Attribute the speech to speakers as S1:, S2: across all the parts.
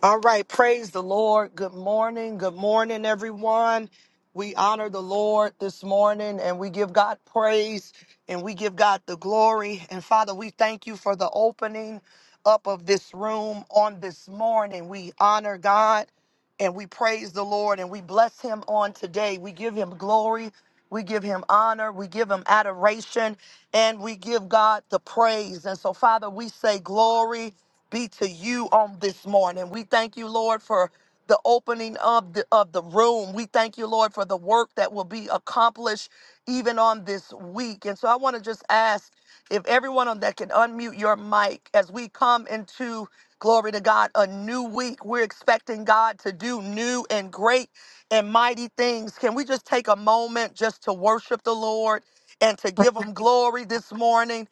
S1: All right, praise the Lord. Good morning. Good morning, everyone. We honor the Lord this morning and we give God praise and we give God the glory. And Father, we thank you for the opening up of this room on this morning. We honor God and we praise the Lord and we bless him on today. We give him glory, we give him honor, we give him adoration, and we give God the praise. And so, Father, we say glory be to you on this morning. We thank you, Lord, for the opening of the of the room. We thank you, Lord, for the work that will be accomplished even on this week. And so I want to just ask if everyone on that can unmute your mic as we come into glory to God a new week. We're expecting God to do new and great and mighty things. Can we just take a moment just to worship the Lord and to give
S2: Praise.
S1: him glory this morning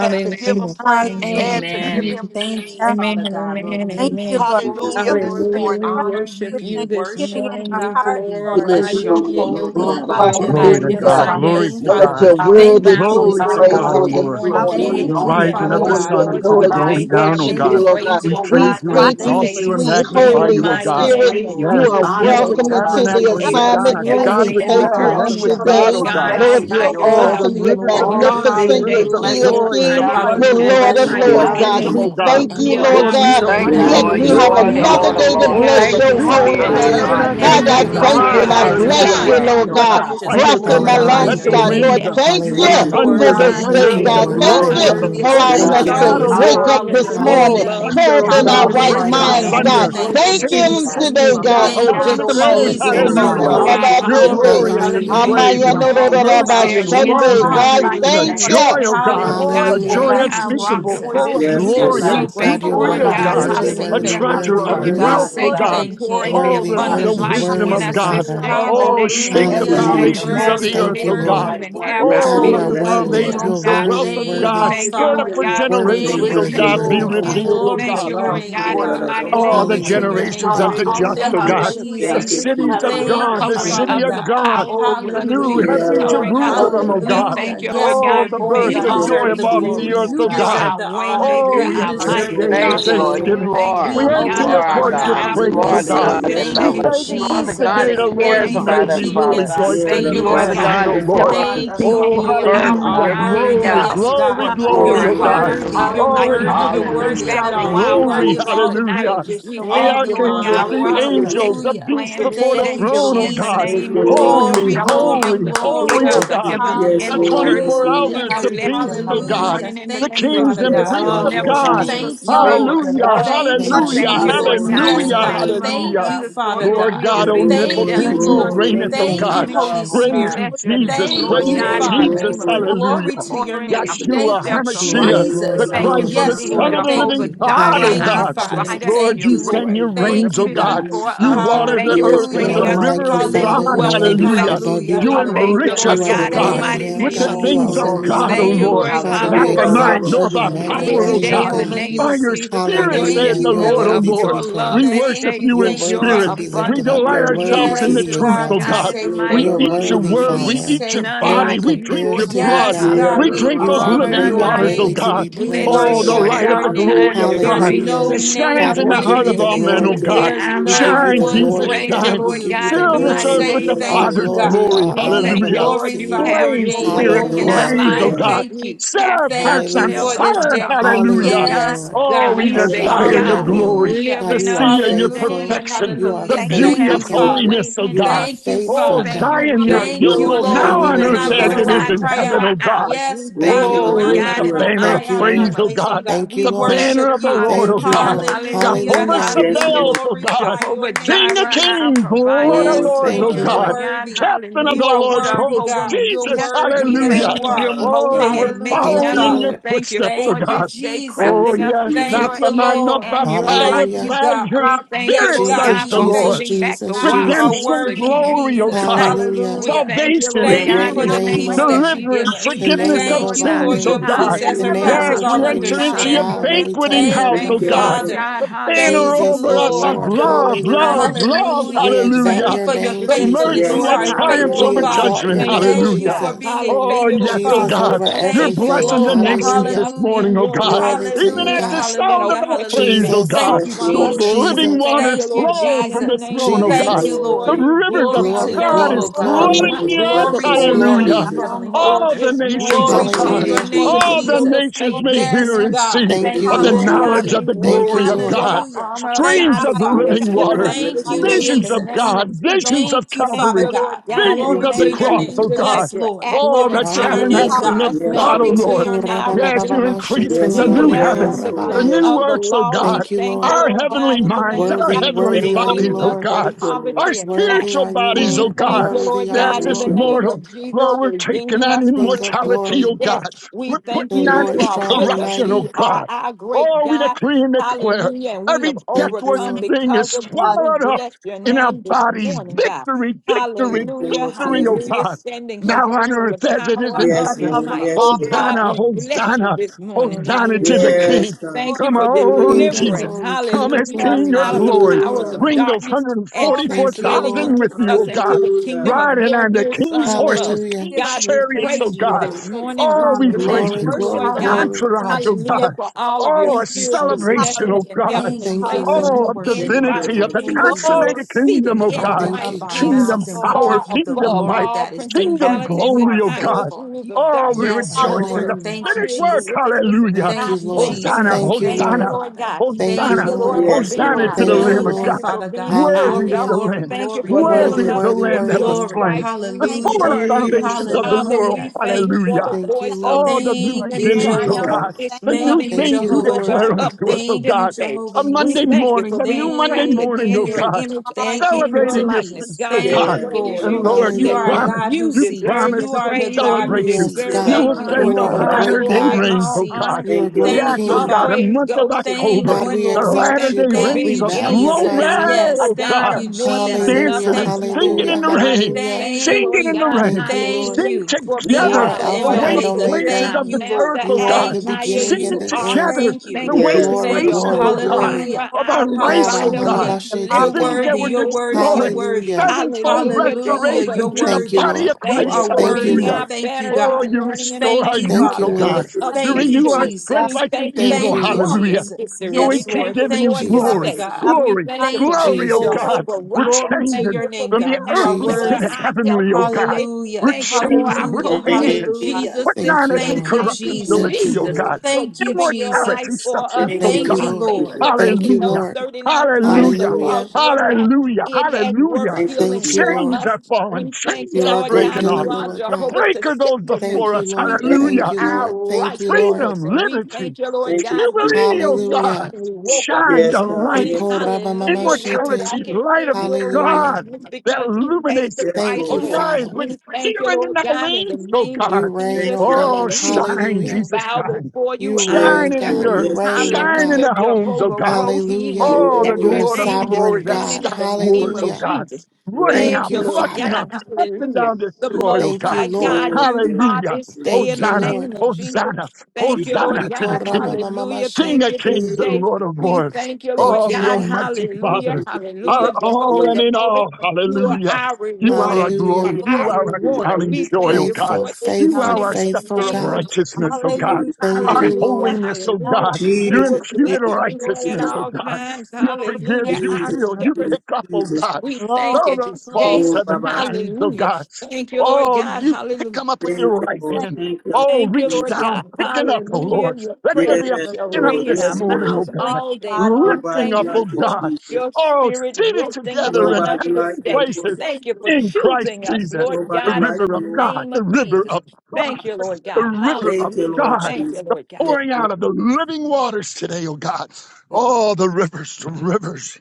S1: and to give him praise
S2: Hallelujah.
S1: and to
S3: Hallelujah.
S1: give
S4: Amen.
S1: him
S4: Thank you,
S3: Amen.
S4: Father God. Lord, we
S3: Amen.
S4: give
S2: Thank
S4: you
S2: you,
S4: the
S3: Amen.
S2: Lord. We
S5: Jesus.
S4: glory,
S1: Hallelujah
S2: come
S5: Thank you,
S1: this
S4: Lord.
S2: before
S3: Hallelujah.
S4: We
S2: your
S3: We
S1: morning.
S2: presence
S4: honor
S3: worship
S4: you.
S2: with
S4: We
S3: you this
S2: thanksgiving
S4: worship
S2: in
S4: you,
S3: morning.
S2: our
S3: We
S4: God.
S2: heart,
S4: We
S6: you
S2: Lord.
S6: this
S3: glorify
S4: bless your
S7: Hallelujah.
S6: morning, Lord
S2: You,
S3: you.
S4: holy
S6: God.
S2: Father
S7: Glorify
S8: Yes,
S3: We
S7: you,
S4: and
S2: God,
S8: glory to God,
S6: Hallelujah.
S4: magnificent
S3: magnify
S7: magnify
S3: you
S2: for the
S7: you.
S8: glory
S4: name,
S3: this
S8: to
S6: Lord,
S4: Father.
S3: morning.
S4: We
S8: God,
S6: you're
S2: good
S7: God,
S3: We
S7: we
S4: thank
S7: thank
S6: worthy
S4: you,
S7: you,
S3: bow
S6: to
S7: oh
S6: be
S8: glory
S4: Jesus,
S7: God
S8: to
S3: before
S4: for
S7: for
S4: a
S3: you
S6: praised
S8: God,
S4: new
S8: O
S7: all
S6: on
S3: this
S7: that
S4: day.
S6: this
S8: Lord.
S7: you are
S3: morning,
S2: about Lord,
S6: morning.
S3: King
S7: doing
S8: In
S3: of
S8: the
S7: and
S4: Thank
S7: all
S4: you,
S3: King
S6: We
S7: that
S3: and
S8: rising
S7: you're
S4: Father
S8: of
S6: honor
S8: the
S3: Lord
S7: going
S3: of
S6: you,
S7: to
S4: God,
S6: we
S8: sun
S4: for
S7: do,
S8: and
S3: Lords.
S8: to
S7: oh
S6: adore
S8: the
S3: We
S6: you,
S4: covering
S7: God.
S6: we
S8: going
S4: us,
S3: say,
S2: for
S4: Lord.
S8: down,
S3: Have
S8: O
S7: In
S6: worship
S4: Thank
S3: your
S4: you
S6: you,
S8: God,
S7: this
S4: for
S6: Lord God.
S7: week,
S3: way
S8: we
S7: oh
S4: protecting
S6: We
S8: praise
S4: us,
S7: God,
S8: you
S7: in
S8: and
S4: God.
S7: the
S2: life,
S6: thank
S4: Thank
S7: mighty
S6: you,
S4: you
S8: exalt
S3: today
S4: for
S8: you
S7: name
S8: and
S4: this
S2: life
S7: of
S6: sweet
S4: new day
S2: more
S7: Jesus,
S3: in
S4: you
S8: magnify
S3: the
S8: you,
S6: Holy
S8: O
S2: abundant.
S4: blessed
S3: mighty
S7: we
S8: God.
S4: us with,
S6: Spirit.
S3: name
S7: praise
S3: of
S7: you
S4: Lord.
S7: and
S6: You
S8: Yes,
S7: we
S6: are
S8: the
S3: Jesus
S7: honor you,
S8: feast
S3: Elohim,
S8: of
S4: Thank
S6: welcome
S7: oh
S4: you,
S3: the
S6: into
S7: God.
S6: the
S8: tabernacling with
S2: Father,
S3: creator
S2: we
S7: God,
S3: of
S4: Jesus.
S3: the
S6: assignment
S7: we
S8: God,
S2: bless
S6: room.
S7: just
S2: you,
S8: God
S3: heavens
S6: We
S4: Thank
S8: with
S7: thank
S4: you,
S3: and
S7: you,
S1: Oh,
S7: oh
S3: the
S6: thank you
S8: men,
S1: Baba
S3: earth.
S4: Father,
S7: God.
S4: for
S8: men
S6: on
S7: We
S4: your
S8: with
S7: come
S3: You
S1: Shata.
S7: in
S8: God,
S3: are
S6: today.
S4: goodness
S8: O
S2: our
S4: and
S8: God.
S3: God all
S6: Lord,
S7: expecting
S4: mercy.
S6: you're
S3: by
S7: you,
S2: Jehovah
S7: oh
S8: Oh,
S7: God.
S3: yourself.
S8: the
S4: Thank
S6: awesome,
S4: you,
S6: you're
S2: Shalom,
S3: We
S8: rivers of
S7: All
S4: Lord.
S3: praise
S7: the
S3: you
S8: God, the
S3: this
S6: magnificent,
S7: things,
S6: you're
S7: the
S3: day.
S8: rivers
S3: We
S8: of
S6: King of
S4: Hallelujah.
S2: our
S7: blessings,
S8: joy
S7: oh
S8: and
S3: glorify
S8: the
S2: joy,
S6: King,
S2: our
S3: you.
S2: Lord,
S7: God,
S3: We
S2: our
S4: Father,
S7: the
S6: you're
S4: we
S8: pleasures of the
S6: Lord
S7: healing,
S6: of
S4: bless
S8: King
S3: magnify
S7: oh
S4: your
S8: and
S3: you
S8: His
S6: Lord,
S3: this
S7: God.
S1: Glory
S6: God.
S8: kingdom,
S3: day.
S1: this
S8: oh
S7: If
S6: We
S4: holy
S7: you
S1: morning.
S8: God.
S7: will
S6: thank
S3: We
S6: you,
S7: do
S4: and
S7: it
S3: yield
S6: Lord
S7: this
S8: Lord,
S3: our
S8: we
S4: righteous
S7: week,
S6: God.
S3: will
S7: oh
S4: and
S3: to
S9: Thank
S8: delight
S9: you,
S8: in
S3: your
S6: Yet
S7: God,
S8: your
S9: Lord.
S6: we
S7: in
S3: will.
S7: the
S9: You
S6: have
S4: magnificent
S8: will, oh
S9: are
S7: mighty
S9: the
S4: name,
S3: Have
S8: God.
S6: another
S9: Lord
S3: your
S9: of
S4: God.
S6: day
S7: name
S6: to
S7: of
S3: way,
S4: We
S9: Lords.
S8: Oh,
S3: God,
S7: Jesus.
S6: bless
S8: the
S9: Thank
S3: this
S9: you
S6: your
S4: focus
S9: for
S3: morning.
S4: our
S7: Oh,
S8: feasting
S6: holy
S9: being
S8: of
S3: Thank
S7: even
S9: our
S3: you
S7: the
S4: eyes
S6: name.
S3: for
S4: on
S9: God.
S3: an
S7: people
S4: you.
S9: Thank
S7: that
S8: tabernacling
S6: God,
S7: you
S10: Thank you,
S4: We
S8: with
S6: I
S9: you
S7: will
S3: intercession
S9: for
S10: Lord.
S4: fix
S7: bring
S3: in
S6: thank
S7: in
S4: our
S6: you
S9: being
S8: God,
S7: here
S6: and
S3: us
S6: I
S7: to
S9: our
S3: this
S4: eyes
S7: your
S4: on
S3: day in
S6: bless
S8: hallelujah.
S3: the
S4: you,
S6: you,
S9: Redeemer.
S3: name
S7: salvation,
S6: Lord
S4: Father,
S3: of
S7: oh
S8: Let
S4: and
S6: God.
S8: the
S4: we
S7: God.
S3: Jesus.
S4: just
S3: Thank
S8: fire
S3: you
S6: Breath
S3: for
S6: in
S8: come
S7: In
S6: my
S7: the
S3: bringing
S8: down.
S4: glorify
S7: mighty
S3: the
S8: Let
S10: Hallelujah.
S6: lungs,
S4: your
S8: the
S3: rule
S6: God.
S7: name
S3: to
S7: of
S4: name.
S8: wind,
S6: Lord,
S10: Hallelujah.
S3: death.
S8: the,
S7: Jesus.
S6: thank
S4: You
S8: the
S6: you
S11: Thank
S4: are
S3: Thank
S11: you,
S10: Hallelujah.
S3: you,
S7: Oh
S6: for
S3: Lord
S8: thunder, the
S11: Jesus.
S7: God,
S6: this
S7: we
S3: God.
S4: worthy
S6: day,
S10: Thank you,
S8: lightning,
S7: thank
S8: the
S6: God.
S7: you,
S4: and
S2: you
S7: oh
S10: Lord.
S4: you
S2: are
S3: Hallelujah.
S4: are
S6: Thank
S7: God, in
S8: glory
S6: you
S10: Thank
S8: of
S10: you,
S7: this
S8: the
S4: worthy
S3: Hallelujah
S10: Lord.
S6: for
S7: week,
S3: for
S4: to
S7: oh
S8: voice
S4: be
S6: allowing
S8: of
S11: Thank
S10: Thank
S11: you,
S7: God.
S3: touching
S6: us
S10: you,
S3: us
S6: to
S8: God,
S3: with
S8: oh
S4: praised.
S10: Lord.
S11: Jesus.
S3: your
S6: wake
S8: Lord.
S6: up
S7: Hallelujah,
S6: this
S3: fingertips
S2: Adonai,
S3: of
S8: Oh,
S7: Lord.
S6: morning,
S4: Hallelujah.
S3: love.
S10: Hallelujah.
S7: We
S8: thunder, oh
S6: clothed
S7: just
S6: in
S10: You're
S3: We
S6: our
S8: God,
S10: Worthy,
S6: right
S4: Hallelujah.
S7: glorify
S3: bless
S10: worthy,
S8: breaking
S3: your
S7: you and
S4: Father,
S6: minds,
S10: worthy.
S3: name.
S4: we
S10: Lord.
S3: We
S6: God.
S8: asunder
S7: magnify
S4: thank
S7: your
S2: Oh,
S3: worship
S4: you,
S6: Thank
S7: name,
S2: Lord,
S8: sin,
S7: oh
S3: you
S6: you
S7: God.
S4: Jesus.
S3: and
S8: sickness,
S3: you
S6: today,
S7: Because
S6: God.
S8: death,
S3: alone,
S6: Oh,
S7: you are
S4: Thank
S8: hell, and
S4: you,
S3: God.
S8: the
S7: so
S6: just a
S8: grave,
S3: We
S6: moment,
S7: worthy,
S6: just a
S7: oh
S3: thank
S10: Thank
S4: Jesus.
S10: you,
S3: you,
S11: Yes,
S2: we
S6: moment.
S7: God.
S8: hallelujah.
S3: Lord
S10: Lord.
S6: I'm
S4: Lord,
S11: Lord.
S4: we
S3: God.
S2: praise
S6: about
S8: You're
S6: to
S7: Hallelujah.
S6: end it.
S3: Hallelujah.
S4: glorify
S8: glorious in
S4: you.
S3: You
S10: Hallelujah.
S7: Hallelujah. The
S3: and
S4: We
S8: praise
S3: you
S7: good
S8: and
S7: things,
S3: alone.
S7: oh
S4: magnify
S8: mercy
S7: God,
S3: There
S2: the
S4: your
S8: and
S7: the
S4: name.
S3: is
S8: love
S6: Sunday.
S8: and,
S7: wonderful
S3: none
S2: of the
S6: God,
S3: like
S7: things,
S8: and
S7: the
S8: a
S3: you.
S6: thank
S4: Hallelujah.
S3: We
S2: Lord.
S8: joy,
S6: you.
S8: oh
S3: thank
S7: magnificent
S3: you,
S8: God,
S3: Lord
S7: things,
S2: Oh,
S3: God,
S8: a
S3: for
S4: Hallelujah.
S7: oh
S2: Yana,
S8: joy
S10: Hallelujah.
S3: being
S7: God,
S4: Thank you,
S3: our
S7: that you were
S3: rock
S8: unspeakable,
S3: of
S7: doing
S4: Jesus.
S2: oh,
S8: full
S7: this
S8: of
S3: defense.
S11: Yes,
S7: week,
S4: We are
S7: oh
S8: glory, a
S11: Lord.
S4: so
S3: We
S5: Jesus.
S7: God.
S10: God,
S3: thank
S4: grateful,
S3: you,
S10: you're
S7: Oh
S8: jubilee,
S4: Father
S3: Lord
S8: oh
S7: God,
S10: worthy,
S4: God.
S3: God.
S4: We
S8: God,
S7: you are
S10: worthy,
S4: just
S7: your
S4: say
S8: a
S5: Thank
S10: worthy,
S3: Hallelujah.
S4: thank
S7: people.
S4: you.
S7: You
S8: treasure
S10: worthy,
S7: are
S8: of
S7: our
S3: Hallelujah.
S11: Thank
S4: We
S11: you,
S10: worthy,
S8: wealth,
S7: God,
S11: Lord.
S7: oh
S8: oh
S4: say
S3: Thank you
S7: God.
S2: Yana,
S7: And
S3: for
S8: God.
S7: we
S4: thank you,
S3: pouring
S7: thank
S3: the
S4: Lord.
S8: Oh,
S7: you, oh
S10: worthy,
S8: the,
S7: God,
S8: the
S3: abundant
S4: Thank
S10: worthy,
S4: you,
S7: for
S3: life
S8: wisdom
S7: doing
S3: in
S2: Hallelujah,
S8: of
S10: worthy,
S3: us
S4: Jesus.
S8: God.
S7: exceedingly
S3: this
S10: Father.
S3: day
S7: above
S3: in
S2: hallelujah.
S3: the
S8: Oh,
S7: all you
S3: name of
S7: could
S8: shake
S11: Thank
S8: the
S7: ever
S11: you,
S4: Hallelujah.
S3: Jesus.
S5: you,
S10: Hallelujah,
S4: You're
S7: ask,
S3: Thank
S11: Jesus.
S5: Jesus.
S3: you,
S8: foundations of
S3: Lord.
S10: Jesus.
S4: worthy.
S7: imagine,
S8: the
S3: We
S7: or
S4: You're
S8: earth,
S10: Thank you,
S8: oh
S3: live,
S7: think,
S4: worthy.
S2: glory.
S8: God.
S3: move,
S10: Lord.
S4: You're
S7: Almighty
S3: and
S2: We give you
S7: One.
S3: have
S4: worthy.
S3: our
S11: Yes,
S10: God,
S8: Oh,
S10: you
S7: In
S11: Lord.
S8: let
S10: are
S8: the
S3: being
S7: the
S11: Yes,
S3: in
S7: mighty
S10: worthy.
S3: you,
S11: Lord.
S7: name
S4: Hallelujah.
S3: oh
S10: You're
S8: foundations,
S7: of
S8: the
S3: God.
S2: all
S8: wealth
S7: Jesus.
S10: worthy,
S8: of
S3: We
S4: Thank you,
S10: worthy,
S8: God,
S3: thank you,
S8: stored up
S7: Hallelujah,
S3: Lord
S4: Father.
S8: for
S3: God,
S7: Lord.
S3: for your
S10: worthy,
S11: Thank
S8: generations,
S11: you,
S7: Great
S4: Thank
S8: oh
S7: is
S10: worthy,
S4: you,
S7: your
S8: God,
S3: protection
S8: be
S11: Jesus.
S10: worthy,
S4: Lord.
S3: plan.
S7: faithfulness.
S8: revealed,
S10: Father.
S7: Great
S8: oh
S7: is
S4: Glory
S7: your
S3: Thank
S4: to
S8: God.
S3: you,
S4: your
S7: love
S3: Lord
S4: name, oh
S3: God,
S2: glory,
S3: in the
S7: towards
S4: God.
S7: us,
S3: mighty
S7: Almighty
S8: Oh,
S11: Yorarabasha.
S3: name
S8: the
S4: Glory
S3: of
S7: God.
S4: to your
S3: Jesus
S10: Hallelujah.
S4: name,
S3: for
S8: generations
S3: the
S8: of
S10: Thank
S8: the
S10: you,
S4: Father.
S8: just,
S7: Hallelujah,
S10: Lord.
S3: awesome
S8: oh
S4: Thank you,
S8: God,
S3: blood of
S8: the
S7: hallelujah,
S11: Thank you,
S4: Jesus.
S3: Jesus
S8: cities
S11: Jesus.
S8: of
S4: Thank
S8: God,
S7: hallelujah,
S4: you,
S8: the
S10: Thank
S3: covering
S10: you,
S4: Father
S8: city
S3: us,
S10: Lord.
S7: hallelujah.
S8: of
S3: the
S4: God.
S8: God,
S7: Oh,
S3: powerful
S7: your
S8: the
S3: blood of
S8: new
S7: goodness,
S3: Jesus
S4: Hallelujah.
S8: heavenly
S7: oh God,
S3: covering us.
S5: Father,
S7: endures
S8: Jerusalem,
S11: Yorarabashanda.
S8: oh
S3: We
S7: forever,
S8: God.
S2: Lord.
S3: thank
S7: oh
S4: Hallelujah.
S3: you,
S7: God.
S2: I'm
S4: Yes,
S3: Lord
S8: Oh,
S4: Lord,
S3: God,
S8: the
S3: you
S7: Oh
S8: birth,
S4: you
S3: make
S8: the
S11: Thank
S7: God,
S11: you,
S7: we
S3: all
S8: joy
S4: deserve
S11: Lord
S4: the
S7: just
S3: things
S8: above the
S7: thank
S3: new.
S4: glory.
S7: you,
S8: earth,
S7: oh
S11: Jesus.
S4: You
S8: oh
S3: You're
S7: God.
S8: God.
S4: deserve
S3: our
S4: the
S3: way
S4: honor.
S3: maker,
S8: Oh, we
S4: You
S7: Hallelujah,
S3: our
S8: enter your
S3: light
S11: Yes,
S4: deserve
S3: in
S4: the
S7: hallelujah,
S8: gates
S11: Lord.
S7: oh
S8: with
S9: Thank
S11: Yes,
S9: you,
S3: darkness.
S7: God.
S4: praise,
S9: Lord.
S11: Lord.
S3: We
S4: Lord.
S9: You
S8: thanksgiving.
S3: thank
S7: Oh
S3: you,
S8: We
S9: are.
S4: We
S7: God,
S3: Lord
S7: we
S9: You
S8: enter
S7: give
S4: open
S3: God,
S7: you
S4: up
S8: your
S9: are
S3: for
S9: our
S4: our
S7: full
S8: courts
S3: ordering
S8: with
S9: God.
S3: our
S4: mouths
S7: glory, oh
S8: praise,
S4: and
S9: You
S4: we
S8: oh
S9: are
S7: God.
S11: Yes,
S9: the
S4: say,
S8: God.
S3: footsteps
S9: God
S11: Lord.
S9: that
S3: this
S7: Hallelujah.
S11: Yes,
S8: We
S4: Thank
S9: loves
S3: day
S4: you,
S7: We
S9: us.
S8: say
S11: Lord.
S8: this
S9: You
S7: Thank you,
S9: are
S8: is
S9: the
S7: oh
S8: the
S9: God
S7: God,
S4: Jesus.
S3: in
S8: day
S9: that
S7: for
S8: the
S3: the
S8: Lord
S4: Thank
S8: has
S7: you,
S9: cares
S4: you
S3: name
S7: the
S4: for
S8: made.
S9: about
S3: of
S9: us,
S8: We
S7: angels,
S4: keeping
S8: will
S7: oh
S4: and
S3: Jesus.
S9: Father.
S7: God,
S8: rejoice and
S3: Thank
S8: be
S3: you,
S7: that
S9: You
S7: you
S4: sustaining us,
S9: are
S3: Lord
S9: the
S8: glad
S7: would
S8: in
S3: God.
S8: it,
S9: God
S4: Father.
S3: No
S8: oh
S9: that
S7: place
S11: Yorarabashanda.
S3: foe
S2: glory,
S8: Lord.
S9: tells us
S3: can
S7: upon
S9: to
S4: Thank
S7: us,
S9: seek
S4: you,
S7: our
S8: Oh,
S3: withstand
S9: ye
S3: the
S4: Lord.
S7: families,
S4: You
S7: oh
S9: first
S3: power
S9: in
S4: are
S3: of
S8: hallelujah.
S7: God,
S9: your
S3: God. Thank
S4: worthy.
S3: you
S8: Glory,
S9: kingdom.
S3: for
S7: throughout
S4: Yes,
S7: this
S8: glory,
S4: God.
S3: for
S7: week,
S2: God.
S7: oh
S4: You're
S8: glory,
S3: uh,
S11: Yes,
S9: Glory,
S8: oh
S7: God.
S3: keeping
S8: God.
S11: Lord.
S3: us
S4: worthy.
S9: hallelujah.
S4: You're
S3: all
S8: Oh,
S3: night
S8: in
S7: Hallelujah,
S4: worthy.
S3: long,
S4: You're
S7: Lord.
S8: heaven
S7: We
S8: they
S3: holding
S4: worthy
S9: Hallelujah.
S4: of
S3: back
S7: just
S4: it
S8: shout
S3: the
S4: all.
S7: thank
S11: Thank
S4: You're
S7: you,
S11: you,
S3: wild
S4: worthy
S8: glory,
S7: Father.
S4: of
S3: wolves in
S4: all
S11: Jesus.
S3: the
S4: the
S3: night.
S7: We
S8: hallelujah.
S4: praise,
S7: just
S3: We
S2: Your word,
S8: The
S4: all
S3: thank
S7: thank
S3: you,
S7: you,
S4: the
S3: Lord
S7: Lord.
S8: archangels,
S4: honor.
S3: God,
S11: Thank
S8: the
S3: for
S11: you,
S3: your
S7: Hallelujah.
S8: angels,
S11: Jesus.
S8: the
S3: protection
S4: Hallelujah.
S7: We
S8: beast
S2: your
S3: plan
S7: just
S3: this
S8: before the
S4: Thank
S3: day.
S4: you,
S7: thank you,
S8: throne, oh
S7: Lord.
S3: In the
S8: God.
S4: Jesus.
S11: Thank
S3: name
S11: you,
S3: of
S2: new
S7: Glory
S11: Lord.
S3: Jesus,
S7: to
S8: Holy,
S7: your
S4: Glory,
S11: Jesus.
S7: name.
S4: glory,
S3: Elohim,
S8: holy,
S3: the
S4: glory.
S8: holy,
S3: creator
S8: oh
S3: of
S7: Glory
S3: the
S7: to
S8: God.
S7: your
S2: and love,
S3: heavens
S7: name,
S11: Yes,
S3: and
S8: The
S7: oh
S3: the
S2: Lord
S11: Lord.
S7: God.
S3: earth,
S11: Yes,
S8: 24
S11: Lord.
S4: Hallelujah.
S3: we
S8: elders, the
S3: bless
S8: beast
S7: Hallelujah.
S3: you this
S8: of
S10: Hallelujah.
S8: God,
S7: Hallelujah.
S4: Hallelujah.
S3: morning in the
S2: God.
S8: the
S4: Thank you,
S3: name of
S7: Great
S8: kings
S4: Father
S7: is
S8: and
S7: your
S3: Jesus.
S11: Yes,
S4: God.
S8: priests
S3: You'll
S11: Lord.
S10: Thank
S8: of
S7: love,
S10: you,
S7: oh
S3: never
S11: Yes,
S8: God.
S7: God.
S3: leave us
S11: Lord.
S4: Thank
S10: Jesus.
S4: you,
S2: Love,
S3: nor
S7: Great is
S4: Lord.
S7: your
S8: Hallelujah,
S3: forsake us.
S7: love, oh
S4: Thank you,
S2: heart,
S3: We
S10: Thank you,
S7: God.
S2: God.
S8: hallelujah,
S3: thank you,
S10: Lord.
S3: Lord
S4: Jesus.
S11: Glory,
S3: God,
S7: Hallelujah.
S4: Yes,
S3: in the
S8: hallelujah,
S4: God.
S11: glory,
S10: Hallelujah.
S3: name of
S7: Oh
S4: Thank
S8: hallelujah.
S4: you,
S7: God,
S3: Jesus
S7: we
S3: for
S4: Father
S7: thank
S3: your
S8: Lord
S7: you,
S4: God.
S3: will
S8: God,
S7: Jesus.
S3: being
S4: Thank
S10: Thank
S11: glory,
S10: you,
S4: you,
S8: omnipotent,
S7: We
S3: done,
S8: you
S3: your
S7: just
S10: Lord.
S4: Lord.
S11: glory,
S8: reigneth,
S7: thank
S8: oh
S7: you
S3: kingdom
S7: for
S4: Thank
S10: Thank
S4: you,
S10: you,
S7: your
S8: God.
S3: coming.
S4: Holy
S7: love, oh
S3: We
S8: Praise
S10: Jesus.
S7: God.
S4: Spirit.
S8: you,
S3: bless
S2: Those
S3: your
S2: of
S8: Jesus.
S3: name,
S7: Oh, we
S4: Thank
S3: Lord
S4: you,
S3: God,
S8: Praise
S11: glory,
S3: in
S7: thank
S3: the
S7: you,
S4: Father.
S8: Jesus.
S3: name of
S2: you
S7: Jesus.
S2: know,
S11: glory.
S3: Jesus
S8: Hallelujah.
S4: Glory
S3: for
S4: to
S7: Hallelujah.
S4: your
S3: ordering
S7: We
S3: our
S4: name.
S7: can't be
S4: Thank
S8: Yeshua,
S4: you,
S7: enough,
S3: footsteps
S8: Hamashiach
S10: Glory,
S3: aright.
S11: Yeah,
S7: but
S8: the
S10: glory,
S11: yeah,
S4: Jesus.
S7: enough
S3: Thank
S11: Lord.
S3: you
S8: Christ,
S7: for
S3: for
S10: glory.
S8: the
S4: Yes,
S7: those,
S3: being
S8: Son
S4: Lord.
S8: of
S11: Shana.
S8: the
S4: Thank
S3: Jehovah
S8: living
S4: you.
S7: oh,
S8: God, oh
S3: Jireh,
S4: Thank
S7: God
S4: you,
S3: our
S10: Hallelujah,
S8: God.
S4: Father.
S11: Thank you,
S3: provider,
S10: Jesus.
S3: and
S8: Lord,
S4: Thank
S3: your
S8: you
S4: you,
S3: grace
S11: Jesus.
S8: send
S4: Lord.
S7: your
S8: your
S3: is
S4: Thank
S8: rains,
S7: grace
S4: you,
S8: oh
S7: and your
S8: God.
S3: sufficient
S4: God.
S3: for
S8: You
S7: mercy,
S3: us.
S7: oh
S8: water
S7: God.
S3: Thank
S8: the
S3: you for
S11: Yes,
S8: earth with
S7: In
S10: No
S4: Hallelujah.
S8: the
S3: bringing
S7: the
S11: God.
S10: one
S3: us
S7: mighty
S10: like
S8: river
S10: you,
S8: of
S3: into
S7: name
S3: this
S7: of
S10: Father.
S8: God,
S10: No one
S3: wealthy
S4: Hallelujah.
S10: be
S7: Jesus.
S8: hallelujah.
S3: place.
S10: above
S4: Hallelujah.
S7: Hallelujah,
S8: You
S10: you.
S3: We thank you,
S7: hallelujah,
S8: enrich
S4: Hallelujah.
S11: Thank
S10: You
S3: Lord
S8: us,
S10: are
S8: oh
S10: the
S11: you,
S3: God, in the
S7: hallelujah.
S10: great I
S11: Lord
S8: God,
S3: mighty
S4: Thank you,
S10: am,
S8: with
S11: Jesus.
S3: name
S8: the
S10: God.
S3: of
S7: Oh,
S10: You are
S8: things
S5: Thank
S8: of
S5: you,
S3: Jesus.
S5: Jesus.
S7: glory
S4: Jesus.
S7: to
S8: God,
S10: worthy.
S8: oh
S7: your
S3: Thank you,
S7: name.
S4: Thank
S8: Lord.
S3: Lord.
S4: you,
S10: Father, we
S8: Not
S7: Hallelujah.
S8: by
S4: Jehovah
S11: Yeah,
S3: Hallelujah
S8: might
S10: exalt
S11: Lord.
S10: you.
S8: nor
S4: Rapha.
S10: We
S8: by
S7: Oh, we
S11: Shana.
S4: Thank
S8: power,
S3: this
S10: magnify
S4: you,
S8: O
S7: bless
S10: you,
S7: you,
S3: day
S10: O
S3: in
S8: God.
S3: the
S4: Jehovah
S10: God.
S3: name
S8: By
S3: of
S8: your
S7: Jesus.
S4: Nisi.
S3: Jesus for
S11: Thank
S8: spirit,
S3: your
S11: you,
S8: saith
S4: Thank
S10: Hallelujah.
S8: the
S4: you,
S10: You're
S3: display
S8: Lord,
S11: Jesus.
S8: O
S3: of
S10: worthy to
S4: Elohim.
S8: Lord.
S3: your
S10: be
S8: We
S3: love
S10: praised.
S3: this
S8: worship
S4: Thank
S3: day,
S4: you,
S8: you
S10: You're
S8: in
S4: thank you,
S10: worthy
S3: your
S10: to
S8: spirit.
S4: thank you,
S10: be
S8: We
S4: thank
S10: lifted
S3: abundance.
S4: you.
S10: up.
S8: delight
S10: You're
S11: Thank you,
S3: We
S10: worthy
S8: ourselves
S10: to
S8: in the
S4: Yes,
S3: praise
S11: Jesus.
S10: be
S3: you,
S8: truth,
S3: Lord
S4: God,
S8: O
S4: we
S3: God,
S10: exalted.
S8: God.
S3: in the
S4: say
S11: Lord,
S3: mighty
S8: We
S10: You're
S4: thank you.
S8: eat
S3: name
S8: your
S3: of
S10: worthy,
S8: word.
S3: Jesus.
S11: Alabama.
S8: We
S4: We
S10: Father.
S8: eat
S4: say
S8: your
S3: None
S10: No one
S8: body.
S4: thank
S3: like
S8: We
S4: you.
S3: you,
S8: drink
S10: compares
S8: your
S3: Lord
S10: to you,
S3: God.
S8: blood.
S4: Yes,
S11: Yeah,
S10: God.
S4: God,
S8: We
S4: we
S3: Hallelujah.
S8: drink
S10: You
S8: those
S10: are
S4: honor
S8: living
S3: None
S10: great
S11: Alabama.
S4: your
S10: and
S3: like
S8: waters, O
S10: greatly
S3: you.
S4: name.
S10: to
S8: God.
S3: We
S10: be
S4: We
S3: bless
S10: praised,
S11: God
S10: O
S8: Oh,
S3: you,
S8: the
S11: of
S4: worship
S3: Lord, at
S10: God.
S8: light of
S4: your
S8: the
S3: all
S4: name.
S11: new
S8: glory
S3: times.
S8: of
S3: Your
S11: day,
S4: There's
S8: God
S11: new
S3: praises
S4: no
S10: Hallelujah.
S8: that
S11: day,
S4: name
S3: shall
S8: shines
S10: Father,
S8: in the
S10: we
S4: greater
S10: give
S8: heart
S10: you
S8: of
S4: than
S10: the
S8: all
S3: continually
S4: you.
S8: men,
S11: new
S8: oh
S3: be
S10: glory.
S3: in
S11: day,
S8: God.
S4: There's
S3: our
S10: We
S4: no
S10: give
S11: new
S3: mouth.
S10: you
S8: Shine,
S10: the
S4: one
S11: day.
S3: We
S8: Jesus,
S10: glory,
S4: greater
S3: thank you,
S10: God.
S8: shine.
S4: than
S10: We
S3: Lord
S10: give
S4: you.
S10: you
S3: God,
S10: the
S3: in
S8: Fill
S3: the
S4: We
S11: Yes,
S8: this
S3: mighty
S8: earth
S10: glory.
S11: Lord,
S4: say
S8: with the
S3: name of
S11: yes,
S10: All
S4: thank
S11: Lord.
S4: you,
S8: Father's
S3: Jesus.
S2: Lord,
S10: glory,
S4: God.
S8: glory.
S10: all
S3: We
S10: honor
S4: We
S3: thank you,
S8: Hallelujah.
S10: belongs
S3: Lord.
S10: to
S3: You
S4: glorify
S10: you.
S3: have
S4: your
S8: Blaze,
S3: your
S4: name,
S11: You
S3: way
S8: Spirit,
S11: are
S3: in
S4: Holy
S11: on my
S3: our
S10: Hallelujah.
S8: blaze, oh
S4: Spirit.
S3: lives
S11: side.
S8: God.
S4: Thank
S3: we
S4: you.
S8: Set our
S3: cast
S4: Thank
S8: hearts
S4: you
S8: on
S3: ourselves
S10: Hallelujah.
S4: for this
S3: upon
S8: fire.
S3: the
S4: day.
S3: altar of
S8: Hallelujah.
S10: Hallelujah,
S3: God
S4: Yes,
S10: Lord.
S8: Oh,
S3: and
S4: God.
S8: we
S3: we
S10: Oh
S11: Thank
S3: say,
S10: God,
S11: you,
S10: we
S8: desire your
S3: God,
S10: love
S11: Lord.
S10: you.
S8: glory,
S4: Hallelujah.
S3: live
S10: God,
S8: the
S3: in
S10: you
S3: us
S10: are
S8: sea
S3: this
S8: your
S3: day in the
S4: Hallelujah.
S10: faithful.
S8: perfection,
S3: name
S10: You
S3: of
S10: are
S8: the
S4: Hallelujah.
S2: thank you,
S3: Jesus.
S11: Thank
S8: beauty
S4: Thank
S11: you,
S10: faithful,
S2: Lord.
S4: you,
S8: of
S3: Have your
S10: God.
S4: Father.
S11: Jesus.
S8: holiness,
S3: way
S8: oh
S3: in
S10: You are
S8: God.
S3: us.
S4: Thank you,
S3: We
S10: faithful,
S8: Oh,
S4: Father.
S3: thank you.
S10: God.
S8: Zion,
S3: We
S8: your
S3: are
S11: Thank you,
S4: Thank you,
S8: people,
S3: yours
S11: Lord.
S3: and
S4: Lord.
S8: now
S3: we
S4: We
S8: on
S4: will
S10: Hallelujah,
S8: earth
S3: thank
S11: Glory,
S3: you,
S4: not let
S8: as
S4: a
S3: Lord
S8: it
S10: Jesus.
S8: is
S4: rock
S3: God.
S11: glory,
S8: in
S4: cry
S3: You
S8: heaven,
S4: out.
S3: are
S8: oh God.
S3: ours.
S4: Yes,
S3: We
S10: Thank
S3: thank
S4: God, we
S10: you,
S3: you,
S4: will
S8: Oh,
S11: glory,
S3: Lord
S10: Lord.
S4: not
S8: raise
S4: let
S8: the
S3: God,
S4: a
S3: in the
S11: glory.
S4: rock
S8: banner of
S4: cry
S10: Thank
S3: mighty
S10: you,
S4: out in
S8: praise,
S4: our
S3: name
S8: oh
S10: Lord.
S3: of
S4: place, oh
S8: God.
S3: Jesus.
S4: God.
S10: Thank you,
S4: We
S8: The
S10: Lord.
S3: Thank
S4: worship
S8: banner
S3: you.
S8: of the
S4: you.
S8: Lord, oh
S10: Thank you,
S3: Hallelujah.
S8: God.
S10: Lord.
S4: Hallelujah,
S3: Hallelujah.
S8: Jehovah
S4: God.
S10: Hallelujah.
S4: We
S11: Yes,
S3: Hallelujah.
S8: Sabaoth,
S11: Lord.
S8: oh
S4: glorify
S8: God.
S4: your
S3: Jehovah
S4: name,
S8: King of
S3: Jireh,
S4: Jesus.
S3: our
S8: kings,
S3: provider.
S8: Lord of
S11: Glory
S4: Yes,
S3: We
S11: to
S8: lords,
S3: thank
S8: oh
S10: Thank
S4: Lord,
S3: you,
S10: you,
S4: you're
S11: God.
S3: Lord
S8: God.
S10: Lord.
S3: God.
S4: worthy.
S8: Captain of
S4: You
S3: Hallelujah.
S8: the
S4: are
S8: Lord's
S4: worthy,
S8: hosts,
S3: Jehovah
S4: God. You're
S3: Makia,
S8: Jesus,
S4: worthy.
S3: we
S4: Yes,
S8: hallelujah.
S3: thank
S11: Yeah,
S3: you.
S4: you
S3: You're
S4: are.
S11: Baba
S8: Oh, and
S3: molding
S8: we're
S11: Shanda.
S3: and making
S4: Hallelujah,
S10: Thank
S8: following
S10: you,
S3: us.
S8: in
S3: We
S8: your
S4: Father.
S10: Lord.
S3: thank you
S8: footsteps, oh
S3: for
S4: Thank you,
S3: this
S8: God.
S3: day,
S11: Thank
S8: Oh,
S4: Jesus.
S3: crafting
S11: you,
S3: us
S8: yes,
S3: in
S8: not
S11: Jesus.
S4: Thank
S3: your
S8: by
S4: you,
S8: might,
S3: image
S8: not
S4: Lord.
S8: by
S3: and your
S8: power,
S4: Thank you,
S10: Hallelujah.
S3: likeness.
S8: by
S4: God.
S8: your
S3: We
S2: Our
S3: thank you,
S4: Yes,
S8: spirit,
S3: Lord
S4: God,
S8: says
S10: Jesus,
S3: God,
S4: we
S8: the
S3: for
S10: Jesus,
S8: Lord.
S4: thank
S3: holding
S4: you.
S3: back the
S10: Jesus,
S2: God
S4: You
S3: wild
S4: are
S3: wolves
S10: Jesus.
S8: Redemption,
S4: worthy,
S3: again
S8: glory,
S3: in
S8: oh
S4: Jesus.
S3: the night.
S8: God.
S10: Hallelujah.
S2: is
S3: We
S4: Hallelujah.
S3: thank you,
S8: Salvation,
S10: Your
S3: Lord
S11: Thank
S4: Thank you
S3: God,
S10: great
S11: you,
S4: for
S3: in
S8: healing,
S4: the
S3: the
S11: Jesus.
S10: name,
S3: name
S10: oh
S4: peace
S2: Yahweh,
S3: of
S4: that
S10: God.
S4: you give
S3: Jesus.
S8: deliverance,
S4: us.
S3: We
S10: the
S3: thank
S8: forgiveness
S10: name
S3: you,
S8: of
S4: Thank
S10: above
S3: Lord
S4: you
S10: all
S3: God.
S4: for
S8: sins, oh
S4: your
S11: Thank
S10: names,
S11: you,
S4: peace
S8: God.
S2: the
S4: that
S10: the
S3: Hallelujah,
S11: Jesus.
S10: name at
S4: surpasses
S8: Yes,
S2: everlasting
S10: which
S8: we
S4: all
S10: every
S3: hallelujah,
S10: knee
S8: enter
S2: Father,
S10: shall
S8: into your
S10: bow
S4: understanding.
S10: and
S3: hallelujah.
S2: Prince
S10: every
S2: of
S10: tongue
S8: banqueting
S3: We
S10: shall
S4: Thank
S8: house,
S11: Thank
S4: you,
S8: oh
S3: thank you,
S11: you,
S8: God.
S3: Lord
S10: confess.
S11: Lord.
S4: Father.
S3: God.
S8: The banner
S4: Thank
S3: Hallelujah.
S4: you,
S10: Jesus
S8: over
S10: is
S8: us
S4: Lord.
S8: is
S3: Thank
S10: Lord.
S3: you, Lord
S8: love,
S3: God,
S8: love,
S3: in
S10: Hallelujah.
S3: the
S8: love,
S3: name of
S10: We
S4: Hallelujah.
S10: exalt
S4: Thank
S8: hallelujah.
S4: you
S3: Jesus.
S10: your
S4: for
S3: We
S4: your
S10: name,
S8: The
S3: bless you,
S4: faithfulness.
S8: mercy
S4: You
S10: Jesus.
S11: Yes,
S8: that
S3: Lord.
S4: are a
S11: Lord.
S8: triumphs
S11: Yes,
S4: faithful
S2: Glory.
S10: We
S8: over
S3: Hallelujah.
S11: Lord.
S4: father.
S10: exalt
S8: judgment,
S10: your
S3: Thank you,
S10: name,
S4: Thank
S3: Lord
S4: you
S8: hallelujah.
S4: for
S3: God.
S10: Jesus.
S4: being a
S8: Oh,
S3: Hallelujah
S4: faithful
S3: for
S8: yes, oh
S10: Jesus
S3: being
S4: father.
S8: God.
S3: with
S10: over
S3: us.
S8: You're
S2: Yeah,
S4: Thank
S3: Thank you
S4: you,
S10: everything.
S3: for
S8: blessing the
S4: Lord.
S8: nations
S3: establishing
S10: Hallelujah.
S8: this
S3: us
S4: Hallelujah.
S3: in
S8: morning, oh
S3: your
S8: God.
S10: Glory to you,
S8: Even at
S4: Hallelujah.
S3: righteousness
S8: the
S10: God.
S3: and
S8: sound of
S4: Hallelujah.
S8: our
S3: oppression
S8: praise,
S4: Hallelujah.
S8: oh
S3: being
S10: Jesus,
S3: far
S4: Thank
S8: God,
S4: you,
S11: Yes,
S3: from us.
S8: those
S11: Lord.
S4: Jesus.
S3: We
S8: living
S10: Jesus,
S3: thank you,
S8: waters
S4: Thank you,
S3: Lord
S8: flow
S3: God, in
S8: from
S3: the
S8: the
S4: Jesus.
S3: name
S8: throne,
S3: of
S8: oh
S11: Thank you,
S4: Thank
S8: God.
S4: you,
S3: Jesus,
S10: Jesus.
S11: Lord.
S3: for
S8: The
S4: Lord.
S11: Thank
S3: you
S8: rivers
S3: giving
S8: of
S4: Glory
S3: us
S4: to
S10: Glory,
S4: your
S2: oh,
S8: God
S4: name, O
S10: glory,
S8: is
S3: the
S4: God.
S11: you.
S2: hallelujah.
S10: glory,
S8: flooding
S3: might
S8: the
S11: Oh,
S8: earth,
S3: to
S11: bless
S4: Glory
S11: your
S4: to
S3: pull
S11: name,
S4: your
S3: down
S8: hallelujah.
S4: name,
S10: glory.
S11: Jesus.
S4: Heavenly
S8: All
S3: strongholds
S4: Father.
S8: the
S3: this
S8: nations,
S3: morning.
S8: O
S4: Glory
S3: We
S11: Bless your
S4: to
S8: God,
S3: thank
S11: name,
S4: your
S3: you
S10: Hallelujah.
S3: for
S4: name,
S3: the
S11: Jesus.
S8: all the
S3: shield of
S4: Jesus.
S8: nations
S3: faith
S8: may
S2: Glory,
S3: this
S4: Yes,
S8: hear
S3: morning.
S8: and
S4: God.
S8: see
S10: Thank
S3: Thank
S10: you,
S11: Thank
S8: of
S3: you,
S8: the
S11: you,
S3: Lord
S10: Lord.
S3: God.
S8: knowledge
S4: Hallelujah.
S11: Jesus.
S8: of
S3: We
S8: the
S10: Thank you,
S3: worship
S8: glory of
S3: you
S10: Lord.
S3: for
S8: God,
S3: the
S4: Hallelujah.
S2: God.
S3: armor of
S4: Thank
S3: God
S8: streams
S4: you,
S8: of
S3: that
S8: the
S2: Arise,
S3: you
S4: Father.
S2: shine
S3: have
S11: Yes,
S8: living
S3: given
S2: forth
S8: water,
S11: Lord.
S3: us
S11: Yes,
S3: this
S4: Thank
S2: light
S4: you,
S2: is
S3: day
S11: Lord.
S3: in
S8: visions
S3: the
S2: coming.
S8: of
S2: the
S3: name
S4: Jesus.
S2: glory
S8: God,
S3: of
S2: of the
S3: Jesus.
S8: visions
S2: Lord
S8: of
S4: Thank you,
S3: Thank
S4: Father
S8: Calvary,
S3: you, Lord
S4: God.
S3: God, in
S8: visions
S3: the
S4: Glory
S11: Thank
S8: of the
S4: to
S11: you,
S3: name
S4: your
S3: of
S8: cross, O
S11: Jesus.
S4: name.
S2: in
S3: Jesus,
S2: the name
S8: God.
S4: Yes,
S3: that you're
S2: of
S4: Lord.
S2: Jesus.
S8: Oh,
S3: active
S4: Glory
S3: and
S8: the
S4: to your
S3: operative in
S10: Hallelujah.
S4: name,
S11: Yes,
S8: tabernacling of
S2: Hallelujah.
S11: Lord.
S4: God.
S3: us.
S11: Yes,
S3: Thank you
S8: God, O
S4: Glory
S3: for
S11: Lord.
S4: to
S8: Lord.
S3: being
S4: your
S3: our
S4: name.
S8: Yes, you're
S3: Redeemer,
S8: increasing
S11: Yes,
S8: the new
S11: Lord.
S3: redeeming
S2: Thank you,
S3: us
S8: heaven,
S3: from
S11: Yes,
S3: the
S11: Lord.
S8: the
S2: Father
S3: curse
S10: Ikorababababashetelabane
S2: God.
S11: Yes,
S8: new
S3: of the
S11: Lord.
S8: earth, O
S3: law. We
S8: God,
S10: Thank you,
S3: thank you,
S10: Lord.
S2: We
S8: our
S3: Lord
S2: dwell
S8: heavenly
S3: God,
S2: under the
S3: in the
S8: minds,
S3: name
S8: our
S3: of
S2: shadow
S10: Worthy,
S3: Jesus,
S2: of the
S8: heavenly
S10: worthy
S11: Thank
S10: are
S11: you,
S10: you,
S2: Almighty
S8: bodies,
S3: redeeming
S8: O
S11: Lord.
S3: us
S10: Lord.
S2: God.
S3: from
S8: God,
S11: Thank you,
S8: our
S11: Lord.
S3: poverty and
S2: Thank
S3: lack.
S10: Worthy
S8: spiritual
S10: are you,
S2: you, Lord.
S8: bodies,
S3: We
S8: O
S10: Lord.
S3: thank
S8: God.
S3: you,
S10: Worthy
S3: Lord
S10: are
S2: I
S8: Yes,
S3: God,
S10: you,
S3: in
S8: this
S11: Thank
S3: the
S11: you,
S10: Lord.
S11: Lord.
S3: name
S8: mortal.
S3: of Jesus
S8: Lord,
S2: call
S3: for
S8: we're taking
S3: redeeming
S8: on
S3: us from
S2: I
S10: King
S2: let
S10: of
S3: spiritual
S8: immortality,
S10: glory,
S8: oh
S3: death.
S8: God.
S3: We
S8: We're
S3: thank
S10: the
S8: putting
S3: you.
S8: on
S11: Thank
S10: Lord
S3: You
S11: you,
S3: are
S10: strong
S11: Jesus.
S3: with
S10: and
S3: us.
S8: incorruption, oh
S3: You
S10: mighty.
S3: are
S8: God.
S3: our great
S8: Oh, we
S3: God.
S8: decree and declare
S3: Hallelujah. And we
S8: every
S3: have
S8: death
S10: Thank
S2: you
S10: you,
S8: working
S3: overcome
S2: sink
S10: Lord.
S8: thing is
S3: because of you. We
S8: swallowed up
S3: bless your
S2: for
S8: in our
S3: name
S2: the
S3: this
S2: blood,
S8: bodies.
S3: morning, God.
S8: Victory, victory,
S11: Thank you,
S3: Hallelujah.
S11: Lord
S8: victory, oh
S11: Jesus.
S3: Hallelujah.
S8: God.
S3: Standing
S2: Lord.
S8: Now on
S3: strong in the
S8: earth as it is
S2: The
S3: power
S8: in
S3: of
S11: Yes,
S3: your
S8: heaven.
S2: shall
S11: Lord.
S3: might.
S2: cover
S11: Yes, Lord.
S3: God,
S2: all
S8: Hosanna,
S3: we bless you
S8: Hosanna,
S3: this
S2: these
S3: morning.
S8: Hosanna to
S10: Hallelujah.
S8: the
S3: Hallelujah.
S11: Yes,
S8: King.
S11: God.
S2: Lord,
S3: Thank you
S8: Come
S3: for
S8: on,
S10: King of
S11: Hallelujah.
S3: delivering,
S8: Jesus.
S10: glory, King
S8: Come
S10: of
S8: as
S3: hallelujah, us
S8: King
S10: glory,
S3: out
S8: of
S3: of the
S10: King of
S8: glory.
S3: powers
S11: Hallelujah.
S3: of
S10: glory.
S8: Bring those
S3: darkness and
S2: glory.
S10: Thank you,
S3: translating
S8: 144,000
S10: Lord.
S8: with
S3: into
S8: you, oh
S3: us
S8: God
S3: into the kingdom
S11: Hallelujah.
S3: of
S8: riding
S3: your
S8: on the
S3: dear
S8: king's
S3: Son of love.
S8: horses,
S10: Hallelujah.
S2: Give
S8: king's
S2: unto the
S3: God, we
S8: chariots, oh
S4: Thank
S3: praise
S4: you,
S3: you
S2: Lord
S8: God.
S3: this
S4: God.
S11: Thank
S2: that
S11: you,
S2: you
S3: morning. We
S11: Jesus.
S8: Oh, we
S2: may
S8: praise
S3: bless
S4: Hallelujah.
S10: Glory,
S3: you,
S8: you.
S2: worship
S10: glory,
S3: Lord
S2: the
S8: An
S2: Lord
S3: God.
S4: Hallelujah.
S10: glory.
S2: in the
S8: entourage,
S4: Thank
S8: oh
S4: you,
S2: beauty
S3: Hallelujah
S2: of
S8: God.
S4: Father.
S3: for
S2: His holiness.
S3: all of your
S8: Oh, a
S4: Thank you,
S3: spiritual
S4: Jesus.
S8: celebration,
S2: Hallelujah.
S3: blessings
S8: oh
S3: in
S8: God.
S3: heavenly
S4: Thank you,
S10: Thank you,
S2: Hallelujah.
S4: Father.
S3: places
S10: Lord.
S4: We
S8: Oh, of
S4: worship
S3: in
S11: Thank
S4: you,
S11: you,
S8: divinity,
S3: Christ
S4: God.
S8: of
S11: Lord
S8: the
S4: Thank
S11: Jesus.
S3: Jesus.
S4: you,
S3: We're
S2: Glory,
S4: Lord.
S8: consummated
S3: seated
S8: kingdom,
S4: We
S2: glory,
S8: oh
S3: in
S8: God.
S4: open
S10: Thank you,
S4: up
S3: Christ
S4: our
S2: glory,
S3: Jesus
S4: mouths
S8: Kingdom
S2: glory,
S10: Jesus.
S4: and we
S2: glory.
S8: power,
S3: far
S4: give you the
S8: kingdom
S3: above
S4: glory
S8: might,
S3: all
S4: that is
S2: You
S4: due
S2: all
S4: your
S8: kingdom
S2: the
S4: name.
S3: principalities
S2: praise.
S4: You
S8: glory,
S3: and
S4: are
S8: oh
S3: powers,
S8: God.
S4: faithful.
S3: rulers
S2: You,
S3: of
S8: Oh, we
S3: darkness of
S4: Yes,
S3: this
S2: hallelujah,
S8: rejoice in
S4: Lord.
S8: the
S3: world,
S10: Hallelujah.
S4: Thank you,
S2: hallelujah,
S8: finished
S3: spiritual
S8: work,
S4: Jesus.
S3: wickedness in
S8: hallelujah.
S10: Thank
S3: high
S10: you,
S4: Thank you,
S10: Lord.
S3: places.
S8: Hosanna,
S4: Jesus.
S3: We
S10: Thank you,
S4: Thank
S3: thank
S4: you,
S3: you,
S10: Lord.
S8: Hosanna,
S3: Lord
S4: Father.
S2: hallelujah.
S3: God.
S10: Thank
S4: Thank
S10: you,
S3: Thank
S8: Hosanna,
S4: you,
S3: you,
S10: Lord.
S3: Lord, for
S4: Lord.
S11: Yes,
S3: being
S8: Hosanna
S11: Lord.
S3: our
S8: to the
S10: Thank
S11: Yes,
S10: you,
S3: healer.
S8: Lamb
S11: Lord.
S4: Thank
S8: of
S4: you,
S3: Thank you
S10: Lord.
S8: God.
S3: for
S4: Father
S3: being
S4: God.
S3: our
S8: Worthy
S4: Glory,
S8: is
S3: help.
S8: the
S10: Hallelujah.
S2: Father,
S4: glory,
S2: we
S8: Lamb.
S2: thank
S3: Thank you
S4: glory,
S3: for
S2: you.
S8: Worthy
S3: healing
S10: Worthy,
S11: Jesus.
S4: glory,
S8: is
S3: us
S8: the
S10: worthy,
S8: lamb
S3: with
S8: that
S3: your
S8: was
S10: worthy.
S4: glory.
S8: slain.
S3: stripes. We
S2: Thank
S8: Before
S2: you,
S4: Hallelujah.
S8: the
S3: were healed.
S8: foundations of the
S11: Jesus.
S3: Father,
S8: world,
S3: we
S4: Hallelujah.
S3: thank you
S4: Thank you,
S3: for
S8: hallelujah.
S3: the
S4: Father.
S10: Thank you,
S2: Thank
S3: voice
S2: you,
S3: of
S8: Oh,
S10: Lord.
S8: the
S3: victory
S8: new
S4: Thank
S2: Lord.
S3: and
S4: you,
S2: Thank
S8: beginnings, oh
S3: triumph
S2: you,
S4: Jehovah.
S11: Jesus.
S8: God.
S2: Lord.
S3: this
S2: Thank
S8: The new
S4: Thank
S3: morning
S4: you,
S10: Thank
S3: that
S8: things
S3: you
S10: you,
S8: you
S4: Jehovah
S3: woke
S10: Lord.
S3: us
S8: declare
S3: up
S4: Jireh.
S8: unto
S3: with
S8: us,
S2: you.
S8: oh
S4: Thank
S3: this
S4: you,
S8: God.
S3: day.
S8: A
S4: Jehovah
S2: We give
S3: We
S8: Monday
S4: Nisi.
S3: thank you
S8: morning,
S3: for
S8: a new
S3: being
S8: Monday
S3: crafted
S4: Thank
S8: morning,
S3: in
S8: oh
S3: your
S4: you.
S8: God.
S2: you
S3: image
S2: honor, Lord.
S3: and
S4: Thank you,
S3: in
S4: Prince
S3: your
S8: Celebrating
S4: of
S8: your
S3: likeness.
S4: Peace.
S8: feast, oh
S3: God, we
S4: Thank
S8: God.
S11: Yeah.
S4: you,
S11: Yeah,
S3: praise
S8: And
S4: Lord.
S11: Lord.
S3: you
S11: my
S8: Lord,
S3: this
S8: you
S4: You
S11: son.
S3: day.
S4: are a
S11: uh,
S10: Hallelujah.
S8: promise,
S4: God who
S3: You
S8: you
S4: sees.
S3: deserve
S8: promise
S3: the
S4: You
S8: if
S4: are
S8: we
S4: the
S3: praise.
S4: God
S3: You
S8: celebrate
S4: who
S8: you,
S10: Yes,
S4: sees.
S3: deserve
S8: you
S11: Yeah,
S3: the
S10: God.
S8: will
S4: Thank
S11: Lord.
S4: you,
S11: my
S3: honor,
S2: Thank
S8: send
S10: You
S4: Lord,
S8: the
S4: that
S10: are a
S11: son.
S4: you
S3: all
S4: are
S11: uh,
S4: the
S8: latter
S10: great
S8: day
S4: God
S3: glory,
S10: God.
S4: who
S8: rains,
S3: all
S8: oh
S3: honor.
S4: sees.
S8: God.
S10: You're a
S11: Thank you,
S10: great
S11: Lord
S4: Thank
S8: Yes,
S4: you,
S8: oh
S3: All
S10: King.
S8: God,
S11: Jesus.
S8: a
S4: Father.
S3: praise
S8: month of
S3: goes to you,
S4: Thank
S10: God,
S4: you,
S8: October,
S3: Lord.
S10: we
S8: the
S4: Lord.
S3: We
S10: exalt
S8: latter
S3: thank
S10: you.
S3: you
S8: day
S3: for
S10: God,
S4: Thank
S10: we
S8: rains
S4: you,
S3: being
S8: of
S3: El
S10: magnify
S4: Jesus.
S3: Shaddai,
S8: glory,
S10: you.
S3: a
S4: Yes,
S8: oh
S3: God
S4: thank
S8: God
S3: of
S4: you,
S3: more than
S2: you,
S3: enough,
S4: Jesus.
S10: Hallelujah.
S8: dancing
S3: a
S8: and
S4: Thank you,
S2: Lord.
S8: singing
S3: sufficient
S4: Lord.
S10: Hallelujah.
S8: in the
S3: God.
S8: rain,
S3: We
S10: Hallelujah.
S3: thank you,
S4: Thank
S8: singing
S3: Lord
S8: in
S4: you.
S8: the
S3: God.
S8: rain.
S10: Thank you,
S4: Thank
S10: Lord.
S3: Hallelujah.
S8: Sing
S4: you,
S3: For
S4: the
S10: You
S3: being
S8: together
S10: are
S3: our
S4: Alpha
S8: the
S10: Alpha
S4: and
S3: Lord,
S2: Oh,
S3: our
S10: and
S8: waste
S4: Omega.
S3: Savior,
S8: places
S3: our
S10: Omega.
S4: Thank
S8: of
S4: you,
S8: this
S3: Master,
S8: earth,
S4: Lord.
S8: oh
S10: You are
S8: God.
S10: the
S4: Thank you,
S3: Adonai,
S10: beginning and
S8: Singing
S3: you
S10: the
S4: Jesus.
S3: are.
S10: end.
S8: together
S3: We
S4: Thank you.
S8: the
S3: thank you for
S8: waste
S11: Yes.
S10: Glory,
S3: being
S11: God.
S4: Thank you.
S8: places,
S10: glory,
S8: oh
S3: Jehovah
S8: God,
S10: glory.
S4: Hallelujah.
S3: Jireh,
S2: Lord,
S8: of our
S3: our
S10: God,
S8: lives, oh
S10: I
S3: provider.
S8: God.
S4: Hallelujah.
S3: We
S2: of
S8: The
S3: bless
S2: heart.
S4: You're
S10: halabashite,
S3: your
S8: things
S10: God.
S8: that
S4: worthy.
S8: were
S3: name
S4: You're
S3: this
S4: worthy.
S2: Thank
S4: You're
S2: you,
S8: destroyed.
S3: morning.
S4: worthy.
S10: Hallelujah.
S2: Lord.
S8: Sevenfold
S3: Hallelujah.
S4: Hallelujah.
S3: Jehovah
S4: You're
S8: restoration to the
S10: Thank you,
S3: Nisi,
S4: worthy.
S8: body
S10: Lord.
S8: of
S4: You
S3: Thank you
S4: are
S8: Christ,
S11: Thank
S3: for
S11: you,
S10: Thank you,
S3: being
S4: worthy.
S8: hallelujah.
S11: Jesus.
S3: our
S10: Lord.
S4: Thank you,
S3: banner
S8: Oh,
S4: God.
S3: this
S8: you
S3: morning in the
S8: restore
S4: Thank
S8: our
S4: you,
S3: name
S8: youth,
S3: of
S10: Thank you,
S8: oh
S4: Father.
S8: God.
S11: Thank
S10: Lord.
S3: Jesus
S11: you,
S3: of
S8: You
S4: Thank you,
S11: Jesus.
S8: renew our
S3: victory.
S8: strength
S3: We
S4: Jesus.
S8: like an
S3: thank you.
S10: Thank
S3: We
S8: eagle,
S10: you,
S4: Thank you,
S3: walk
S10: Lord.
S8: hallelujah.
S3: in
S4: Jesus.
S8: So
S3: victory.
S8: we
S3: We
S4: Yes,
S8: keep
S4: Lord.
S3: thank you
S8: giving you
S4: Thank
S3: for
S4: you,
S3: this
S4: Father
S8: glory,
S3: day.
S10: Jesus.
S4: God.
S3: We
S8: glory,
S3: thank you
S2: Hallelujah.
S3: for
S4: Thank you,
S8: glory,
S3: being
S8: oh
S4: Lord.
S10: Jesus.
S8: God.
S3: Jehovah
S8: We're
S3: Rapha.
S4: Glory to
S3: Thank
S8: changing
S4: your
S3: you for
S4: name,
S8: from the
S3: being
S4: God. You
S3: our
S4: are
S8: earthly to
S3: healer,
S8: the
S4: worthy.
S10: Jesus.
S3: our help
S8: heavenly, oh
S3: this
S8: God.
S3: day.
S8: We're
S4: Hallelujah.
S3: Thank you for
S8: changing.
S3: our
S8: We're
S4: Hallelujah.
S11: Thank
S3: potentate
S8: changing.
S11: you.
S4: Hallelujah.
S3: Jesus
S8: Put
S10: Thank
S3: this
S8: on
S10: you,
S8: us
S3: day.
S4: Thank
S10: Lord.
S4: you,
S3: Thank you,
S10: Thank you,
S8: incorruptibility,
S4: Jesus.
S8: oh
S3: Jesus,
S10: Lord.
S8: God.
S3: for
S4: Thank you,
S3: giving your life
S8: Immortality
S4: Jesus.
S3: for
S8: substance,
S3: us
S11: Thank
S8: oh
S11: you,
S3: this
S10: Thank
S4: Thank
S10: you,
S4: you,
S3: day.
S11: Lord
S8: God.
S10: Lord.
S3: Thank you
S4: Lord.
S11: Jesus.
S3: for
S10: Thank
S3: taking
S10: you,
S3: those
S8: Hallelujah.
S10: Lord.
S3: 39 stripes
S11: Yes,
S8: Hallelujah.
S10: Hallelujah.
S11: Lord.
S3: across your back.
S8: Hallelujah.
S3: It has worked
S8: Hallelujah.
S11: Thank you,
S3: healing
S10: Thank
S11: Jesus.
S10: you,
S3: for
S10: Lord.
S8: Chains
S3: us.
S8: are falling.
S3: We thank
S8: Chains
S3: you,
S10: You
S8: are
S10: are a
S3: Lord
S11: Thank
S10: great
S8: breaking
S3: God.
S11: you,
S3: You
S8: off.
S11: Jesus.
S3: are
S10: deliverer,
S8: The
S3: Jehovah
S10: God.
S3: to
S8: breaker
S3: sit
S8: goes
S3: the new.
S10: Thank
S8: before
S10: you,
S8: us.
S3: We
S10: Lord.
S11: Thank
S3: thank you,
S11: you,
S10: Thank
S8: Hallelujah.
S10: you,
S11: Jesus.
S3: our
S10: Lord. Thank you, Lord.
S3: righteousness.
S8: Freedom,
S3: And we
S8: liberty,
S3: thank you, Lord
S11: Thank you,
S3: God.
S11: Jesus.
S8: jubilee, oh
S3: Hallelujah.
S8: God.
S10: Hallelujah.
S3: We woke up
S8: Shine
S3: this
S8: the
S11: Yes, God.
S8: light
S3: morning.
S11: Yes, Lord.
S3: Hallelujah. We're
S10: Ikorabamamashete.
S8: immortality,
S3: walking
S8: light of
S3: in
S11: Thank
S3: your
S10: Hallelujah.
S8: God
S3: righteousness
S8: that
S3: because you paid
S8: illuminates
S3: the
S11: you. Yes,
S10: Thank
S3: price
S8: our
S10: you,
S11: Lord. Yes,
S3: for it.
S8: lives
S10: Father.
S8: with
S3: We thank you,
S8: healing in
S3: Lord
S8: our
S3: God, in the
S8: wings, oh
S3: name of
S10: You
S8: God.
S10: reign,
S11: Thank
S3: Jesus.
S10: O
S11: you.
S8: Oh,
S10: God.
S3: Hallelujah.
S11: Jesus.
S8: shine,
S3: We
S10: Hallelujah.
S8: Jesus,
S3: bow
S8: shine.
S3: before you,
S10: You
S3: our
S11: Yes,
S10: reign,
S8: Shine in the
S10: God.
S3: shepherd.
S11: Lord.
S8: earth.
S10: You
S11: Yes,
S10: reign,
S11: Lord.
S10: oh
S8: Shine in
S10: God.
S3: Hallelujah,
S8: the homes, oh
S3: Jehovah
S8: God.
S3: Rohi.
S10: Hallelujah.
S3: We
S8: Oh,
S3: bless
S8: the
S11: Glory
S10: You're
S3: your
S11: to
S10: a
S8: Lord of
S11: God.
S3: name this
S8: glory
S10: sovereign
S8: that
S3: morning
S10: God.
S3: in
S8: stops
S3: the name
S8: wars, oh
S3: of
S10: Hallelujah.
S8: God.
S3: Jesus.
S11: Yeah,
S8: Rooting
S3: Thank
S11: that
S10: Thank
S8: out,
S3: you,
S10: you,
S11: was
S3: Lord
S8: plucking
S3: God.
S10: Father.
S8: up, casting
S3: Hallelujah.
S8: down,
S3: The
S8: destroy, oh
S3: Most
S10: Thank
S8: God.
S10: you,
S3: High
S10: Lord.
S3: God,
S11: glory
S3: you
S11: to your
S3: are
S8: Hallelujah.
S3: this
S11: name.
S3: day
S10: Thank
S3: in
S10: you,
S3: the
S8: Hosanna,
S3: name
S10: Lord.
S3: of Jesus.
S8: Hosanna,
S3: Thank
S11: Jesus,
S3: you,
S8: Hosanna
S3: Lord
S8: to the
S3: God.
S8: King.
S3: Hallelujah.
S8: King
S10: Ikorabamamamashe.
S3: Thank
S8: of
S3: you this
S8: kings and
S3: day.
S11: Jesus,
S8: Lord of
S3: We
S8: lords,
S3: thank you,
S10: Thank
S3: Lord
S8: all
S10: you,
S8: the
S3: God.
S10: Lord.
S8: Almighty
S3: Hallelujah.
S8: Father, our
S3: Hallelujah.
S11: Jesus,
S8: all
S3: Jehovah
S8: and
S11: Jesus,
S8: in
S3: Gamoleth,
S8: all.
S3: you are
S8: Hallelujah.
S3: our
S8: You
S3: reward
S8: are our
S3: and you
S11: Jesus,
S3: are
S10: Hallelujah.
S8: glory.
S11: Jesus,
S2: Oh,
S8: You
S3: our
S8: are our
S3: rewarder.
S8: crowning
S3: We
S8: joy,
S3: thank
S2: then,
S8: O
S3: you
S8: God.
S3: for
S10: Faithful,
S3: it this
S8: You
S10: faithful,
S8: are
S3: morning
S8: our
S3: in the
S10: faithful
S8: scepter of
S10: God.
S3: name of
S8: righteousness, O
S3: Jesus.
S8: God.
S11: Jesus,
S2: Hallelujah.
S10: Thank
S8: Our
S10: you,
S3: Hallelujah,
S10: Lord.
S8: holiness, O
S2: Hallelujah.
S3: hallelujah.
S8: God.
S3: We
S8: Your
S11: Jesus,
S3: will
S8: imputed
S3: bless
S2: We give you
S3: you, Lord, at
S8: righteousness, O
S11: Jesus.
S3: all
S8: God.
S2: praise,
S3: times.
S8: You
S2: glory, and
S8: forgive,
S3: Hallelujah.
S8: you
S3: Our
S11: Jesus,
S8: heal,
S2: honor.
S8: you
S11: Jesus,
S3: shepherds,
S8: pick up, O
S11: Jesus.
S8: God.
S3: we
S2: Glory,
S3: thank you
S8: Throw us
S3: this
S2: glory,
S8: fall
S3: day.
S11: Oh,
S8: seven
S11: Baba,
S8: times, O
S3: Hallelujah.
S8: God.
S3: Thank you, Lord
S8: Oh,
S3: God.
S8: you pick
S3: Hallelujah.
S8: them up with your
S11: thank you,
S2: Lord.
S8: right
S11: Lord.
S2: Thank
S8: hand.
S11: Thank you, Lord
S8: Oh,
S3: Thank you,
S8: reach
S3: Lord
S11: Jesus.
S8: down,
S3: God.
S8: pick
S2: you
S8: 'em up, O
S3: Hallelujah.
S8: Lord.
S3: Your
S8: Let there
S2: for
S11: Yes,
S8: be a
S3: praises
S2: the
S3: shall
S8: lifting up
S11: Lord.
S3: ring in
S8: this
S3: our
S11: Yes,
S8: morning, oh
S3: mouths
S11: Lord.
S2: healing
S8: God.
S3: all
S2: of
S3: day
S2: our body.
S3: long.
S2: Thank
S8: Lifting
S11: Nobody
S8: up,
S3: Thank you
S8: oh
S11: like you,
S3: for
S8: God.
S11: Jesus.
S3: your
S8: Oh,
S2: you
S3: spirit
S8: seated
S3: resting
S8: together in
S3: upon us
S8: high
S11: Nobody like
S3: this
S2: for
S11: you,
S3: day.
S2: our
S8: places
S11: Lord.
S3: Thank you
S2: good
S3: for
S8: in Christ
S3: choosing us,
S8: Jesus.
S3: Lord
S11: Nobody
S8: The
S3: God, in
S11: like
S8: river
S3: the
S8: of
S11: you, Lord.
S8: God,
S3: name
S8: the
S3: of
S8: river
S3: Jesus.
S8: of
S3: Thank
S8: God,
S3: you,
S2: time.
S3: Lord
S8: the
S3: God.
S8: river of
S11: Thank you,
S3: Hallelujah.
S11: Lord
S8: God
S3: Thank you,
S11: Jesus.
S3: Lord God.
S11: Yes,
S8: pouring
S11: Lord.
S8: out of the living waters today, oh God. Oh, the rivers, the rivers.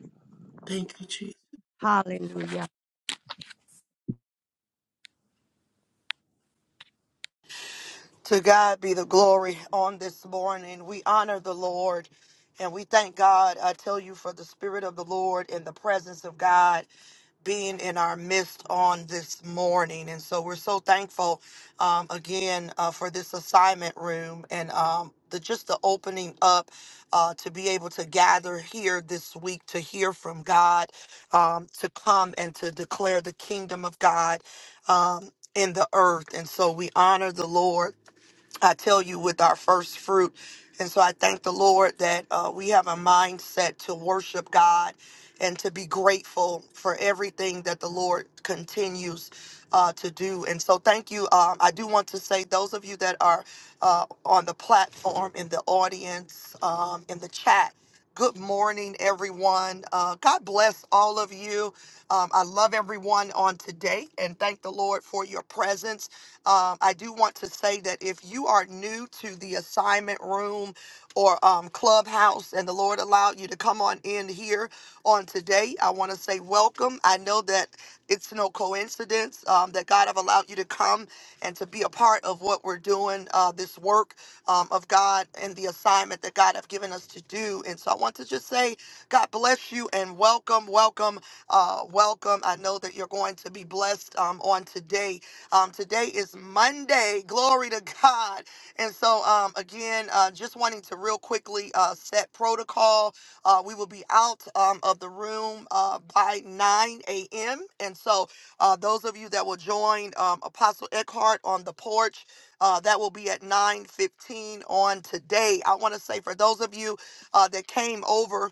S11: Thank you, Jesus.
S2: Hallelujah.
S1: To God be the glory on this morning. We honor the Lord and we thank God, I tell you, for the Spirit of the Lord and the presence of God being in our midst on this morning. And so we're so thankful um, again uh, for this assignment room and um, the, just the opening up uh, to be able to gather here this week to hear from God, um, to come and to declare the kingdom of God um, in the earth. And so we honor the Lord I tell you, with our first fruit. And so I thank the Lord that uh, we have a mindset to worship God and to be grateful for everything that the Lord continues uh, to do. And so thank you. Um, I do want to say, those of you that are uh, on the platform, in the audience, um, in the chat, Good morning, everyone. Uh, God bless all of you. Um, I love everyone on today and thank the Lord for your presence. Um, I do want to say that if you are new to the assignment room or um, clubhouse and the Lord allowed you to come on in here, on today. I want to say welcome. I know that it's no coincidence um, that God have allowed you to come and to be a part of what we're doing, uh, this work um, of God and the assignment that God have given us to do. And so I want to just say, God bless you and welcome, welcome, uh, welcome. I know that you're going to be blessed um, on today. Um, today is Monday. Glory to God. And so, um, again, uh, just wanting to real quickly uh, set protocol. Uh, we will be out um, of the room uh, by 9 a.m. And so, uh, those of you that will join um, Apostle Eckhart on the porch, uh, that will be at 9:15 on today. I want to say for those of you uh, that came over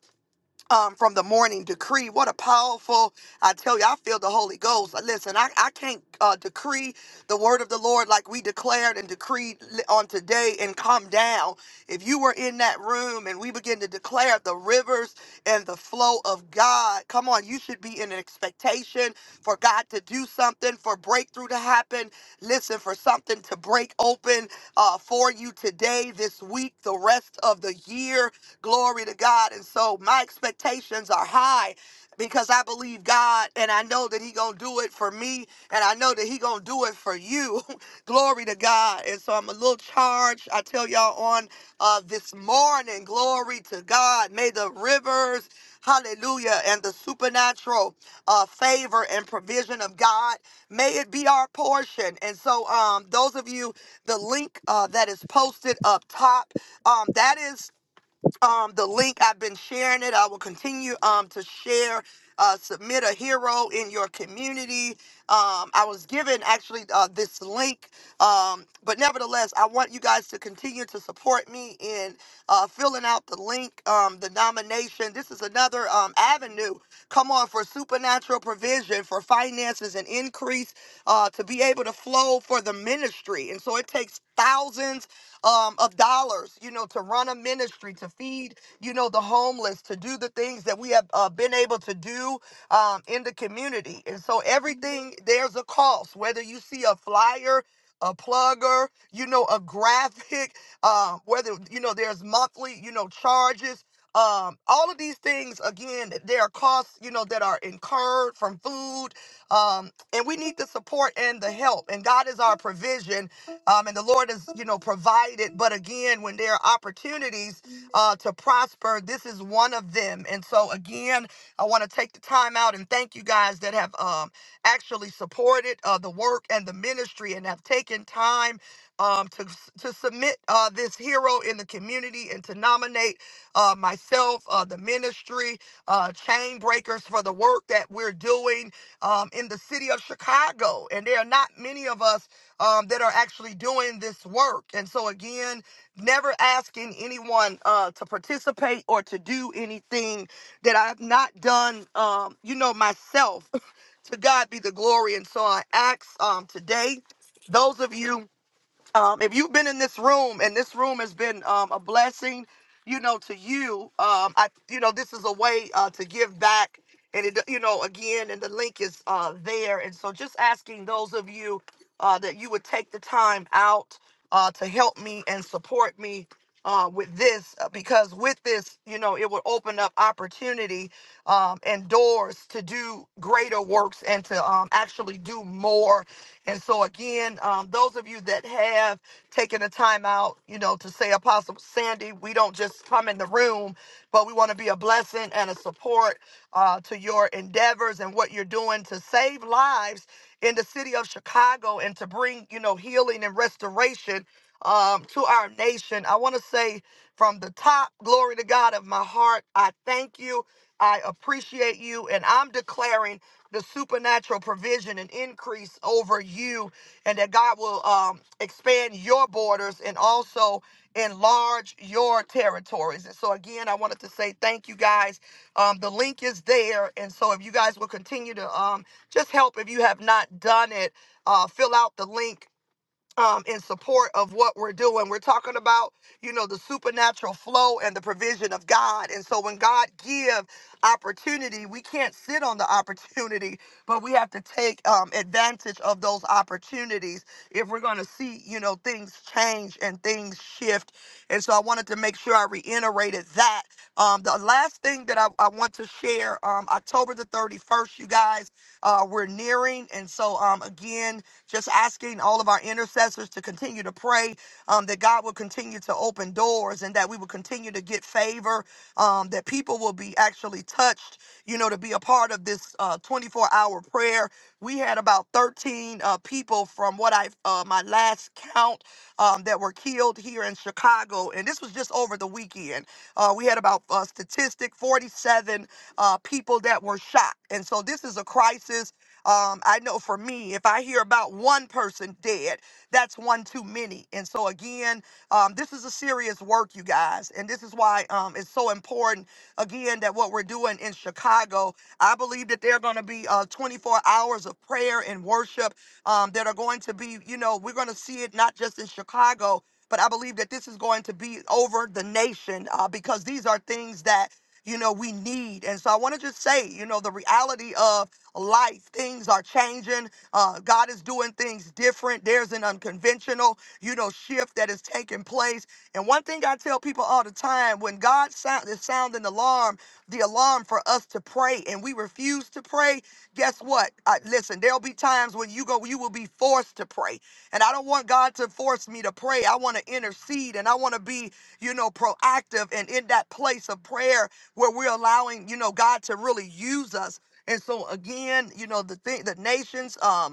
S1: um, from the morning decree. What a powerful, I tell you, I feel the Holy Ghost. Listen, I, I can't uh, decree the word of the Lord like we declared and decreed li- on today and come down. If you were in that room and we begin to declare the rivers and the flow of God, come on, you should be in an expectation for God to do something, for breakthrough to happen. Listen, for something to break open uh, for you today, this week, the rest of the year Glory to God. And so my expectations are high because I believe God and I know that he going to do it for me and I know that he going to do it for you. glory to God. And so I'm a little charged. I tell y'all on uh, this morning, glory to God. May the rivers, hallelujah, and the supernatural uh, favor and provision of God, may it be our portion. And so um, those of you, the link uh, that is posted up top, um, that is um, the link. I've been sharing it. I will continue um, to share. Uh, submit a hero in your community. Um, I was given actually uh, this link, um, but nevertheless, I want you guys to continue to support me in uh, filling out the link, um, the nomination. This is another um, avenue Come on, for supernatural provision, for finances and increase, uh, to be able to flow for the ministry. And so it takes thousands um, of dollars, you know, to run a ministry, to feed, you know, the homeless, to do the things that we have uh, been able to do um, in the community. And so everything, there's a cost, whether you see a flyer, a plugger, you know, a graphic, uh, whether, you know, there's monthly, you know, charges um all of these things again there are costs you know that are incurred from food um and we need the support and the help and god is our provision um and the lord is you know provided but again when there are opportunities uh to prosper this is one of them and so again i want to take the time out and thank you guys that have um actually supported uh the work and the ministry and have taken time um to to submit uh this hero in the community and to nominate uh, myself, uh, the ministry, uh, chain breakers for the work that we're doing um, in the city of Chicago. And there are not many of us um, that are actually doing this work. And so, again, never asking anyone uh, to participate or to do anything that I've not done, um, you know, myself. to God be the glory. And so I ask um, today, those of you um, if you've been in this room and this room has been um, a blessing you know to you um, i you know this is a way uh, to give back and it you know again and the link is uh, there and so just asking those of you uh, that you would take the time out uh, to help me and support me uh, with this uh, because with this, you know, it would open up opportunity um, and doors to do greater works and to um, actually do more. And so, again, um, those of you that have taken the time out, you know, to say, Apostle Sandy, we don't just come in the room, but we want to be a blessing and a support uh, to your endeavors and what you're doing to save lives in the city of Chicago and to bring, you know, healing and restoration um, to our nation. I want to say from the top, glory to God of my heart, I thank you. I appreciate you. And I'm declaring the supernatural provision and increase over you, and that God will um, expand your borders and also enlarge your territories. And so, again, I wanted to say thank you guys. Um, the link is there. And so, if you guys will continue to um, just help if you have not done it, uh, fill out the link um, in support of what we're doing. We're talking about, you know, the supernatural flow and the provision of God. And so when God give opportunity, we can't sit on the opportunity, but we have to take um, advantage of those opportunities if we're going to see, you know, things change and things shift. And so I wanted to make sure I reiterated that. Um, the last thing that I, I want to share, um, October the 31st, you guys, uh, we're nearing. And so um, again, just asking all of our intercessors to continue to pray um, that God will continue to open doors and that we will continue to get favor, um, that people will be actually touched, you know, to be a part of this uh, 24 hour prayer. We had about 13 uh, people from what I, uh, my last count, um, that were killed here in Chicago. And this was just over the weekend. Uh, we had about uh, statistic 47 uh, people that were shot. And so this is a crisis um, I know for me, if I hear about one person dead, that's one too many. And so again, um, this is a serious work, you guys, and this is why um, it's so important. Again, that what we're doing in Chicago, I believe that there are going to be uh, 24 hours of prayer and worship um, that are going to be, you know, we're going to see it not just in Chicago, but I believe that this is going to be over the nation uh, because these are things that you know we need. And so I want to just say, you know, the reality of life. Things are changing. Uh, God is doing things different. There's an unconventional, you know, shift that is taking place. And one thing I tell people all the time when God sound, is sounding the alarm, the alarm for us to pray, and we refuse to pray, guess what? Uh, listen, there'll be times when you go, you will be forced to pray. And I don't want God to force me to pray. I want to intercede and I want to be, you know, proactive and in that place of prayer where we're allowing, you know, God to really use us. And so again, you know, the thing the nations um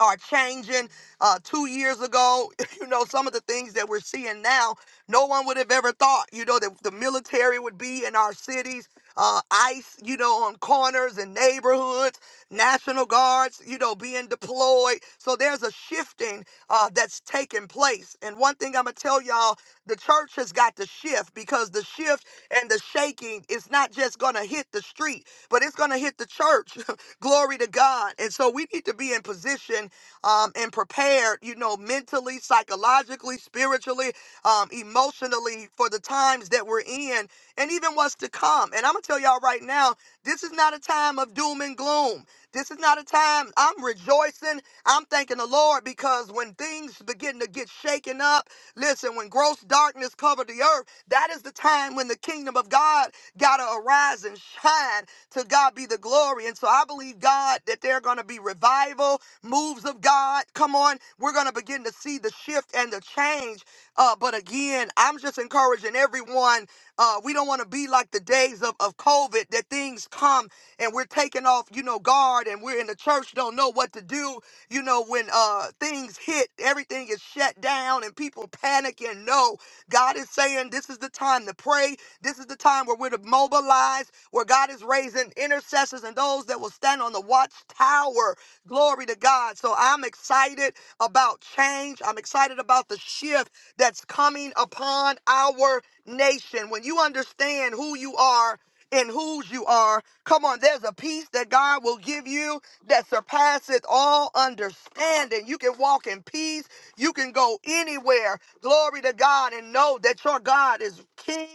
S1: are changing uh, two years ago. You know, some of the things that we're seeing now, no one would have ever thought, you know, that the military would be in our cities, uh, ICE, you know, on corners and neighborhoods, National Guards, you know, being deployed. So there's a shifting uh, that's taking place. And one thing I'm going to tell y'all the church has got to shift because the shift and the shaking is not just going to hit the street, but it's going to hit the church. Glory to God. And so we need to be in position um, and prepared, you know, mentally, psychologically, spiritually, um, emotionally for the times that we're in and even what's to come. And I'm going to tell y'all right now, this is not a time of doom and gloom. This is not a time I'm rejoicing. I'm thanking the Lord because when things begin to get shaken up, listen, when gross darkness covered the earth, that is the time when the kingdom of God got to arise and shine. To God be the glory. And so I believe, God, that there are going to be revival, moves of God. Come on. We're going to begin to see the shift and the change. Uh, but again, I'm just encouraging everyone. Uh, we don't want to be like the days of, of COVID that things come and we're taking off, you know, guard and we're in the church, don't know what to do. You know, when uh things hit, everything is shut down and people panic and no. God is saying this is the time to pray. This is the time where we're to mobilize, where God is raising intercessors and those that will stand on the watchtower. Glory to God. So I'm excited about change. I'm excited about the shift that's coming upon our nation. When you understand who you are and whose you are, Come on, there's a peace that God will give you that surpasses all understanding. You can walk in peace. You can go anywhere. Glory to God and know that your God is king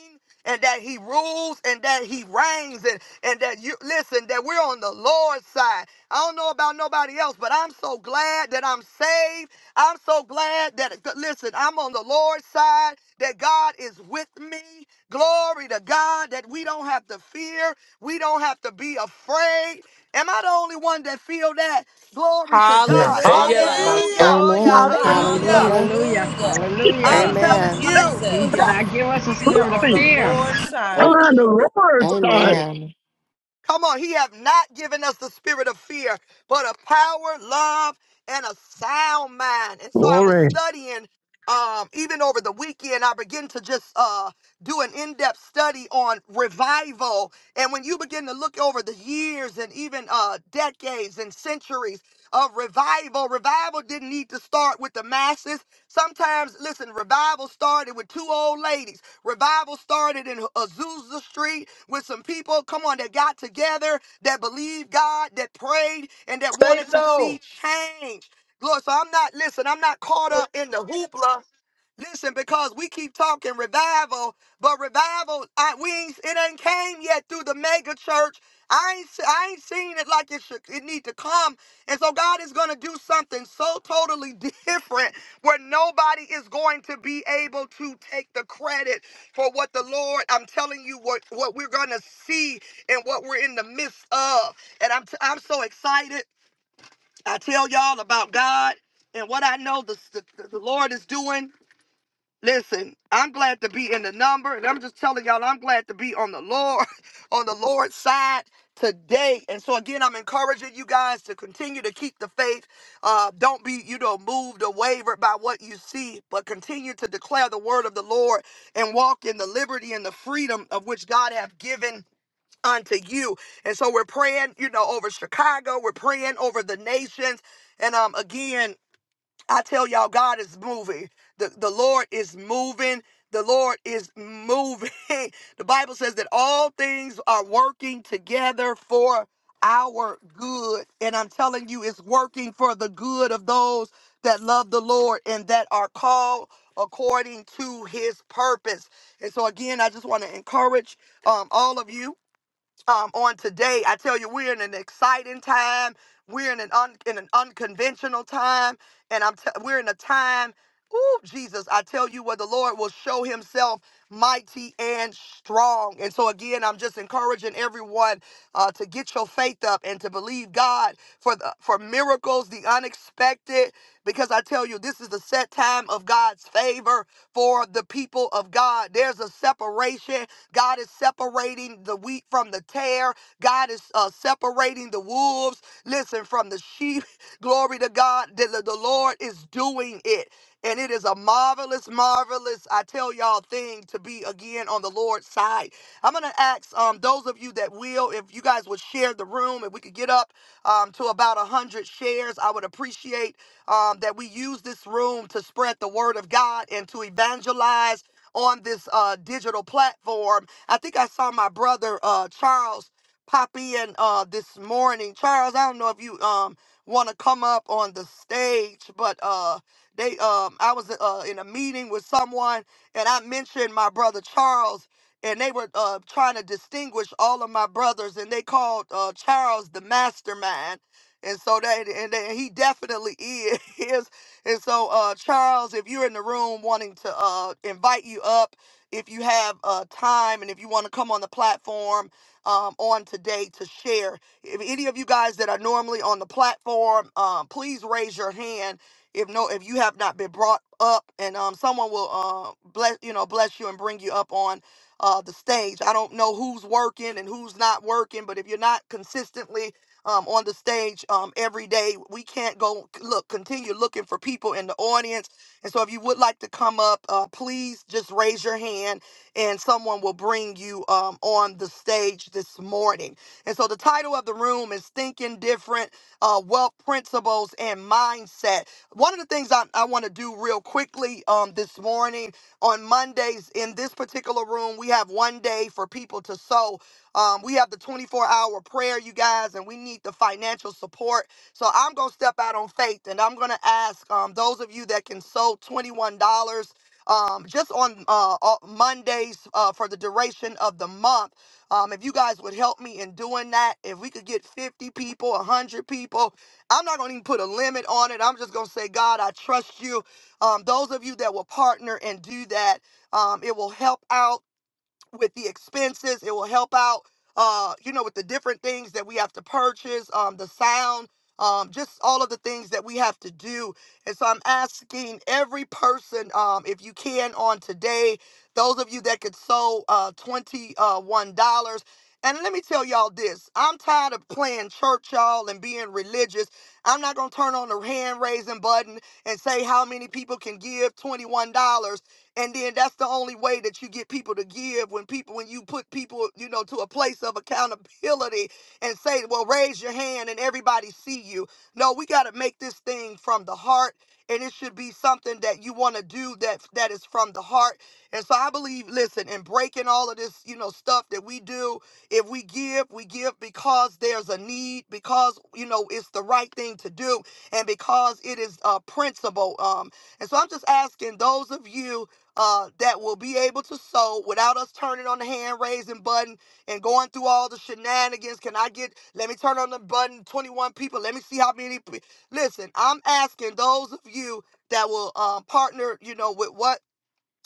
S1: and that he rules and that he reigns and, and that you listen that we're on the lord's side i don't know about nobody else but i'm so glad that i'm saved i'm so glad that listen i'm on the lord's side that god is with me glory to god that we don't have to fear we don't have to be afraid. Am I the only one that feel that? Glory to God.
S12: Nakayela
S4: Hallelujah.
S13: Hallelujah.
S1: Hallelujah.
S12: basoya.
S10: Amen.
S2: Hallelujah.
S12: Hallelujah.
S10: Hallelujah.
S9: Hallelujah.
S4: Hallelujah.
S8: Keep
S1: I'm
S4: Thank
S9: Hallelujah.
S4: you,
S1: telling
S10: Amen.
S1: you.
S9: He did
S2: Hallelujah.
S4: Jesus.
S9: not give us a
S4: We are
S9: spirit of
S4: on the
S8: moving.
S9: fear,
S4: Lord's
S5: I
S8: I'm
S5: ask
S4: side.
S8: on
S5: you
S8: the
S5: Jesus.
S8: Lord's side.
S10: Amen.
S1: Come on, he have not given us the spirit of fear, but of power, love, and a sound mind. And so I was
S8: Glory.
S1: studying um even over the weekend I began to just uh do an in-depth study on revival. And when you begin to look over the years and even uh decades and centuries of revival, revival didn't need to start with the masses. Sometimes, listen, revival started with two old ladies. Revival started in Azusa Street with some people, come on, that got together, that believed God, that prayed, and that
S12: Say
S1: wanted to see
S12: so.
S1: change. Lord, so I'm not, listen, I'm not caught up in the hoopla Listen, because we keep talking revival, but revival, I, we ain't, it ain't came yet through the mega church. I ain't, I ain't seen it like it should, it need to come. And so God is going to do something so totally different where nobody is going to be able to take the credit for what the Lord, I'm telling you what, what we're going to see and what we're in the midst of. And I'm, t- I'm so excited. I tell y'all about God and what I know the, the, the Lord is doing. Listen, I'm glad to be in the number, and I'm just telling y'all, I'm glad to be on the Lord, on the Lord's side today. And so again, I'm encouraging you guys to continue to keep the faith. Uh, don't be, you know, moved or wavered by what you see, but continue to declare the word of the Lord and walk in the liberty and the freedom of which God have given unto you. And so we're praying, you know, over Chicago, we're praying over the nations. And um again, I tell y'all, God is moving. The, the Lord is moving. The Lord is moving. the Bible says that all things are working together for our good. And I'm telling you, it's working for the good of those that love the Lord and that are called according to his purpose. And so, again, I just want to encourage um, all of you um, on today. I tell you, we're in an exciting time. We're in an un, in an unconventional time, and I'm t- we're in a time. Ooh, Jesus! I tell you, where the Lord will show Himself mighty and strong. And so again, I'm just encouraging everyone uh, to get your faith up and to believe God for the for miracles, the unexpected. Because I tell you, this is the set time of God's favor for the people of God. There's a separation God is separating the wheat from the tare. God is uh, separating the wolves, listen, from the sheep. Glory to God. The, the the Lord is doing it. And it is a marvelous, marvelous, I tell y'all, thing to be again on the Lord's side. I'm going to ask um, those of you that will, if you guys would share the room, if we could get up um, to about 100 shares, I would appreciate um, that we use this room to spread the word of God and to evangelize on this uh, digital platform. I think I saw my brother uh, Charles pop in uh, this morning. Charles, I don't know if you um want to come up on the stage, but uh, they um I was uh, in a meeting with someone and I mentioned my brother Charles. And they were uh, trying to distinguish all of my brothers, and they called uh, Charles the mastermind. And so that, and, and he definitely is. And so, uh, Charles, if you're in the room wanting to uh, invite you up, if you have uh, time and if you want to come on the platform um, on today to share, if any of you guys that are normally on the platform, um, please raise your hand. If no, if you have not been brought up, and um, someone will uh, bless you know bless you and bring you up on uh, the stage. I don't know who's working and who's not working, but if you're not consistently um, on the stage um, every day. We can't go look continue looking for people in the audience. And so, if you would like to come up, uh, please just raise your hand, and someone will bring you um, on the stage this morning. And so, the title of the room is "Thinking Different: uh, Wealth Principles and Mindset." One of the things I, I want to do real quickly um, this morning on Mondays in this particular room, we have one day for people to sow um, we have the 24 hour prayer, you guys, and we need the financial support. So I'm going to step out on faith and I'm going to ask um, those of you that can sow $21 um, just on uh, uh, Mondays uh, for the duration of the month. Um, if you guys would help me in doing that, if we could get 50 people, 100 people, I'm not going to even put a limit on it. I'm just going to say, God, I trust you. Um, those of you that will partner and do that, um, it will help out with the expenses. It will help out, uh, you know, with the different things that we have to purchase, um, the sound, um, just all of the things that we have to do. And so I'm asking every person, um, if you can on today, those of you that could sow uh, $21. And let me tell y'all this. I'm tired of playing church, y'all, and being religious. I'm not going to turn on the hand raising button and say how many people can give $21. and then that's the only way that you get people to give when people when you put people you know to a place of accountability and say well raise your hand and everybody see you no we got to make this thing from the heart and it should be something that you want to do that that is from the heart and so i believe listen in breaking all of this you know stuff that we do if we give we give because there's a need because you know it's the right thing to do and because it is a principle um and so i'm just asking those of you uh, that will be able to sow without us turning on the hand raising button and going through all the shenanigans. Can I get, let me turn on the button, 21 people, let me see how many. Pe- Listen, I'm asking those of you that will um, partner, you know, with what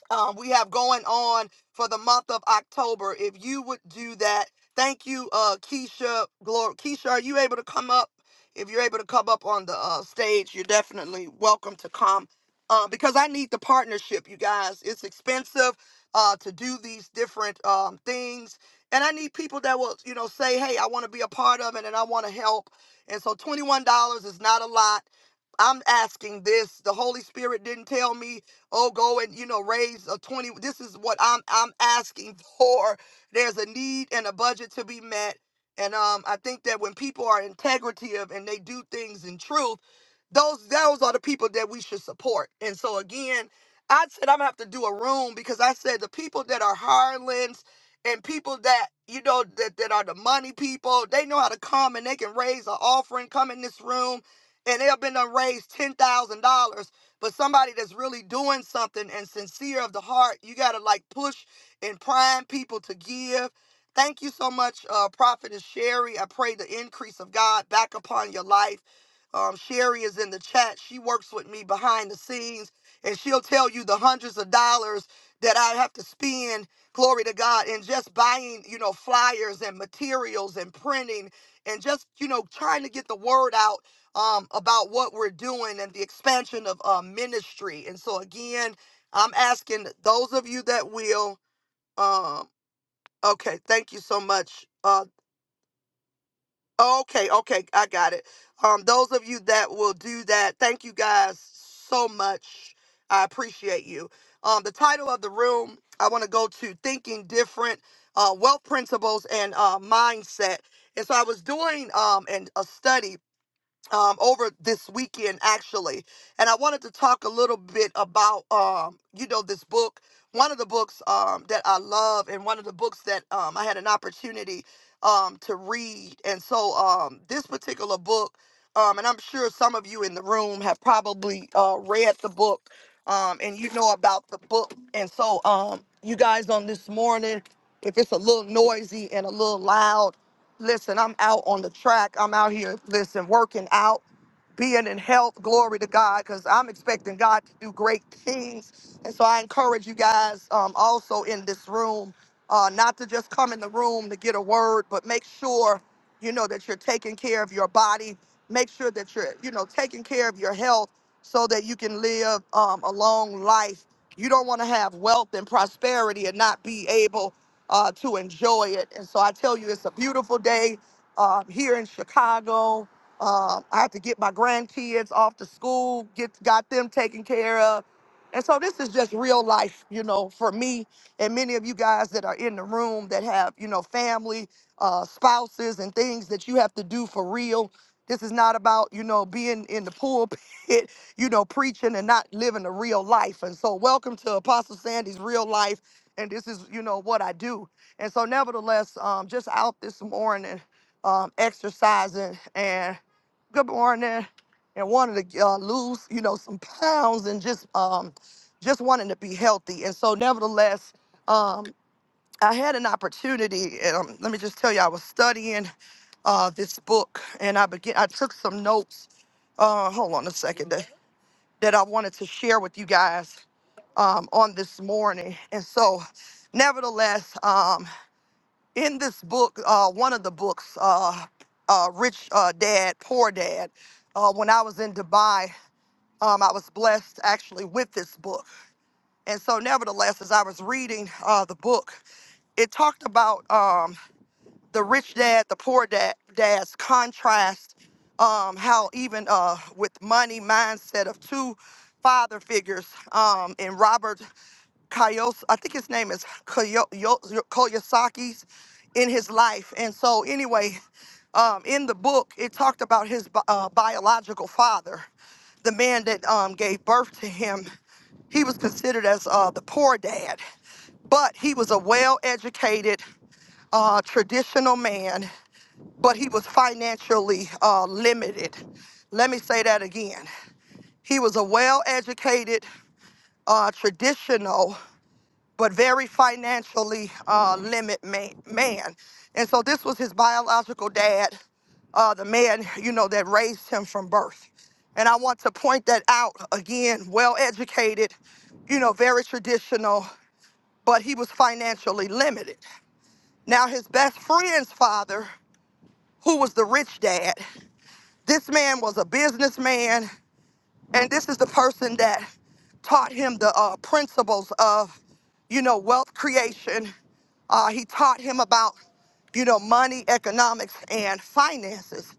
S1: um, we have going on for the month of October. If you would do that, thank you, uh, Keisha. Glory, Keisha, are you able to come up? If you're able to come up on the uh, stage, you're definitely welcome to come. Uh, because I need the partnership, you guys. It's expensive uh, to do these different um, things, and I need people that will, you know, say, "Hey, I want to be a part of it, and I want to help." And so, twenty-one dollars is not a lot. I'm asking this. The Holy Spirit didn't tell me oh go and you know raise a 20 this is what i'm i'm asking for there's a need and a budget to be met and um i think that when people are integrative and they do things in truth those those are the people that we should support and so again i said i'm gonna have to do a room because i said the people that are hirelings and people that you know that, that are the money people they know how to come and they can raise an offering come in this room and they have been done raise $10,000 but somebody that's really doing something and sincere of the heart, you got to like push and prime people to give. Thank you so much, uh, Prophetess Sherry. I pray the increase of God back upon your life. Um, Sherry is in the chat. She works with me behind the scenes, and she'll tell you the hundreds of dollars that I have to spend, glory to God, And just buying, you know, flyers and materials and printing and just, you know, trying to get the word out um, about what we're doing and the expansion of uh, ministry. And so, again, I'm asking those of you that will. Um, okay, thank you so much. Uh, okay, okay, I got it. Um, those of you that will do that, thank you guys so much. I appreciate you. Um, the title of the room, I want to go to Thinking Different uh, Wealth Principles and uh, Mindset. And so I was doing um, and a study um, over this weekend actually, and I wanted to talk a little bit about um, you know this book, one of the books um, that I love, and one of the books that um, I had an opportunity um, to read, and so um, this particular book, um, and I'm sure some of you in the room have probably uh, read the book, um, and you know about the book, and so um, you guys on this morning, if it's a little noisy and a little loud. Listen, I'm out on the track. I'm out here, listen, working out, being in health. Glory to God, because I'm expecting God to do great things. And so I encourage you guys um, also in this room uh, not to just come in the room to get a word, but make sure, you know, that you're taking care of your body. Make sure that you're, you know, taking care of your health so that you can live um, a long life. You don't want to have wealth and prosperity and not be able uh, to enjoy it. And so I tell you, it's a beautiful day uh, here in Chicago. Um, I had to get my grandkids off to school, get got them taken care of. And so this is just real life, you know, for me and many of you guys that are in the room that have, you know, family, uh, spouses, and things that you have to do for real. This is not about, you know, being in the pulpit, you know, preaching and not living a real life. And so, welcome to Apostle Sandy's Real Life and this is you know what I do. And so, nevertheless, um, just out this morning, um, exercising and good morning, and wanted to uh, lose you know some pounds and just um, just wanting to be healthy. And so, nevertheless, um, I had an opportunity. And, um, let me just tell you, I was studying uh, this book, and I began. I took some notes. Uh, hold on a second that I wanted to share with you guys um, on this morning. And so, nevertheless, um, in this book, uh, one of the books, uh, uh, Rich uh, Dad, Poor Dad, uh, when I was in Dubai, um, I was blessed actually with this book. And so, nevertheless, as I was reading uh, the book, it talked about. um, the rich dad, the poor dad, dad's contrast, um, how even uh, with money mindset of two father figures um, in Robert Kiyos, I think his name is Kiyo- Yo- Kiyosaki's in his life. And so, anyway, um, in the book, it talked about his bi- uh, biological father, the man that um, gave birth to him. He was considered as uh, the poor dad, but he was a well educated uh, traditional man, but he was financially uh, limited. Let me say that again. He was a well educated, uh, traditional, but very financially uh, limit man, man. And so this was his biological dad, uh, the man, you know, that raised him from birth. And I want to point that out again, well educated, you know, very traditional, but he was financially limited. Now, his best friend's father who was the rich dad. This man was a businessman, and this is the person that taught him the uh, principles of, you know, wealth creation. Uh, he taught him about, you know, money, economics, and finances.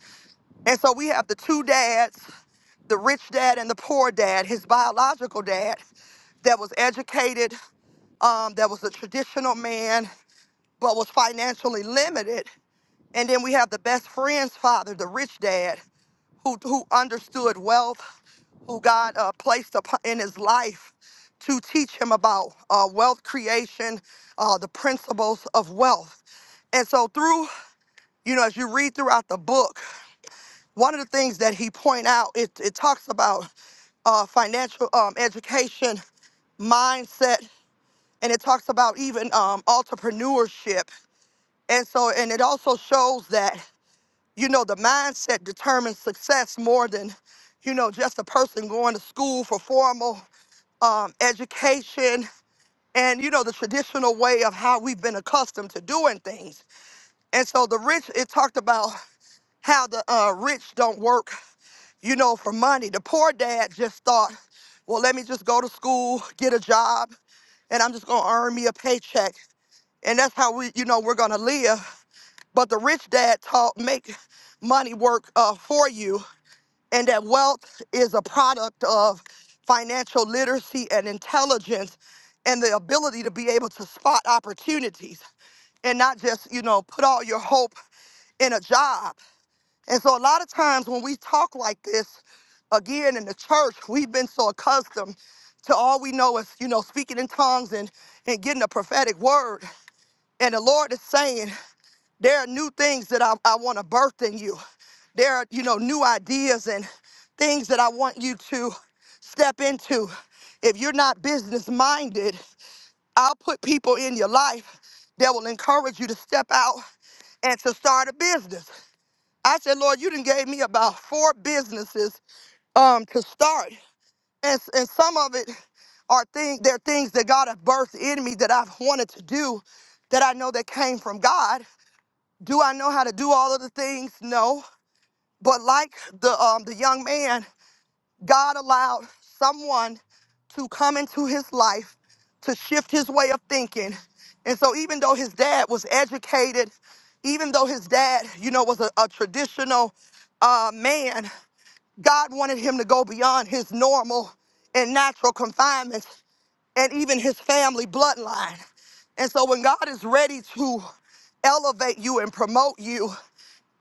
S1: And so we have the two dads, the rich dad and the poor dad, his biological dad that was educated, um, that was a traditional man, but was financially limited. And then we have the best friend's father, the rich dad, who, who understood wealth, who God uh, placed upon, in his life to teach him about uh, wealth creation, uh, the principles of wealth. And so through, you know, as you read throughout the book, one of the things that he point out, it, it talks about uh, financial um, education, mindset, and it talks about even um, entrepreneurship. And so, and it also shows that you know, the mindset determines success more than, you know, just a person going to school for formal um, education and, you know, the traditional way of how we've been accustomed to doing things. And so the rich, it talked about how the uh, rich don't work, you know, for money. The poor dad just thought, well, let me just go to school, get a job, and I'm just going to earn me a paycheck. And that's how we, you know, we're going to live. But the rich dad taught, make money work uh, for you and that wealth is a product of financial literacy and intelligence and the ability to be able to spot opportunities and not just, you know, put all your hope in a job. And so a lot of times when we talk like this, again in the church, we've been so accustomed to all we know is, you know, speaking in tongues and, and getting a prophetic word. And the Lord is saying, there are new things that I, I want to birth in you there are you know new ideas and things that i want you to step into if you're not business minded i'll put people in your life that will encourage you to step out and to start a business i said lord you did gave me about four businesses um to start and, s- and some of it are things they're things that god has birthed in me that i've wanted to do that i know that came from god do i know how to do all of the things no but like the um the young man God allowed someone to come into his life to shift his way of thinking. And so, even though his dad was educated, even though his dad, you know, was a, a traditional uh, man, God wanted him to go beyond his normal and natural confinements and even his family bloodline. And so, when God is ready to elevate you and promote you,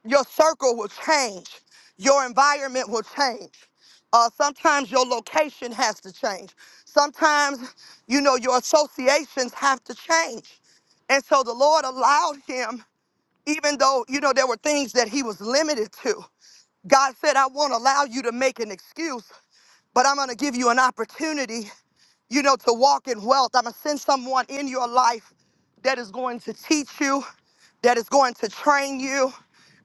S1: your circle will change. Your environment will change. Uh, sometimes your location has to change. Sometimes, you know, your associations have to change. And so the Lord allowed him, even though, you know, there were things that he was limited to. God said, I won't allow you to make an excuse, but I'm going to give you an opportunity you know, to walk in wealth. I'm going to send someone in your life that is going to teach you, that is going to train you.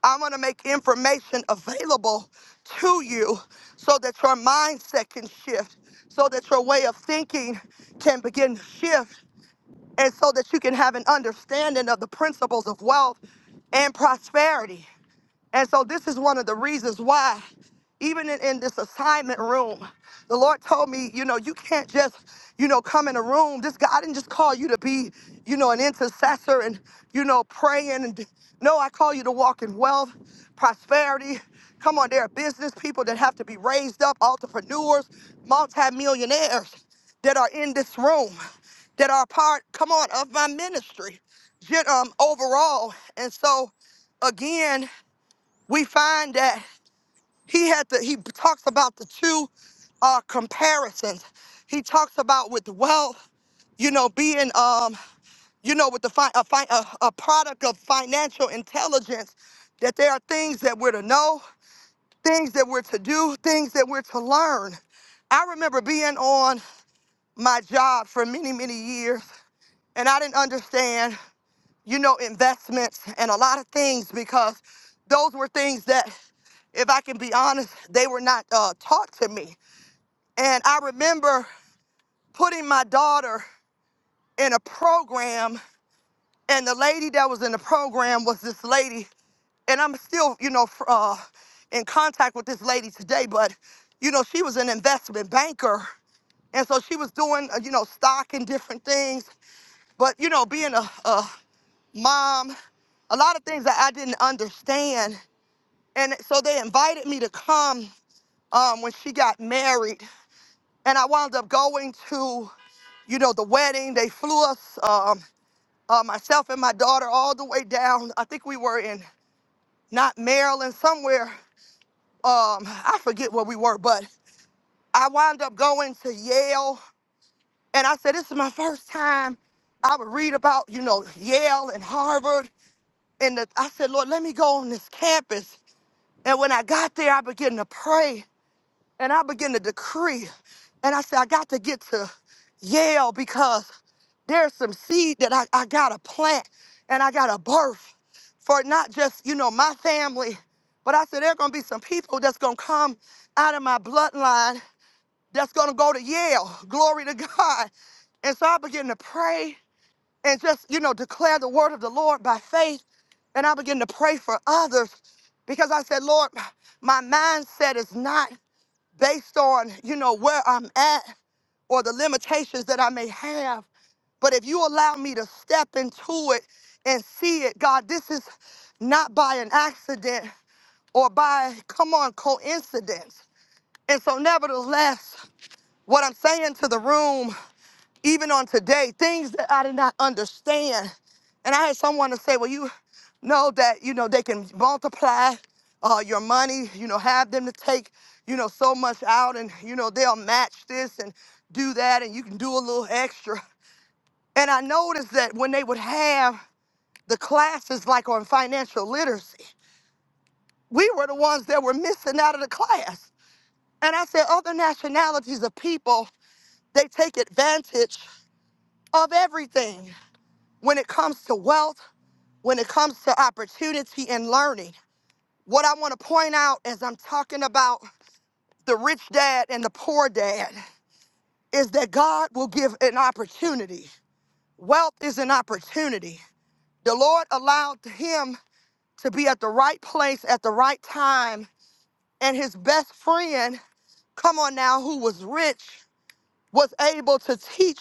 S1: I'm going to make information available to you so that your mindset can shift, so that your way of thinking can begin to shift, and so that you can have an understanding of the principles of wealth and prosperity. And so this is one of the reasons why, even in, in this assignment room, the Lord told me, you know, you can't just, you know, come in a room. This God didn't just call you to be, you know, an intercessor and, you know, praying. And no, I call you to walk in wealth, prosperity. Come on, there are business people that have to be raised up, entrepreneurs, multimillionaires that are in this room, that are part, come on, of my ministry, gen- um, overall. And so, again we find that he had to, he talks about the two uh, comparisons. He talks about with wealth, you know, being, um, you know, with the fi- a, fi- a, a product of financial intelligence, that there are things that we're to know, things that we're to do, things that we're to learn. I remember being on my job for many, many years, and I didn't understand you know, investments and a lot of things because those were things that, if I can be honest, they were not uh, taught to me. And I remember putting my daughter in a program, and the lady that was in the program was this lady, and I'm still, you know, fr- uh, in contact with this lady today, but, you know, she was an investment banker. And so she was doing, uh, you know, stock and different things. But, you know, being a, a mom, a lot of things that I didn't understand. And so they invited me to come um, when she got married. And I wound up going to, you know, the wedding. They flew us, um, uh, myself and my daughter, all the way down. I think we were in not Maryland, somewhere. Um, I forget where we were, but I wound up going to Yale. And I said, this is my first time. I would read about, you know, Yale and Harvard. And the, I said, Lord, let me go on this campus And when I got there, I began to pray and I began to decree. And I said, I got to get to Yale because there's some seed that I, I got to plant and I got to birth for not just, you know, my family, but I said, there are going to be some people that's going to come out of my bloodline that's going to go to Yale. Glory to God. And so I began to pray and just, you know, declare the word of the Lord by faith and I began to pray for others because I said, Lord, my mindset is not based on, you know, where I'm at or the limitations that I may have. But if you allow me to step into it and see it, God, this is not by an accident or by, come on, coincidence. And so, nevertheless, what I'm saying to the room even on today, things that I did not understand. And I had someone to say, well, you know that, you know, they can multiply uh, your money, you know, have them to take, you know, so much out and, you know, they'll match this and do that and you can do a little extra. And I noticed that when they would have the classes like on financial literacy, we were the ones that were missing out of the class. And I said, other nationalities of people, they take advantage of everything. when it comes to wealth, when it comes to opportunity and learning. What I want to point out as I'm talking about the rich dad and the poor dad is that God will give an opportunity. Wealth is an opportunity. The Lord allowed him to be at the right place at the right time, and his best friend, come on now, who was rich, was able to teach,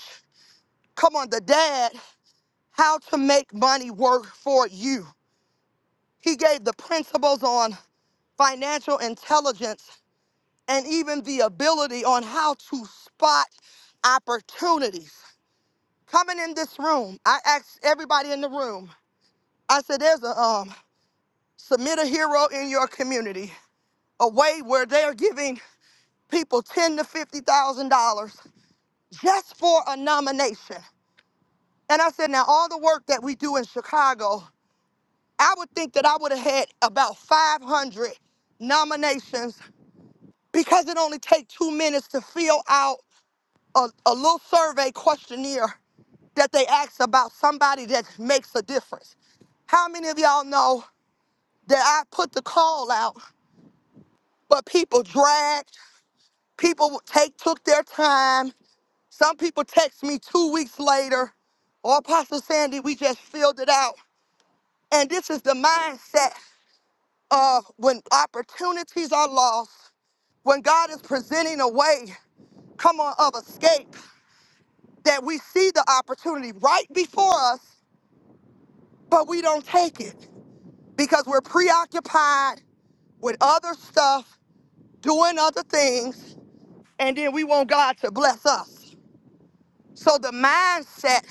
S1: come on, the dad, how to make money work for you. He gave the principles on financial intelligence, and even the ability on how to spot opportunities. Coming in this room, I asked everybody in the room, I said, there's a um, submit a hero in your community, a way where they're giving people ten to fifty thousand dollars just for a nomination. And I said, now all the work that we do in Chicago, I would think that I would have had about five hundred nominations because it only takes two minutes to fill out a, a little survey questionnaire that they ask about somebody that makes a difference. How many of y'all know that I put the call out, but people dragged, people take took their time. Some people text me two weeks later, or Apostle Sandy, we just filled it out. And this is the mindset of when opportunities are lost, when God is presenting a way, come on, of escape, that we see the opportunity right before us but we don't take it because we're preoccupied with other stuff, doing other things, and then we want God to bless us. So the mindset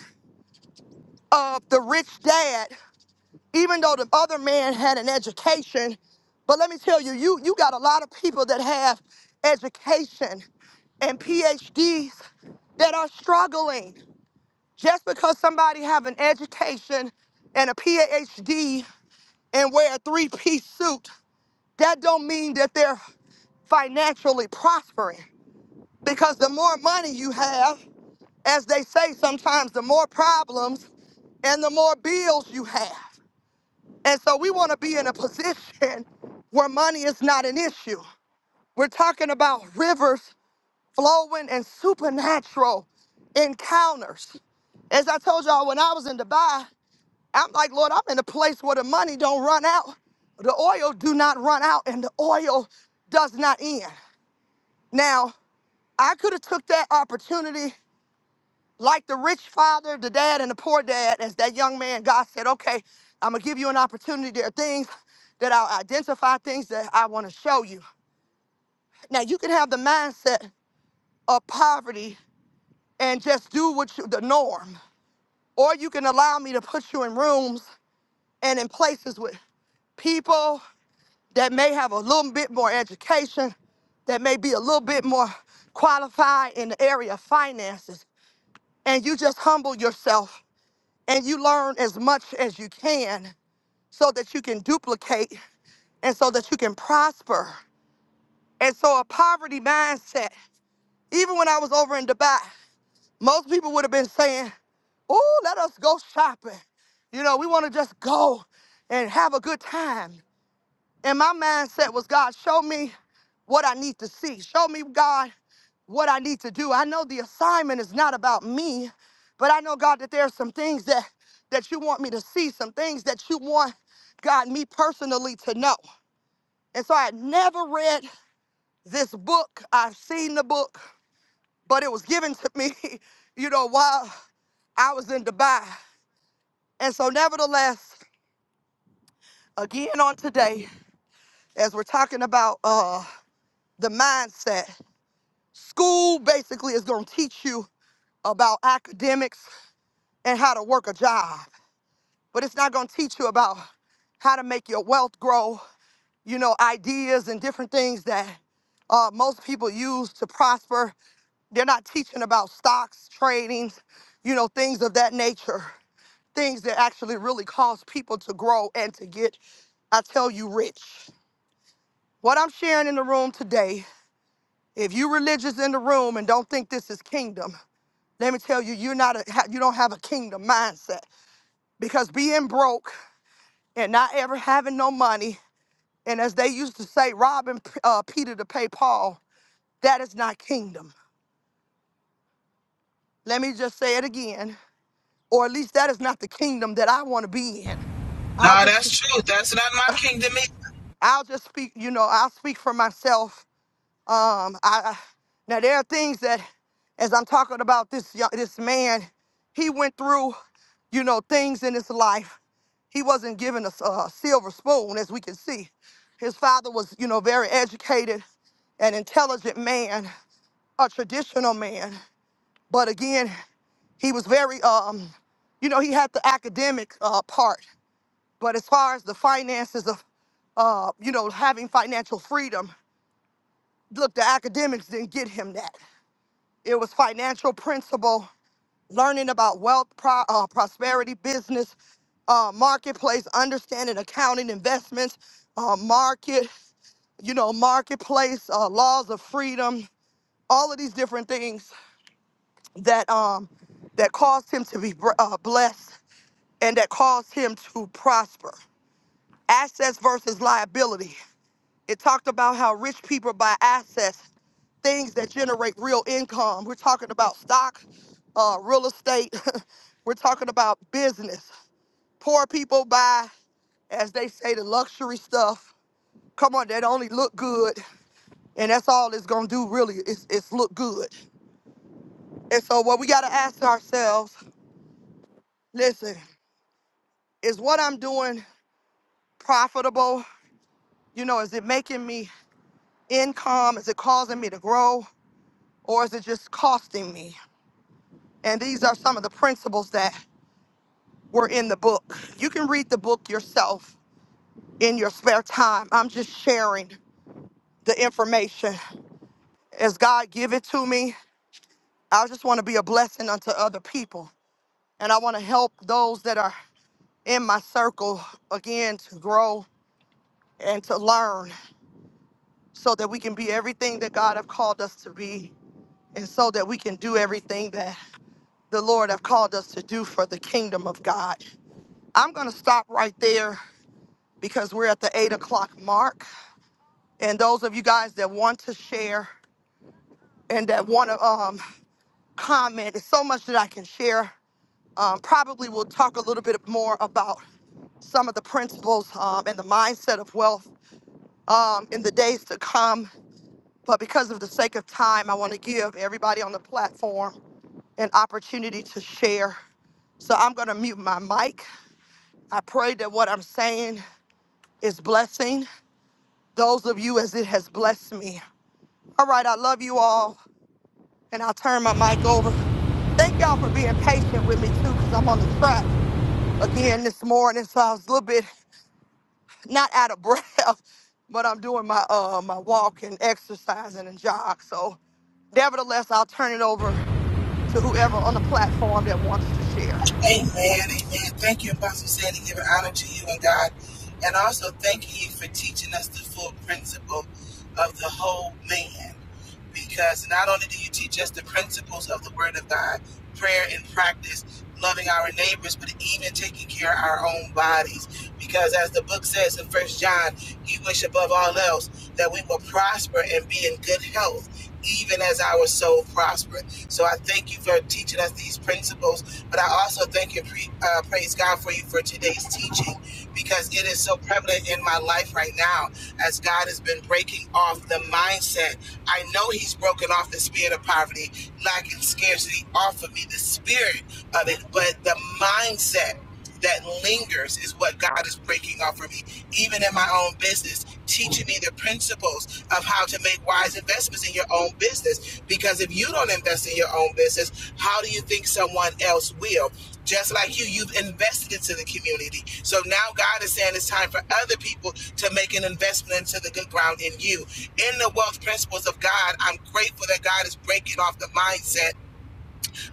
S1: of the rich dad, even though the other man had an education, but let me tell you, you you got a lot of people that have education and PhDs that are struggling just because somebody have an education and a PhD and wear a three-piece suit That don't mean that they're financially prospering because the more money you have, as they say sometimes, the more problems and the more bills you have. And so we want to be in a position where money is not an issue. We're talking about rivers flowing and supernatural encounters. As I told y'all, when I was in Dubai, I'm like, Lord, I'm in a place where the money don't run out, the oil do not run out, and the oil does not end. Now, I could have took that opportunity like the rich father, the dad, and the poor dad, as that young man, God said, okay, I'm gonna give you an opportunity. There are things that I'll identify, things that I wanna show you. Now you can have the mindset of poverty and just do what you, the norm, or you can allow me to put you in rooms and in places with people that may have a little bit more education, that may be a little bit more qualified in the area of finances. And you just humble yourself and you learn as much as you can so that you can duplicate and so that you can prosper. And so, a poverty mindset, even when I was over in Dubai, most people would have been saying, Oh, let us go shopping. You know, we want to just go and have a good time. And my mindset was, God, show me what I need to see. Show me, God, what I need to do. I know the assignment is not about me, but I know God that there are some things that that you want me to see, some things that you want God me personally to know. And so I had never read this book. I've seen the book, but it was given to me, you know, while I was in Dubai. And so nevertheless, again on today, as we're talking about uh the mindset, school basically is gonna teach you about academics and how to work a job. but it's not going to teach you about how to make your wealth grow, you know, ideas and different things that uh, most people use to prosper. They're not teaching about stocks, trading, you know, things of that nature, things that actually really cause people to grow and to get, I tell you, rich. What I'm sharing in the room today, if you religious in the room and don't think this is kingdom, let me tell you, you're not a, you don't have a kingdom mindset because being broke and not ever having no money And as they used to say, robbing uh, Peter to pay Paul, that is not kingdom. Let me just say it again, or at least that is not the kingdom that I want to be in. I'll
S13: Nah,
S1: just,
S13: that's true. That's not my kingdom
S1: I'll just speak. You know, I'll speak for myself. Um, I I- now there are things that, as I'm talking about this young, this man, he went through, you know, things in his life. He wasn't given a, s- a silver spoon, as we can see. His father was, you know, very educated, an intelligent man. a traditional man, but again, he was very, um, you know, he had the academic uh, part. But as far as the finances of, uh, you know, having financial freedom, look, the academics didn't get him that. It was financial principle, learning about wealth, pro- uh, prosperity, business, uh, marketplace, understanding accounting, investments, uh, market, you know, marketplace, uh, laws of freedom, all of these different things that um that caused him to be br- uh, blessed and that caused him to prosper. Assets versus liability. It talked about how rich people buy assets, things that generate real income. We're talking about stock, uh, real estate. We're talking about business. Poor people buy, as they say, the luxury stuff. Come on, that only look good, and that's all it's gonna do. Really, it's it's look good. And so, what we gotta ask ourselves: Listen, Is what I'm doing profitable? You know, is it making me income? Is it causing me to grow? Or is it just costing me? And these are some of the principles that were in the book. You can read the book yourself in your spare time. I'm just sharing the information as God give it to me. I just want to be a blessing unto other people. And I want to help those that are in my circle again to grow and to learn. so that we can be everything that God have called us to be and so that we can do everything that the Lord have called us to do for the kingdom of God. I'm going to stop right there because we're at the eight o'clock mark. And those of you guys that want to share and that want to um, comment, there's so much that I can share. Um, probably we'll talk a little bit more about some of the principles um, and the mindset of wealth um, in the days to come. But because of the sake of time, I want to give everybody on the platform an opportunity to share. So I'm going to mute my mic. I pray that what I'm saying is blessing those of you as it has blessed me. All right, I love you all, and I'll turn my mic over. Thank y'all for being patient with me too, because I'm on the track again this morning, so I was a little bit not out of breath, but I'm doing my uh my walk and exercising and jog. So nevertheless, I'll turn it over. to whoever on the platform that wants to share.
S13: Amen, amen. Thank you, Apostle Sandy, giving honor to you and God. And also thank you for teaching us the full principle of the whole man. Because not only do you teach us the principles of the Word of God, prayer and practice, loving our neighbors, but even taking care of our own bodies. Because as the book says in First John, you wish above all else that we will prosper and be in good health, even as our soul prospers. So I thank you for teaching us these principles but I also thank and pre- uh, praise God for you for today's teaching because it is so prevalent in my life right now as God has been breaking off the mindset. I know He's broken off the spirit of poverty, lack, and scarcity off of me, the spirit of it, but the mindset that lingers is what God is breaking off for me, even in my own business, teaching me the principles of how to make wise investments in your own business. Because if you don't invest in your own business, how do you think someone else will? Just like you, you've invested into the community. So now God is saying it's time for other people to make an investment into the good ground in you. In the wealth principles of God, I'm grateful that God is breaking off the mindset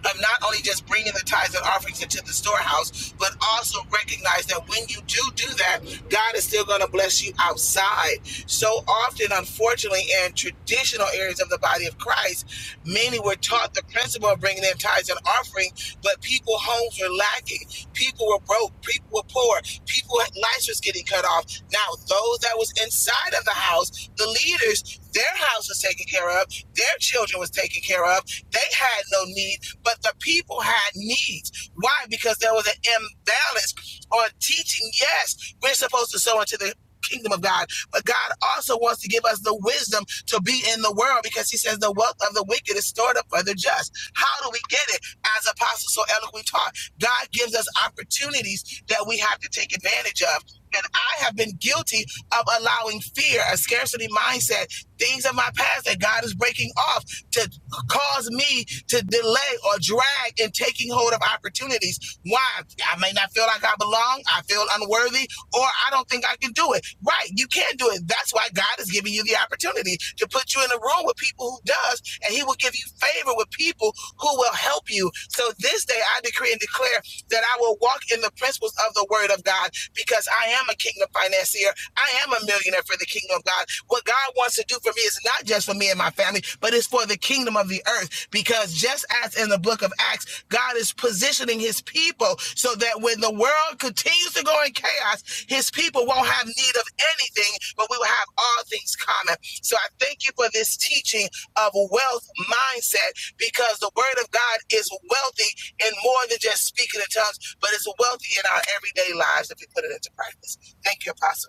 S13: of not only just bringing the tithes and offerings into the storehouse, but also recognize that when you do do that, God is still going to bless you outside. So often, unfortunately, in traditional areas of the body of Christ, many were taught the principle of bringing in tithes and offering, but people homes were lacking, people were broke, people were poor, people lives was getting cut off. Now, those that was inside of the house, the leaders, their house was taken care of, their children was taken care of. They had no need but the people had needs. Why? Because there was an imbalance on teaching. Yes, we're supposed to sow into the kingdom of God, but God also wants to give us the wisdom to be in the world because He says the wealth of the wicked is stored up for the just. How do we get it? As Apostle so eloquently taught, God gives us opportunities that we have to take advantage of. And I have been guilty of allowing fear, a scarcity mindset, things of my past that God is breaking off to cause me to delay or drag in taking hold of opportunities. Why? I may not feel like I belong, I feel unworthy, or I don't think I can do it. Right, you can do it. That's why God is giving you the opportunity to put you in a room with people who does, and he will give you favor with people who will help you. So this day I decree and declare that I will walk in the principles of the word of God because I am a kingdom financier. I am a millionaire for the kingdom of God. What God wants to do for me is not just for me and my family, but it's for the kingdom of the earth. Because just as in the book of Acts, God is positioning his people so that when the world continues to go in chaos, his people won't have need of anything, but we will have all things common. So I thank you for this teaching of wealth mindset because the word of God is wealthy in more than just speaking in tongues, but it's wealthy in our everyday lives if we put it into practice. Thank you, Apostle.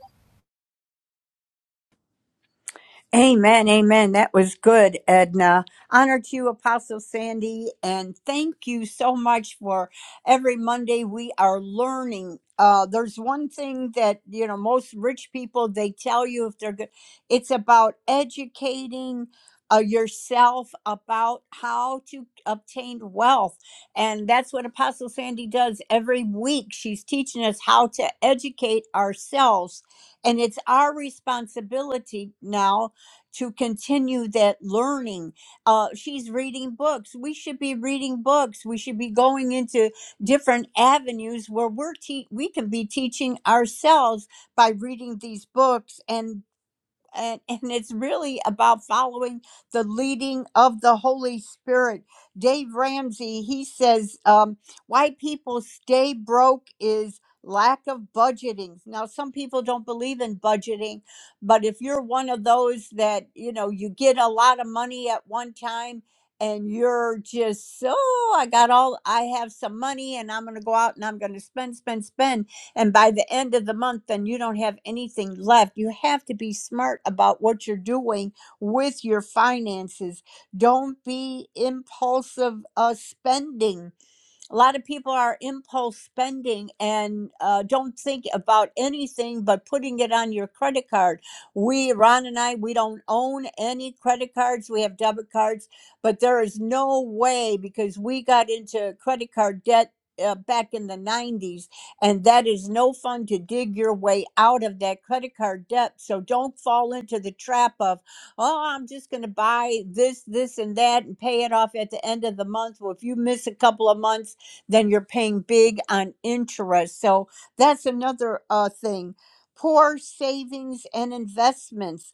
S2: Amen, amen. That was good, Edna. Honor to you, Apostle Sandy, and thank you so much for every Monday we are learning. Uh, there's one thing that you know most rich people they tell you if they're good, it's about educating uh, yourself about how to obtain wealth, and that's what Apostle Sandy does every week. She's teaching us how to educate ourselves, and it's our responsibility now to continue that learning. Uh, she's reading books. We should be reading books. We should be going into different avenues where we're te- we can be teaching ourselves by reading these books. And and, and it's really about following the leading of the Holy Spirit. Dave Ramsey, he says, um, why people stay broke is lack of budgeting. Now, some people don't believe in budgeting, but if you're one of those that, you know, you get a lot of money at one time and you're just, oh, I got all, I have some money and I'm going to go out and I'm going to spend, spend, spend and by the end of the month then you don't have anything left you have to be smart about what you're doing with your finances don't be impulsive uh, spending a lot of people are impulse spending and uh, don't think about anything but putting it on your credit card. We, Ron and I, we don't own any credit cards. We have debit cards, but there is no way because we got into credit card debt. Uh, back in the 90s, and that is no fun to dig your way out of that credit card debt. So don't fall into the trap of, oh, I'm just going to buy this, this, and that and pay it off at the end of the month. Well, if you miss a couple of months, then you're paying big on interest. So that's another uh, thing. Poor savings and investments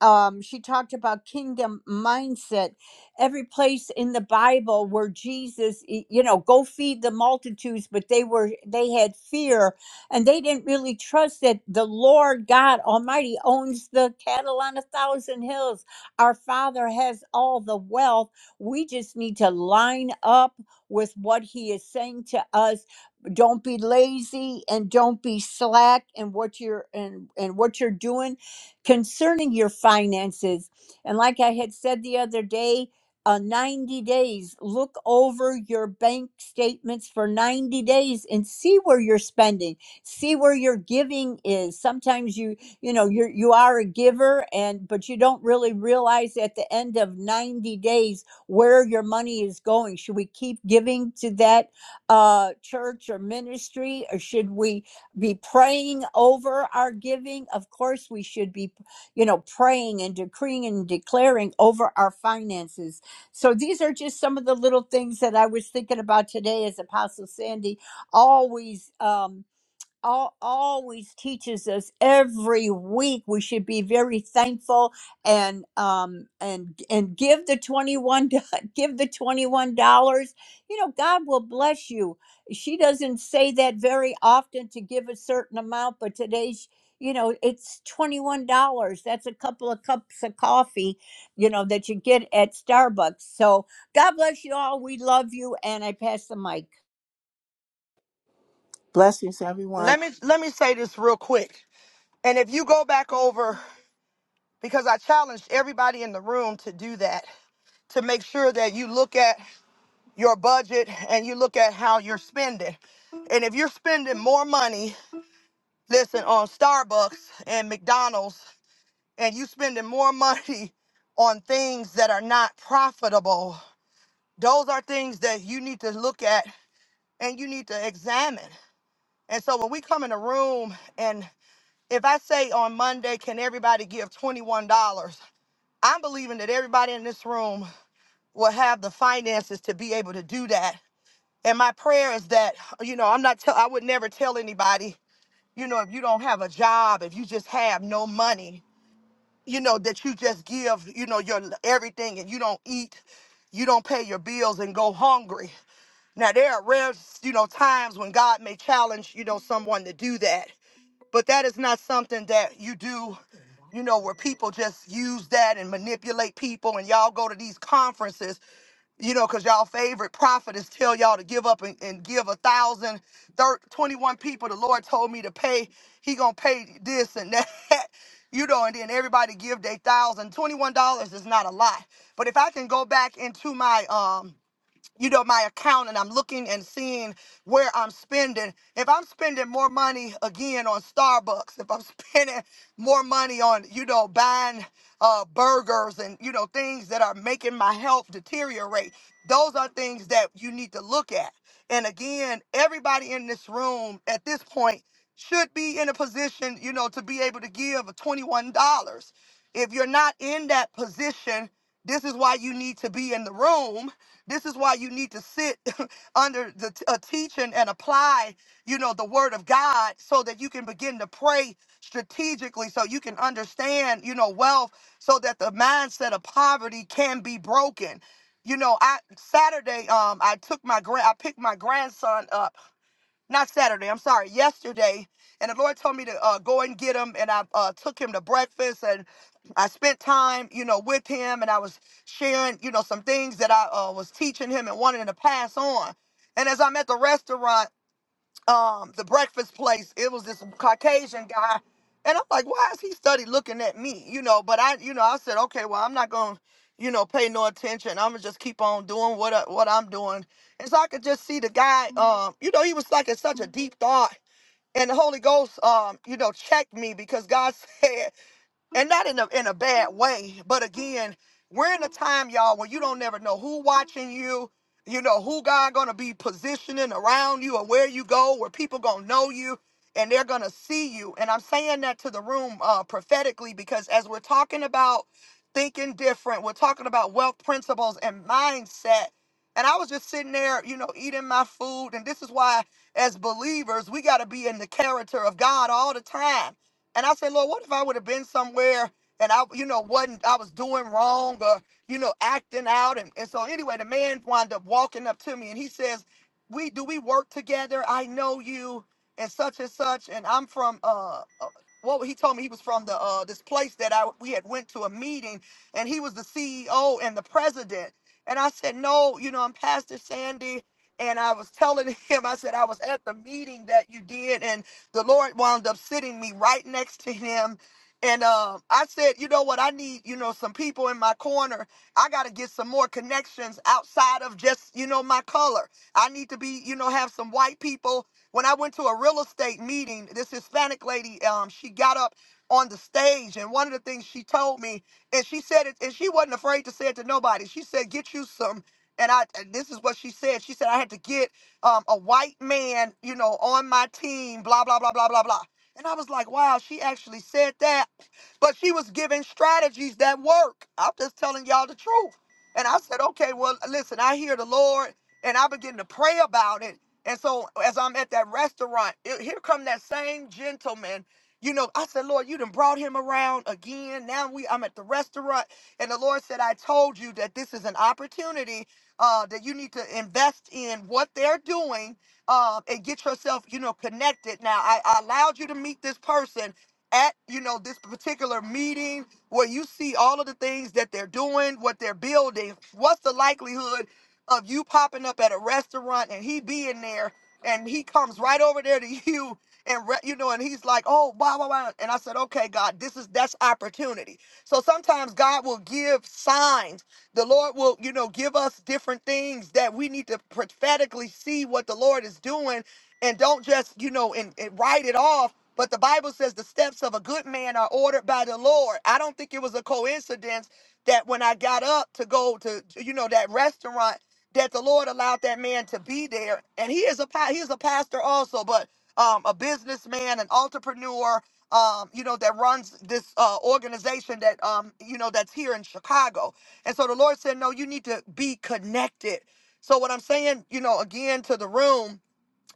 S2: um, she talked about kingdom mindset. Every place in the Bible where Jesus, y- you know, go feed the multitudes, but they were they had fear and they didn't really trust that the Lord God Almighty owns the cattle on a thousand hills. Our Father has all the wealth. We just need to line up with what He is saying to us. Don't be lazy and don't be slack in what you're and and what you're doing concerning your finances. And like I had said the other day, uh, 90 days, look over your bank statements for 90 days and see where you're spending, see where your giving is. Sometimes you, you know, you're, you are a giver and, but you don't really realize at the end of 90 days where your money is going. Should we keep giving to that uh, church or ministry or should we, be praying over our giving. Of course, we should be, you know, praying and decreeing and declaring over our finances. So these are just some of the little things that I was thinking about today as Apostle Sandy always. Um, all, always teaches us every week we should be very thankful and um and and give the 21 do- give the 21 dollars you know god will bless you she doesn't say that very often to give a certain amount but today's you know it's 21 dollars that's a couple of cups of coffee you know that you get at starbucks so god bless you all we love you and i pass the mic
S11: Blessings, everyone.
S1: let me let me say this real quick. And if you go back over, because I challenged everybody in the room to do that, to make sure that you look at your budget and you look at how you're spending. And if you're spending more money, listen, on Starbucks and McDonald's, and you spending more money on things that are not profitable, those are things that you need to look at and you need to examine. And so when we come in a room and if I say on Monday, can everybody give $21? I'm believing that everybody in this room will have the finances to be able to do that. And my prayer is that, you know, I'm not tell I would never tell anybody, you know, if you don't have a job, if you just have no money, you know, that you just give, you know, your everything and you don't eat, you don't pay your bills and go hungry. Now there are rare, you know, times when God may challenge, you know, someone to do that but that is not something that you do you know where people just use that and manipulate people and y'all go to these conferences you know because y'all favorite prophetess tell y'all to give up and, and give a thousand thir- 21 people the lord told me to pay he gonna pay this and that you know and then everybody give their thousand 21 dollars is not a lot but if i can go back into my um you know, my account and I'm looking and seeing where I'm spending. If I'm spending more money again on Starbucks, if I'm spending more money on, you know, buying uh, burgers and, you know, things that are making my health deteriorate, those are things that you need to look at. And again, everybody in this room at this point should be in a position, you know, to be able to give $21. If you're not in that position, this is why you need to be in the room this is why you need to sit under the t- a teaching and apply, you know, the word of God so that you can begin to pray strategically so you can understand, you know, wealth so that the mindset of poverty can be broken. You know, I Saturday um I took my grand I picked my grandson up not Saturday, I'm sorry, yesterday. And the Lord told me to uh, go and get him. And I uh, took him to breakfast and I spent time, you know, with him. And I was sharing, you know, some things that I uh, was teaching him and wanted him to pass on. And as I'm at the restaurant, um the breakfast place it was this caucasian guy and i'm like why is he study looking at me you know but i you know i said okay well i'm not gonna you know pay no attention i'm gonna just keep on doing what I, what i'm doing and so i could just see the guy um you know he was like in such a deep thought and the holy ghost um you know checked me because god said and not in a in a bad way. But again, we're in a time, y'all, where you don't never know who watching you. You know who God gonna be positioning around you, or where you go, where people gonna know you, and they're gonna see you. And I'm saying that to the room uh, prophetically because as we're talking about thinking different, we're talking about wealth principles and mindset. And I was just sitting there, you know, eating my food. And this is why, as believers, we got to be in the character of God all the time and I said, Lord, what if I would have been somewhere and I, you know, wasn't I was doing wrong or, you know, acting out. And, and so anyway, the man wound up walking up to me and he says, We do we work together? I know you and such and such. And I'm from uh uh, what he told me he was from the uh this place that I we had went to a meeting and he was the CEO and the president. And I said, No, you know, I'm Pastor Sandy. And I was telling him, I said, I was at the meeting that you did. and. The Lord wound up sitting me right next to him. And um, I said, you know what? I need, you know, some people in my corner. I got to get some more connections outside of just, you know, my color. I need to be, you know, have some white people. When I went to a real estate meeting, this Hispanic lady, um, she got up on the stage, and one of the things she told me, and she said it, and she wasn't afraid to say it to nobody. She said, "Get you some." And I, and this is what she said. She said, "I had to get." um, a white man, you know, on my team, blah, blah, blah, blah, blah, blah. And I was like, wow, she actually said that. But she was giving strategies that work. I'm just telling y'all the truth. And I said, okay, well, listen, I hear the Lord and I begin to pray about it. And so as I'm at that restaurant, it- here come that same gentleman. You know, I said, Lord, you done brought him around again. Now we I'm at the restaurant. And the Lord said, I told you that this is an opportunity uh, that you need to invest in what they're doing uh, and get yourself, you know, connected. Now, I, I allowed you to meet this person at, you know, this particular meeting where you see all of the things that they're doing, what they're building. What's the likelihood of you popping up at a restaurant and he being there and he comes right over there to you and re- you know and he's like oh wow wow wow and i said okay god this is that's opportunity so sometimes god will give signs the Lord will, you know, give us different things that we need to prophetically see what the Lord is doing and don't just, you know, and, and write it off. But the Bible says the steps of a good man are ordered by the Lord. I don't think it was a coincidence that when I got up to go to, you know, that restaurant, that the Lord allowed that man to be there. And he is a pa- he is a pastor also, but um, a businessman, an entrepreneur, um, you know, that runs this uh, organization that um, you know that's here in Chicago. And so the Lord said, No, you need to be connected. So, what I'm saying, you know, again to the room,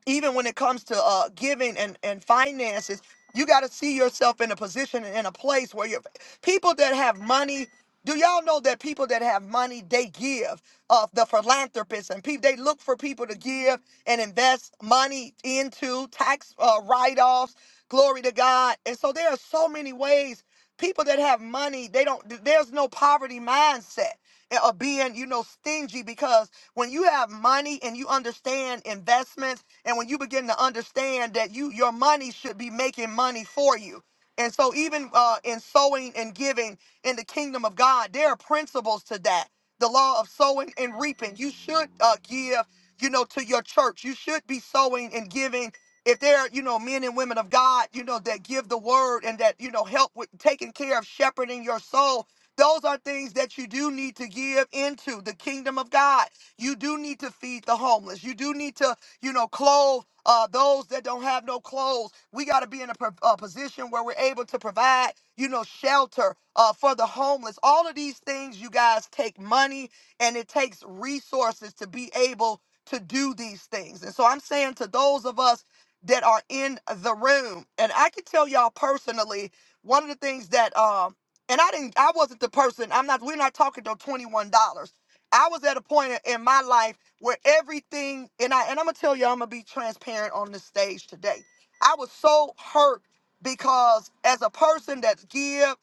S1: even when it comes to uh, giving and, and finances, you got to see yourself in a position and in a place where you're people that have money. Do y'all know that people that have money they give of the philanthropists and people they look for people to give and invest money into tax uh, write-offs. Glory to God. And so there are so many ways people that have money they don't there's no poverty mindset uh, of being you know stingy because when you have money and you understand investments, and when you begin to understand that you your money should be making money for you. And so, even uh, in sowing and giving in the kingdom of God, there are principles to that. The law of sowing and reaping. You should uh, give, you know, to your church. You should be sowing and giving. If there are, you know, men and women of God, you know, that give the word and that, you know, help with taking care of shepherding your soul, those are things that you do need to give into the kingdom of God. You do need to feed the homeless. You do need to, you know, clothe uh, those that don't have no clothes. We got to be in a, pro- a position where we're able to provide, you know, shelter uh, for the homeless. All of these things, you guys, take money and it takes resources to be able to do these things. And so I'm saying to those of us that are in the room, and I can tell y'all personally, one of the things that, um, and I didn't, I wasn't the person. I'm not. We're not talking to twenty one dollars. I was at a point in my life where everything, and I and I'm gonna tell you, I'm gonna be transparent on this stage today. I was so hurt because as a person that's give,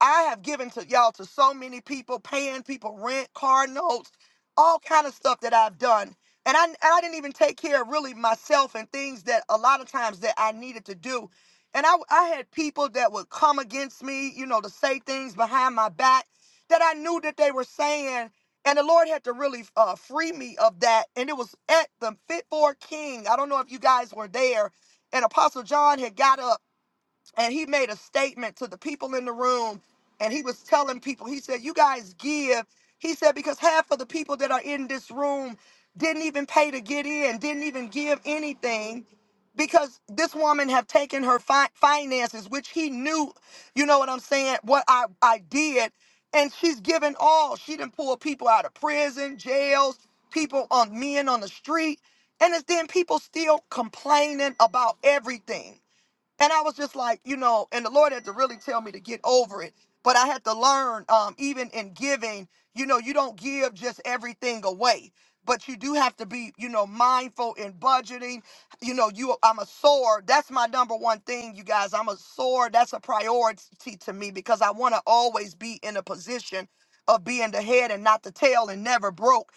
S1: I have given to y'all to so many people, paying people rent, car notes, all kind of stuff that I've done. And I, and I didn't even take care of really myself and things that a lot of times that I needed to do. And I, I had people that would come against me, you know, to say things behind my back that I knew that they were saying and the Lord had to really uh, free me of that. And it was at the Fit for a King. I don't know if you guys were there. And Apostle John had got up and he made a statement to the people in the room and he was telling people he said you guys give he said because half of the people that are in this room didn't even pay to get in didn't even give anything because this woman have taken her fi- finances which he knew you know what i'm saying what i i did and she's given all she didn't pull people out of prison jails people on men on the street and it's then people still complaining about everything and I was just like, you know, and the Lord had to really tell me to get over it. But I had to learn, um, even in giving, you know, you don't give just everything away. But you do have to be, you know, mindful in budgeting. You know, you I'm a sower. That's my number one thing, you guys. I'm a sower. That's a priority to me because I want to always be in a position of being the head and not the tail and never broke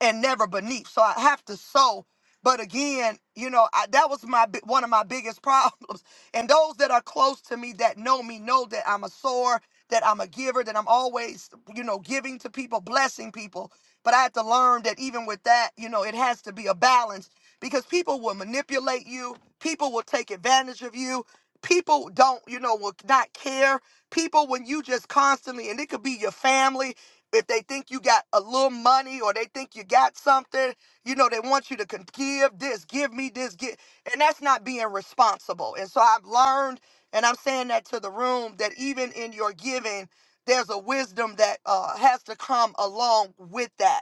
S1: and never beneath. So I have to sow. But again, you know, I, that was my bi- one of my biggest problems And those that are close to me that know me know that I'm a sower, that I'm a giver, that I'm always, you know, giving to people, blessing people. But I had to learn that even with that, you know, it has to be a balance because people will manipulate you, people will take advantage of you. People don't, you know, will not care. People, when you just constantly, and it could be your family, if they think you got a little money or they think you got something, you know, they want you to con- give this, give me this, give. And that's not being responsible. And so I've learned, and I'm saying that to the room, that even in your giving, there's a wisdom that uh, has to come along with that.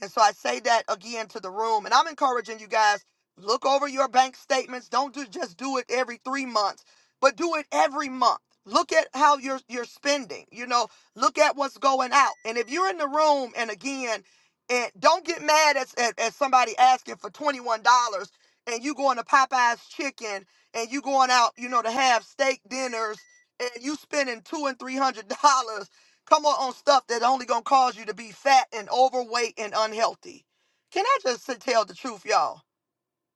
S1: And so I say that again to the room. And I'm encouraging you guys look over your bank statements. Don't do, just do it every three months, but do it every month. Look at how you're you're spending. You know, look at what's going out. And if you're in the room, and again, and don't get mad at, at, at somebody asking for $21 and you going to Popeye's chicken and you going out, you know, to have steak dinners and you spending two and three hundred dollars, come on on stuff that only gonna cause you to be fat and overweight and unhealthy. Can I just say- tell the truth, y'all?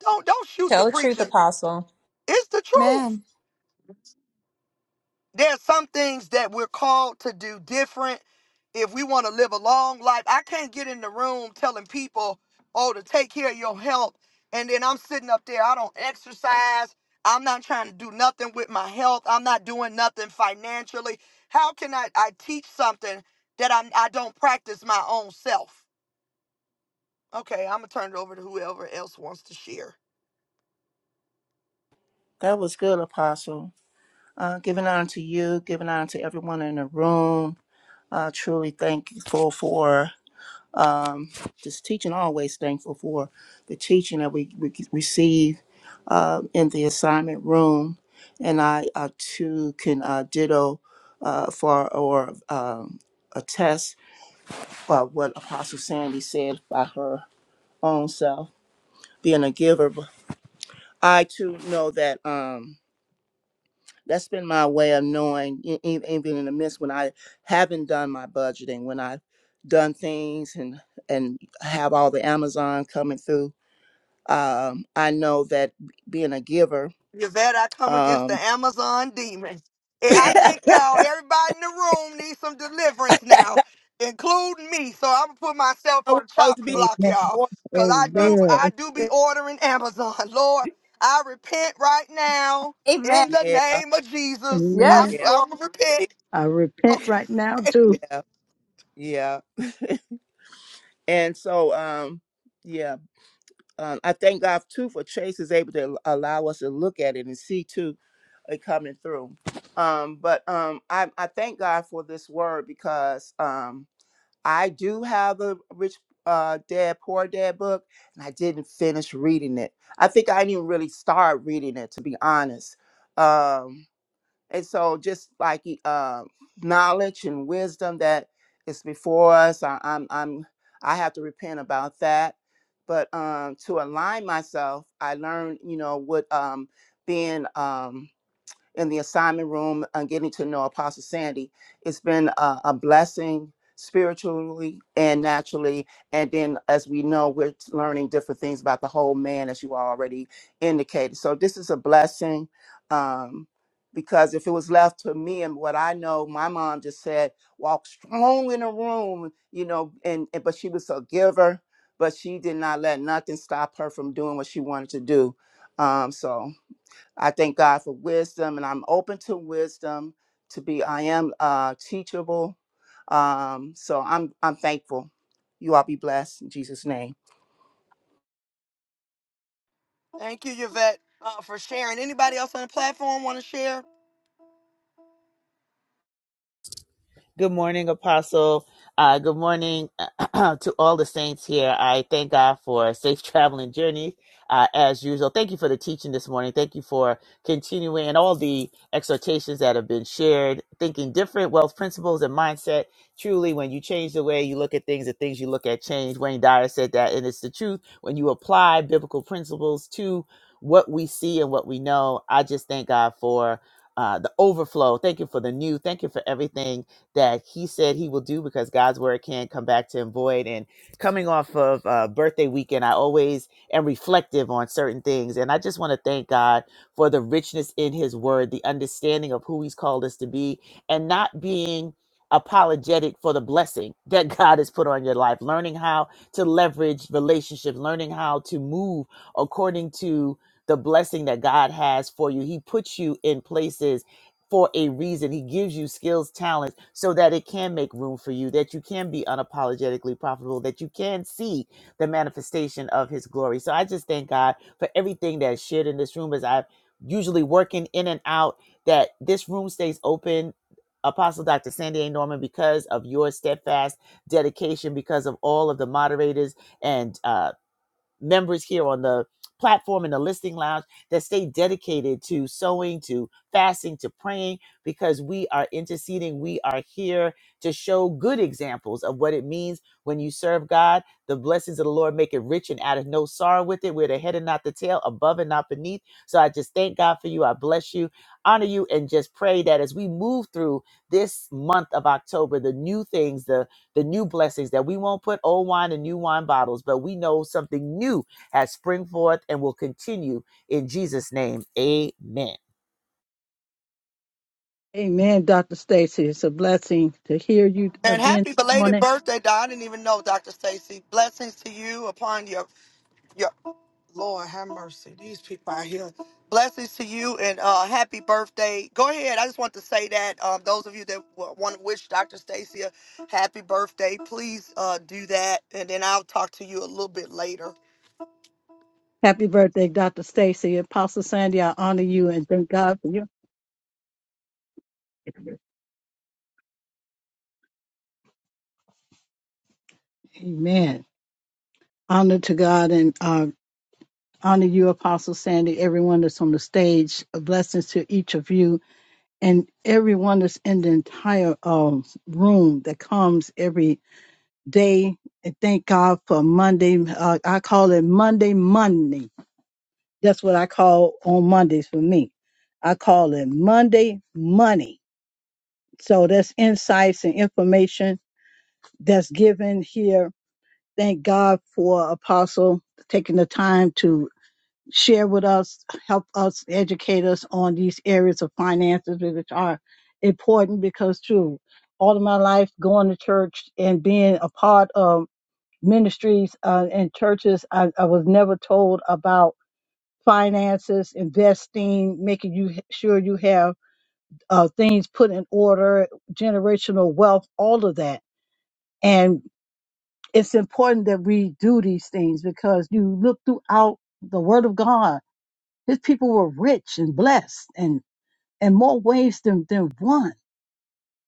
S1: Don't don't shoot the
S4: Tell the truth,
S1: preacher.
S4: Apostle.
S1: It's the
S2: amen
S1: truth. There are some things that we're called to do different if we want to live a long life. I can't get in the room telling people, oh, to take care of your health. And then I'm sitting up there, I don't exercise. I'm not trying to do nothing with my health. I'm not doing nothing financially. How can I, I teach something that I'm, I don't practice my own self? Okay, I'm going to turn it over to whoever else wants to share.
S11: That was good, Apostle. Uh, giving honor to you, giving honor to everyone in the room. Uh, truly thankful for um, this teaching. Always thankful for the teaching that we, we receive uh, in the assignment room. And I uh, too can uh, ditto uh, for or um, attest uh, what Apostle Sandy said by her own self, being a giver. I too know that um that's been my way of knowing e- e- even in the midst when I haven't done my budgeting, when I've done things and and have all the Amazon coming through. Um, I know that b- being a giver,
S1: Yvette, I come against the
S11: um
S1: Amazon demon. And I think
S11: we're
S1: y'all, everybody in the room needs some deliverance now, including me. So I'm gonna put myself on the
S11: supposed to
S1: chopping
S11: be
S1: block,
S14: Amen.
S1: y'all.
S11: giving
S1: Cause I do
S11: sometimes.
S1: I
S14: Amen.
S1: do be ordering Amazon. Lord, I repent right now
S2: amen
S1: in the
S11: yeah,
S1: name of Jesus. I'm
S2: yes
S14: Amen.
S11: yeah,
S2: lord
S1: I'm gonna repent.
S14: I repent
S1: Okay.
S14: right now too.
S11: yeah, yeah. And so um yeah. um, I thank God too for Chase is able to allow us to look at it and see too it coming through. Um, but um, I, I thank God for this word because um, I do have the Rich uh, Dad Poor Dad book, and I didn't finish reading it. I think I didn't even really start reading it to be honest. Um, and so just like uh, knowledge and wisdom that is before us, I, I'm I'm I have to repent about that. But um, to align myself, I learned, you know, what um, being um, in the assignment room and getting to know Apostle Sandy. It's been a, a blessing spiritually and naturally. And then, as we know, we're learning different things about the whole man, as you already indicated. So, this is a blessing um, because if it was left to me and what I know, my mom just said, walk strong in the room, you know, and, and but she was a giver. But she did not let nothing stop her from doing what she wanted to do. Um, so, I thank God for wisdom, and I'm open to wisdom. To be, I am uh, teachable. Um, so I'm I'm thankful. You all be blessed in Jesus' name.
S1: Thank you, Yvette, uh, for sharing. Anybody else on the platform wanna share?
S5: Good morning, Apostle. Uh, good morning to all the saints here. I thank God for a safe traveling journey, uh, as usual. Thank you for the teaching this morning. Thank you for continuing and all the exhortations that have been shared. Thinking different wealth principles and mindset. Truly, when you change the way you look at things, the things you look at change. Wayne Dyer said that, and it's the truth. When you apply biblical principles to what we see and what we know, I just thank God for uh, the overflow. Thank you for the new. Thank you for everything that he said he will do because God's word can't come back to him void. And coming off of uh, birthday weekend, I always am reflective on certain things. And I just want to thank God for the richness in his word, the understanding of who he's called us to be, and not being apologetic for the blessing that God has put on your life, learning how to leverage relationships, learning how to move according to the blessing that God has for you. He puts you in places for a reason. He gives you skills, talents, so that it can make room for you, that you can be unapologetically profitable, that you can see the manifestation of his glory. So I just thank God for everything that's shared in this room as I'm usually working in and out, that this room stays open. Apostle Dr. Sandy A. Norman, because of your steadfast dedication, because of all of the moderators and uh, members here on the platform in the listening lounge that stay dedicated to sowing, to fasting, to praying, because we are interceding. We are here to show good examples of what it means when you serve God. The blessings of the Lord make it rich and out of no sorrow with it. We're the head and not the tail, above and not beneath. So I just thank God for you. I bless you, honor you, and just pray that as we move through this month of October, the new things, the the new blessings that we won't put old wine in new wine bottles, but we know something new has spring forth and will continue in Jesus' name. Amen.
S14: Amen, Dr. Stacy. It's a blessing to hear you
S1: And
S14: again
S1: happy
S14: this
S1: belated
S14: morning.
S1: birthday, Don. I didn't even know, Dr. Stacy. Blessings to you upon your your Lord have mercy. These people out here. Blessings to you and uh, happy birthday. Go ahead. I just want to say that um, those of you that w- want to wish Dr. Stacy a happy birthday, please uh, do that. And then I'll talk to you a little bit later.
S14: Happy birthday, Dr. Stacy. Apostle Sandy, I honor you and thank God for you. Amen. Honor to God and uh, honor you, Apostle Sandy, everyone that's on the stage. Blessings to each of you and everyone that's in the entire um, room that comes every day and thank God for Monday. Uh, I call it Monday Money. That's what I call on Mondays for me. I call it Monday Money. So that's insights and information that's given here. Thank God for Apostle taking the time to share with us, help us, educate us on these areas of finances, which are important because, true, all of my life going to church and being a part of ministries uh, and churches. I, I was never told about finances, investing, making you sure you have uh, things put in order, generational wealth, all of that. And it's important that we do these things because you look throughout the Word of God. His people were rich and blessed, and in more ways than than one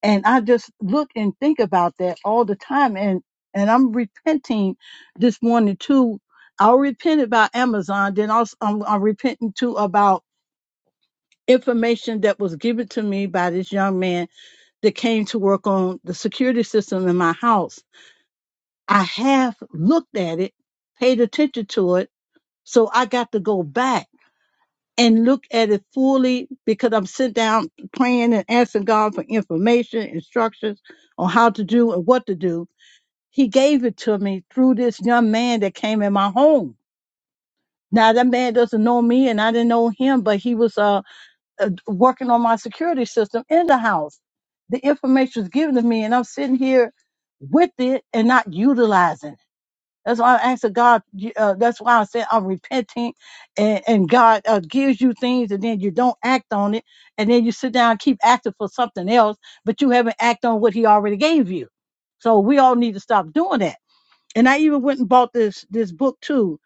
S14: and I just look and think about that all the time and and I'm repenting this morning too. I'll repent about Amazon, then also I'm, I'm repenting too about information that was given to me by this young man that came to work on the security system in my house. I have looked at it, paid attention to it, so I got to go back and look at it fully because I'm sitting down praying and asking God for information, instructions on how to do and what to do He gave it to me through this young man that came in my home. Now that man doesn't know me and I didn't know him, but he was uh, uh working on my security system in the house. The information was given to me and I'm sitting here with it and not utilizing it. That's why I asked the God. you- Uh, that's why I said I'm repenting, and, and God uh, gives you things, and then you don't act on it, and then you sit down and keep asking for something else, but you haven't acted on what He already gave you. So we all need to stop doing that and I even went and bought this this book too.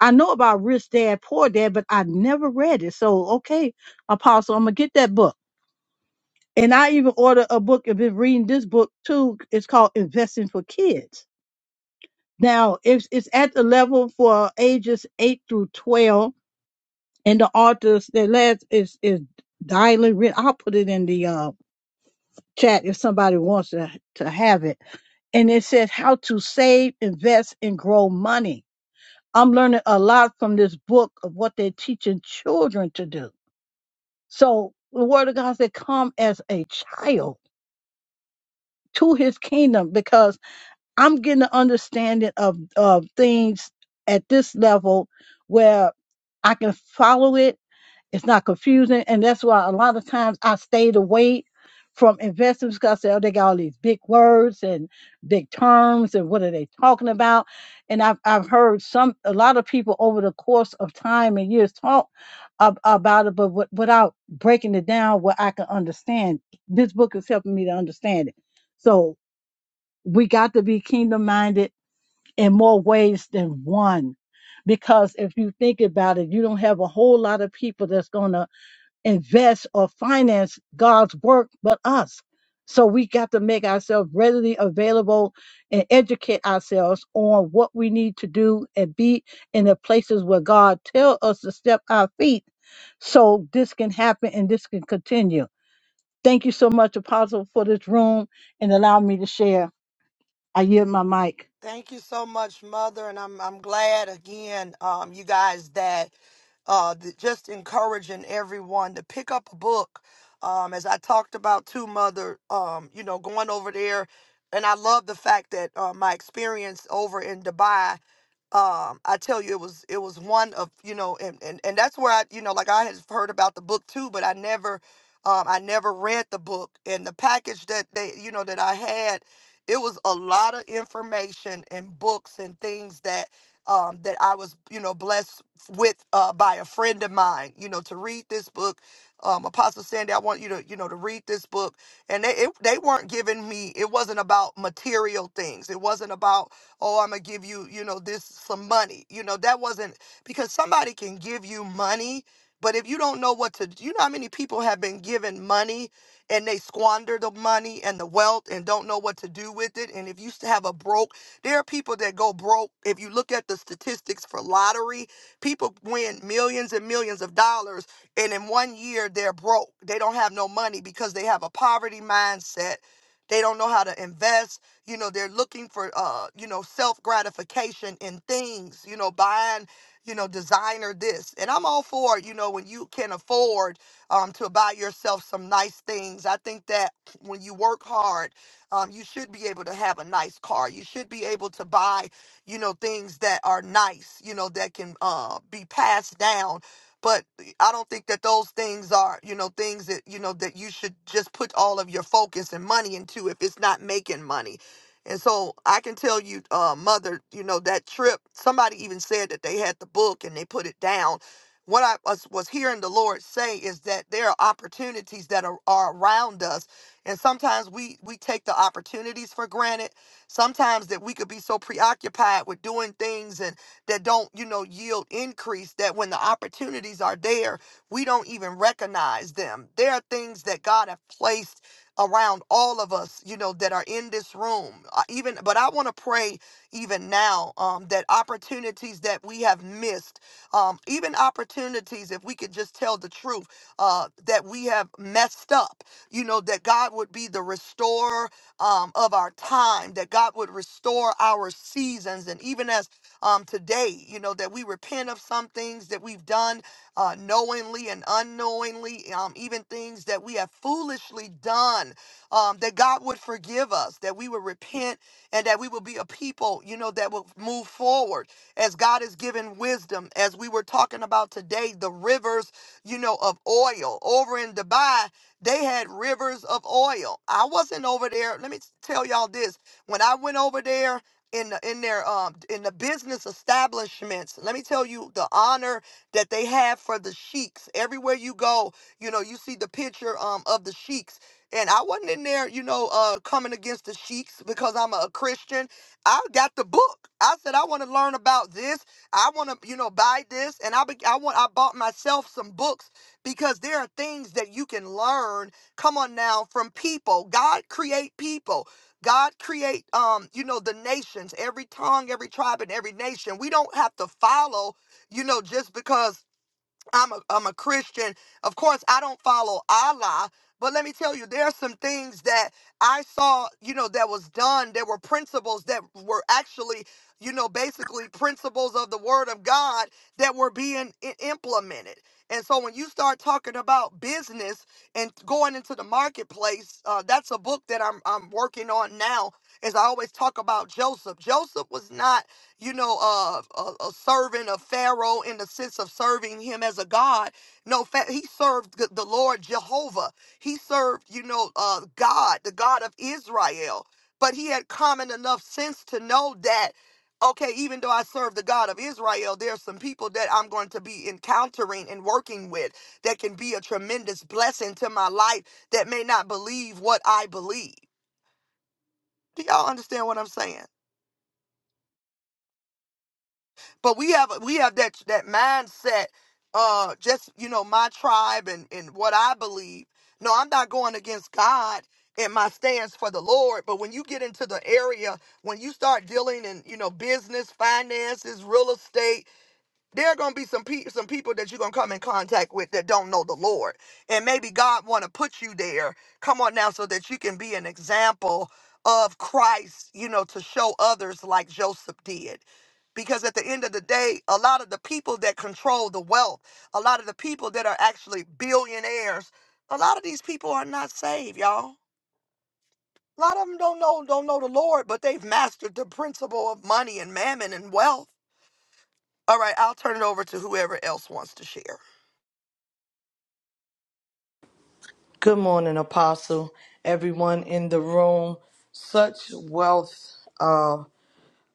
S14: I know about Rich Dad Poor Dad, but I never read it. So okay, Apostle, I'm gonna get that book. And I even ordered a book and been reading this book too. It's called Investing for Kids. Now it's it's at the level for ages eight through twelve, and the authors the last is is Dylan. Ri- I'll put it in the uh, chat if somebody wants to to have it. And it says how to save, invest, and grow money I'm learning a lot from this book of what they're teaching children to do. So the word of God said, come as a child to his kingdom because I'm getting an understanding of, of things at this level where I can follow it it's not confusing. And that's why a lot of times I stayed away from investors because I said, oh, they got all these big words and big terms and what are they talking about? And I've, I've heard some, a lot of people over the course of time and years talk ab- about it, but wi- without breaking it down where I can understand. This book is helping me to understand it. So we got to be kingdom minded in more ways than one. Because if you think about it, you don't have a whole lot of people that's going to invest or finance God's work but us. So we got to make ourselves readily available and educate ourselves on what we need to do and be in the places where God tell us to step our feet so this can happen and this can continue. Thank you so much, Apostle, for this room and allow me to share. I yield my mic.
S1: Thank you so much, Mother. And I'm, I'm glad again, um, you guys, that. uh, th- just encouraging everyone to pick up a book. Um, as I talked about too, mother, um, you know, going over there, and I love the fact that uh, my experience over in Dubai um i tell you it was it was one of you know and and, and that's where i you know like i had heard about the book too but i never um i never read the book and the package that they you know that i had it was a lot of information and books and things that um that i was you know blessed with uh by a friend of mine you know to read this book um apostle sandy i want you to you know to read this book and they it, they weren't giving me it wasn't about material things it wasn't about oh, I'm gonna give you, you know, this some money. You know, that wasn't because somebody can give you money, but if you don't know what to, you know, how many people have been given money and they squander the money and the wealth and don't know what to do with it. And if you s- have a broke, there are people that go broke. If you look at the statistics for lottery, people win millions and millions of dollars, and in one year they're broke. They don't have no money because they have a poverty mindset. They don't know how to invest you know they're looking for uh you know self gratification in things you know buying you know designer this and i'm all for you know when you can afford um to buy yourself some nice things i think that when you work hard um you should be able to have a nice car you should be able to buy you know things that are nice you know that can uh be passed down but I don't think that those things are, you know, things that, you know, that you should just put all of your focus and money into if it's not making money. And so I can tell you, uh, mother, you know, that trip, somebody even said that they had the book and they put it down. What I was, was hearing the Lord say is that there are opportunities that are, are around us. And sometimes we, we take the opportunities for granted. Sometimes that we could be so preoccupied with doing things and that don't, you know, yield increase that when the opportunities are there, we don't even recognize them. There are things that God have placed around all of us, you know, that are in this room. Uh, Even, but I want to pray even now um, that opportunities that we have missed, um, even opportunities, if we could just tell the truth, uh, that we have messed up, you know, that God would be the restorer um, of our time, that God would restore our seasons. And even as um, today, you know, that we repent of some things that we've done uh, knowingly and unknowingly, um, even things that we have foolishly done, um, that God would forgive us, that we would repent, and that we would be a people, you know, that will move forward as God is given wisdom. As we were talking about today, the rivers, you know, of oil over in Dubai, they had rivers of oil. I wasn't over there. Let me tell y'all this. When I went over there, in the, in their um in the business establishments. Let me tell you the honor that they have for the sheiks. Everywhere you go, you know, you see the picture um of the sheiks. And I wasn't in there, you know, uh coming against the sheiks because I'm a Christian. I got the book. I said I want to learn about this. I want to, you know, buy this and I be, I want I bought myself some books because there are things that you can learn come on now from people. God create people. God create um you know the nations, every tongue, every tribe and every nation. We don't have to follow you know, just because I'm a I'm a Christian, of course I don't follow Allah, but let me tell you, there are some things that I saw, you know, that was done. There were principles that were actually, you know, basically principles of the Word of God that were being i- implemented. And so when you start talking about business and going into the marketplace, uh, that's a book that I'm I'm working on now. As I always talk about Joseph, Joseph was not you know, uh, a, a servant of Pharaoh in the sense of serving him as a god. No, fa- he served the the Lord Jehovah. He served, you know, uh, God, the God of Israel. But he had common enough sense to know that, okay, even though I serve the God of Israel, there's some people that I'm going to be encountering and working with that can be a tremendous blessing to my life that may not believe what I believe. Do y'all understand what I'm saying? But we have we have that that mindset. Uh, just you know, my tribe and and what I believe. No, I'm not going against God in my stance for the Lord. But when you get into the area, when you start dealing in you know business, finances, real estate there are gonna be some pe- some people that you're gonna come in contact with that don't know the Lord, and maybe God want to put you there. Come on now, so that you can be an example of Christ, you know, to show others like Joseph did. Because at the end of the day, a lot of the people that control the wealth, a lot of the people that are actually billionaires, a lot of these people are not saved, y'all. A lot of them don't know don't know the Lord, but they've mastered the principle of money and mammon and wealth. All right, I'll turn it over to whoever else wants to share.
S12: Good morning, Apostle. Everyone in the room. Such wealth. uh,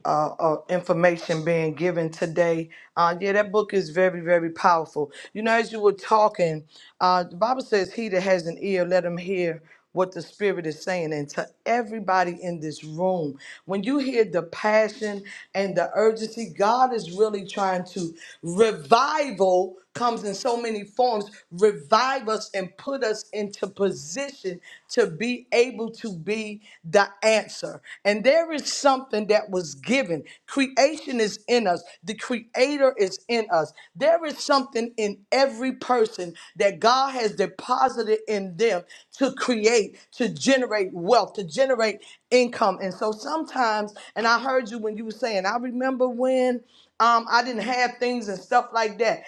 S12: uh, uh, information being given today. Uh, yeah, that book is very, very powerful. You know, as you were talking, uh, the Bible says, He that has an ear, let him hear what the Spirit is saying. And to everybody in this room, when you hear the passion and the urgency, God is really trying to revival comes in so many forms, revive us and put us into position to be able to be the answer. And there is something that was given. Creation is in us, the Creator is in us. There is something in every person that God has deposited in them to create, to generate wealth, to generate income. And so sometimes, and I heard you when you were saying, I remember when. Um, I didn't have things and stuff like that.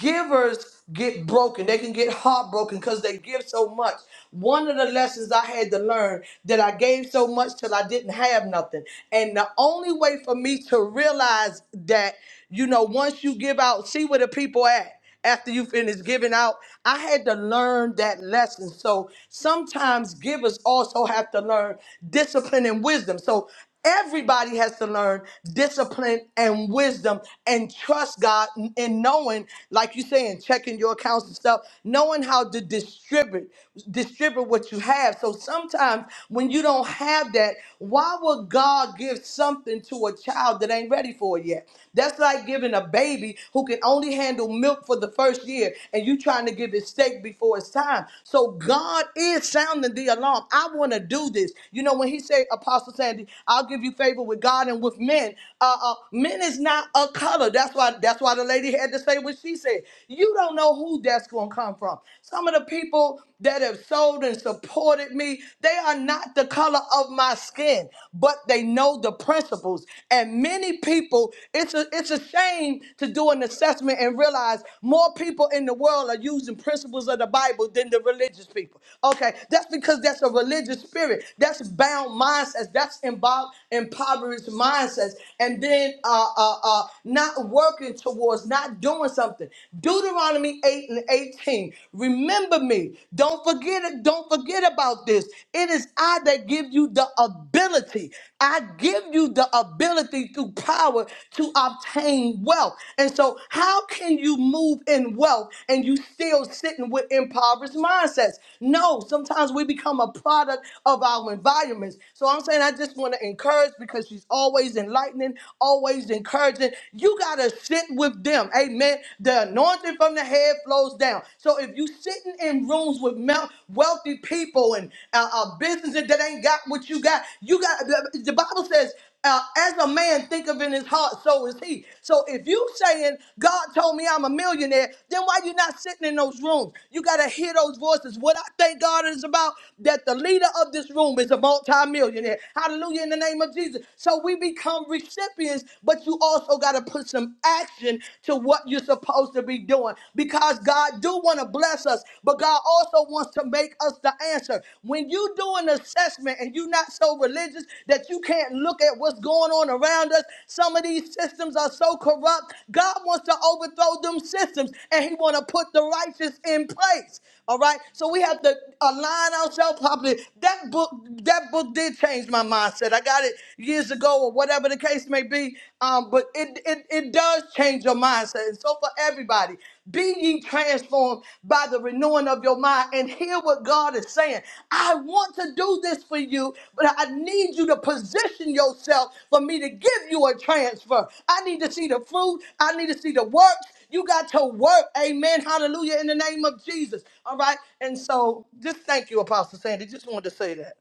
S12: Givers get broken. They can get heartbroken because they give so much. One of the lessons I had to learn that I gave so much till I didn't have nothing. And the only way for me to realize that, you know, once you give out, see where the people at after you finish giving out. I had to learn that lesson. So sometimes givers also have to learn discipline and wisdom. So everybody has to learn discipline and wisdom and trust God and knowing, like you saying, checking your accounts and stuff, knowing how to distribute, distribute what you have. So sometimes when you don't have that, why would God give something to a child that ain't ready for it yet? yet. That's like giving a baby who can only handle milk for the first year and you trying to give it steak before it's time. So God is sounding the alarm. I want to do this. You know, when he said, Apostle Sandy, I'll give you favor with God and with men. Uh, uh, men is not a color. That's why that's why the lady had to say what she said. You don't know who that's going to come from. Some of the people that have sold and supported me, they are not the color of my skin, but they know the principles. And many people, it's a it's a shame to do an assessment and realize more people in the world are using principles of the Bible than the religious people. Okay, that's because that's a religious spirit. That's bound mindsets. That's involved impoverished mindsets. And then uh, uh, uh, not working towards, not doing something. Deuteronomy 8 and 18. Remember me. Don't forget it. Don't forget forget about this. It is I that give you the ability. I give you the ability through power to obtain wealth. And so, how can you move in wealth and you still sitting with impoverished mindsets? No, sometimes we become a product of our environments. So, I'm saying I just want to encourage because she's always enlightening, always encouraging. You got to sit with them. Amen. The anointing from the head flows down down. So if you sitting in rooms with mel- wealthy people and uh, uh, businesses that ain't got what you got, you got the, the Bible says. Uh, as a man thinketh in his heart, so is he. So if you saying God told me I'm a millionaire, then why you not sitting in those rooms? You gotta hear those voices. What I thank God is about that the leader of this room is a multimillionaire. Hallelujah in the name of Jesus. So we become recipients, but you also gotta put some action direction to what you're supposed to be doing because God do want to bless us, but God also wants to make us the answer. When you do an assessment and you're not so religious that you can't look at what's going on around us, some of these systems are so corrupt. God wants to overthrow them systems and he want to put the righteous in place. All right, so we have to align ourselves properly. That book, that book did change my mindset. I got it years ago or whatever the case may be. Um, but it, it it does change your mindset. And so for everybody, be ye transformed by the renewing of your mind and hear what God is saying. I want to do this for you, but I need you to position yourself for me to give you a transfer. I need to see the fruit, I need to see the works. You got to work, amen. Hallelujah, in the name of Jesus. All right. And so just thank you, Apostle Sandy. Just wanted to say that.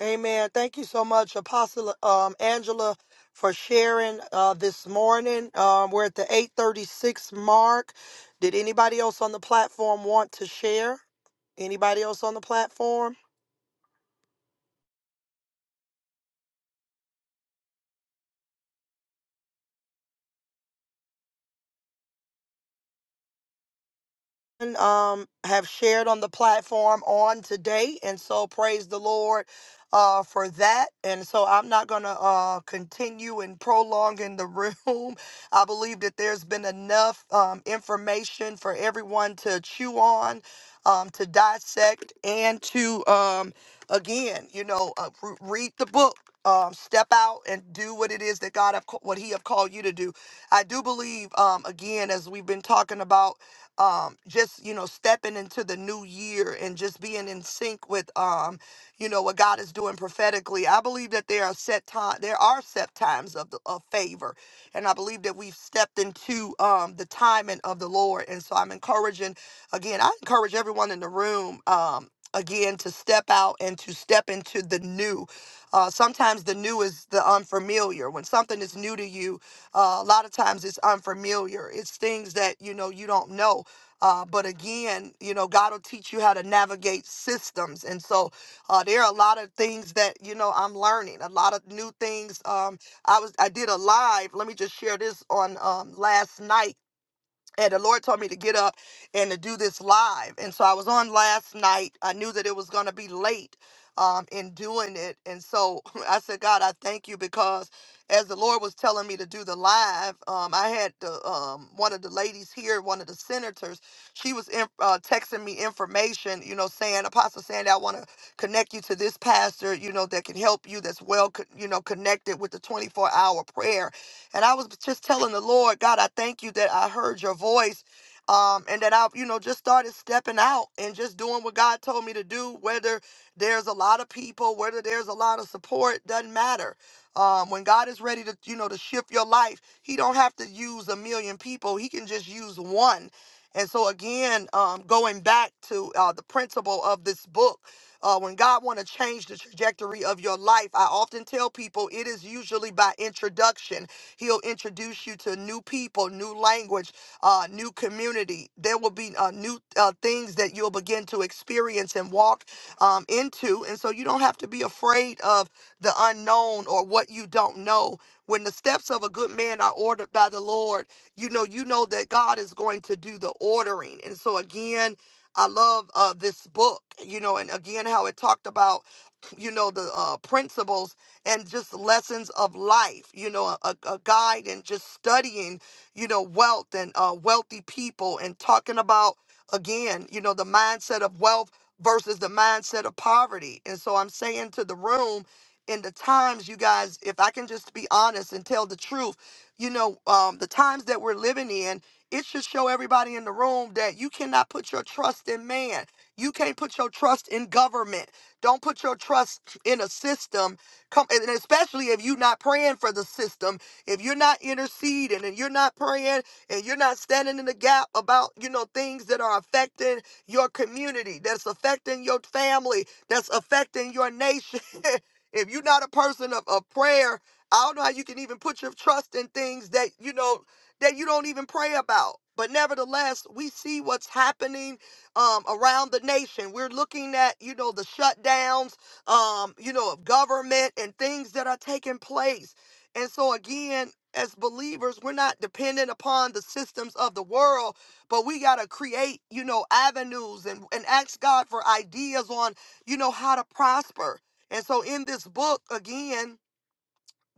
S1: Amen. Thank you so much, Apostle um, Angela, for sharing uh, this morning. Um, we're at the 836 mark. Did anybody else on the platform want to share? Anybody else on the platform? um, have shared on the platform on today, and so praise the Lord uh, for that. And so I'm not going to uh, continue and prolong in the room. I believe that there's been enough um, information for everyone to chew on, um, to dissect, and to um, again, you know, uh, re- read the book. Um, step out and do what it is that God have ca- what He have called you to do. I do believe, um, again, as we've been talking about um just you know stepping into the new year and just being in sync with um you know what God is doing prophetically. I believe that there are set time there are set times of the, of favor. And I believe that we've stepped into um the timing of the Lord. And so I'm encouraging again, I encourage everyone in the room um again to step out and to step into the new. Uh sometimes the new is the unfamiliar. When something is new to you, uh, a lot of times it's unfamiliar. It's things that you know you don't know uh, but again, you know, God will teach you how to navigate systems. And so uh, there are a lot of things that, you know, I'm learning, a lot of new things. Um, I was I did a live. Let me just share this on um, last night and the Lord told me to get up and to do this live. And so I was on last night. I knew that it was going to be late um, in doing it. And so I said, God, I thank you because as the Lord was telling me to do the live, um, I had the, um, one of the ladies here, one of the senators, she was in, uh, texting me information, you know, saying, Apostle Sandy, I want to connect you to this pastor, you know, that can help you, that's well, co- you know, connected with the 24 hour prayer and I was just telling the Lord, God, I thank you that I heard your voice. Um, and that I, you know, just started stepping out and just doing what God told me to do, whether there's a lot of people, whether there's a lot of support, doesn't matter. Um, when God is ready to, you know, to shift your life, He don't have to use a million people. He can just use one. And so again, um, going back to uh, the principle of this book, uh, when God want to change the trajectory of your life, I often tell people it is usually by introduction. He'll introduce you to new people, new language, uh, new community. There will be uh, new uh, things that you'll begin to experience and walk um, into. And so you don't have to be afraid of the unknown or what you don't know. When the steps of a good man are ordered by the Lord, you know, you know that God is going to do the ordering. And so again, I love uh, this book, you know, and again, how it talked about, you know, the uh, principles and just lessons of life, you know, a, a guide and just studying, you know, wealth and uh, wealthy people and talking about, again, you know, the mindset of wealth versus the mindset of poverty. And so I'm saying to the room, in the times, you guys, if I can just be honest and tell the truth, you know, um, the times that we're living in, it should show everybody in the room that you cannot put your trust in man. You can't put your trust in government. Don't put your trust in a system Come and especially if you're not praying for the system, if you're not interceding and you're not praying and you're not standing in the gap about, you know, things that are affecting your community, that's affecting your family, that's affecting your nation. if you're not a person of, of prayer, I don't know how you can even put your trust in things that, you know, that you don't even pray about. But nevertheless, we see what's happening um, around the nation. We're looking at, you know, the shutdowns um, you know, of government and things that are taking place. And so, again, as believers, we're not dependent upon the systems of the world, but we got to create, you know, avenues and, and ask God for ideas on, you know, how to prosper. And so, in this book, again,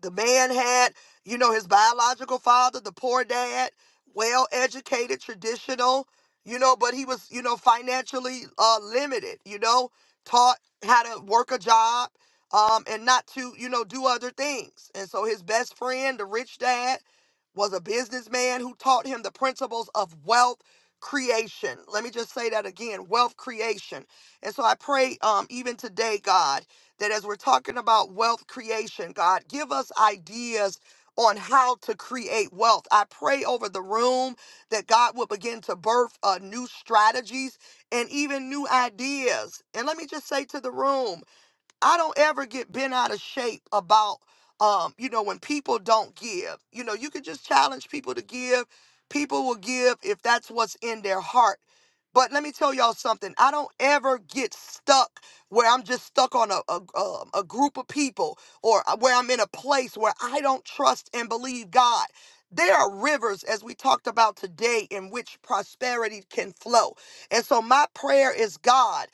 S1: the man had, you know, his biological father, the poor dad, well educated, traditional, you know, but he was, you know, financially uh, limited, you know, taught how to work a job um, and not to, you know, do other things. And so his best friend, the rich dad, was a businessman who taught him the principles of wealth creation. Let me just say that again wealth creation. And so I pray um, even today, God that as we're talking about wealth creation, God, give us ideas on how to create wealth. I pray over the room that God will begin to birth uh, new strategies and even new ideas. And let me just say to the room, I don't ever get bent out of shape about, um, you know, when people don't give. You know, you can just challenge people to give. People will give if that's what's in their heart. But let me tell y'all something. I don't ever get stuck where I'm just stuck on a, a, um, a group of people or uh, where I'm in a place where I don't trust and believe God. There are rivers, as we talked about today, in which prosperity can flow. And so my prayer is God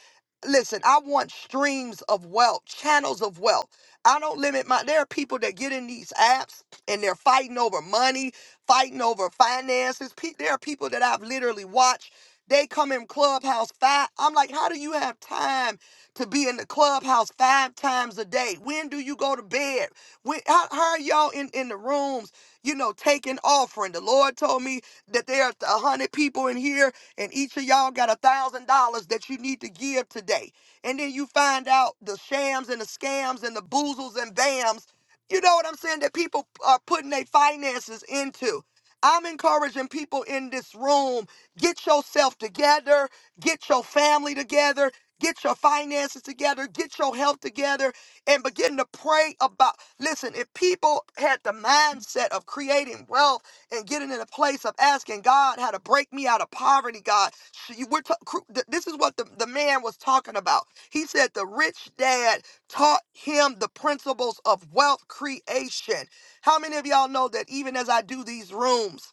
S1: listen, I want streams of wealth, channels of wealth. I don't limit my. There are people that get in these apps and they're fighting over money, fighting over finances. Pe- There are people that I've literally watched. They come in clubhouse five. I'm like, how do you have time to be in the clubhouse five times a day? When do you go to bed? When, how, how are y'all in, in the rooms, you know, taking offering? The Lord told me that there are a hundred people in here and each of y'all got a thousand dollars that you need to give today. And then you find out the shams and the scams and the boozles and bams, you know what I'm saying, that people are putting their finances into. I'm encouraging people in this room get yourself together, get your family together, get your finances together, get your health together, and begin to pray about. Listen, if people had the mindset of creating wealth, and getting in a place of asking God how to break me out of poverty, God. We're ta- this is what the, the man was talking about. He said the rich dad taught him the principles of wealth creation. How many of y'all know that even as I do these rooms,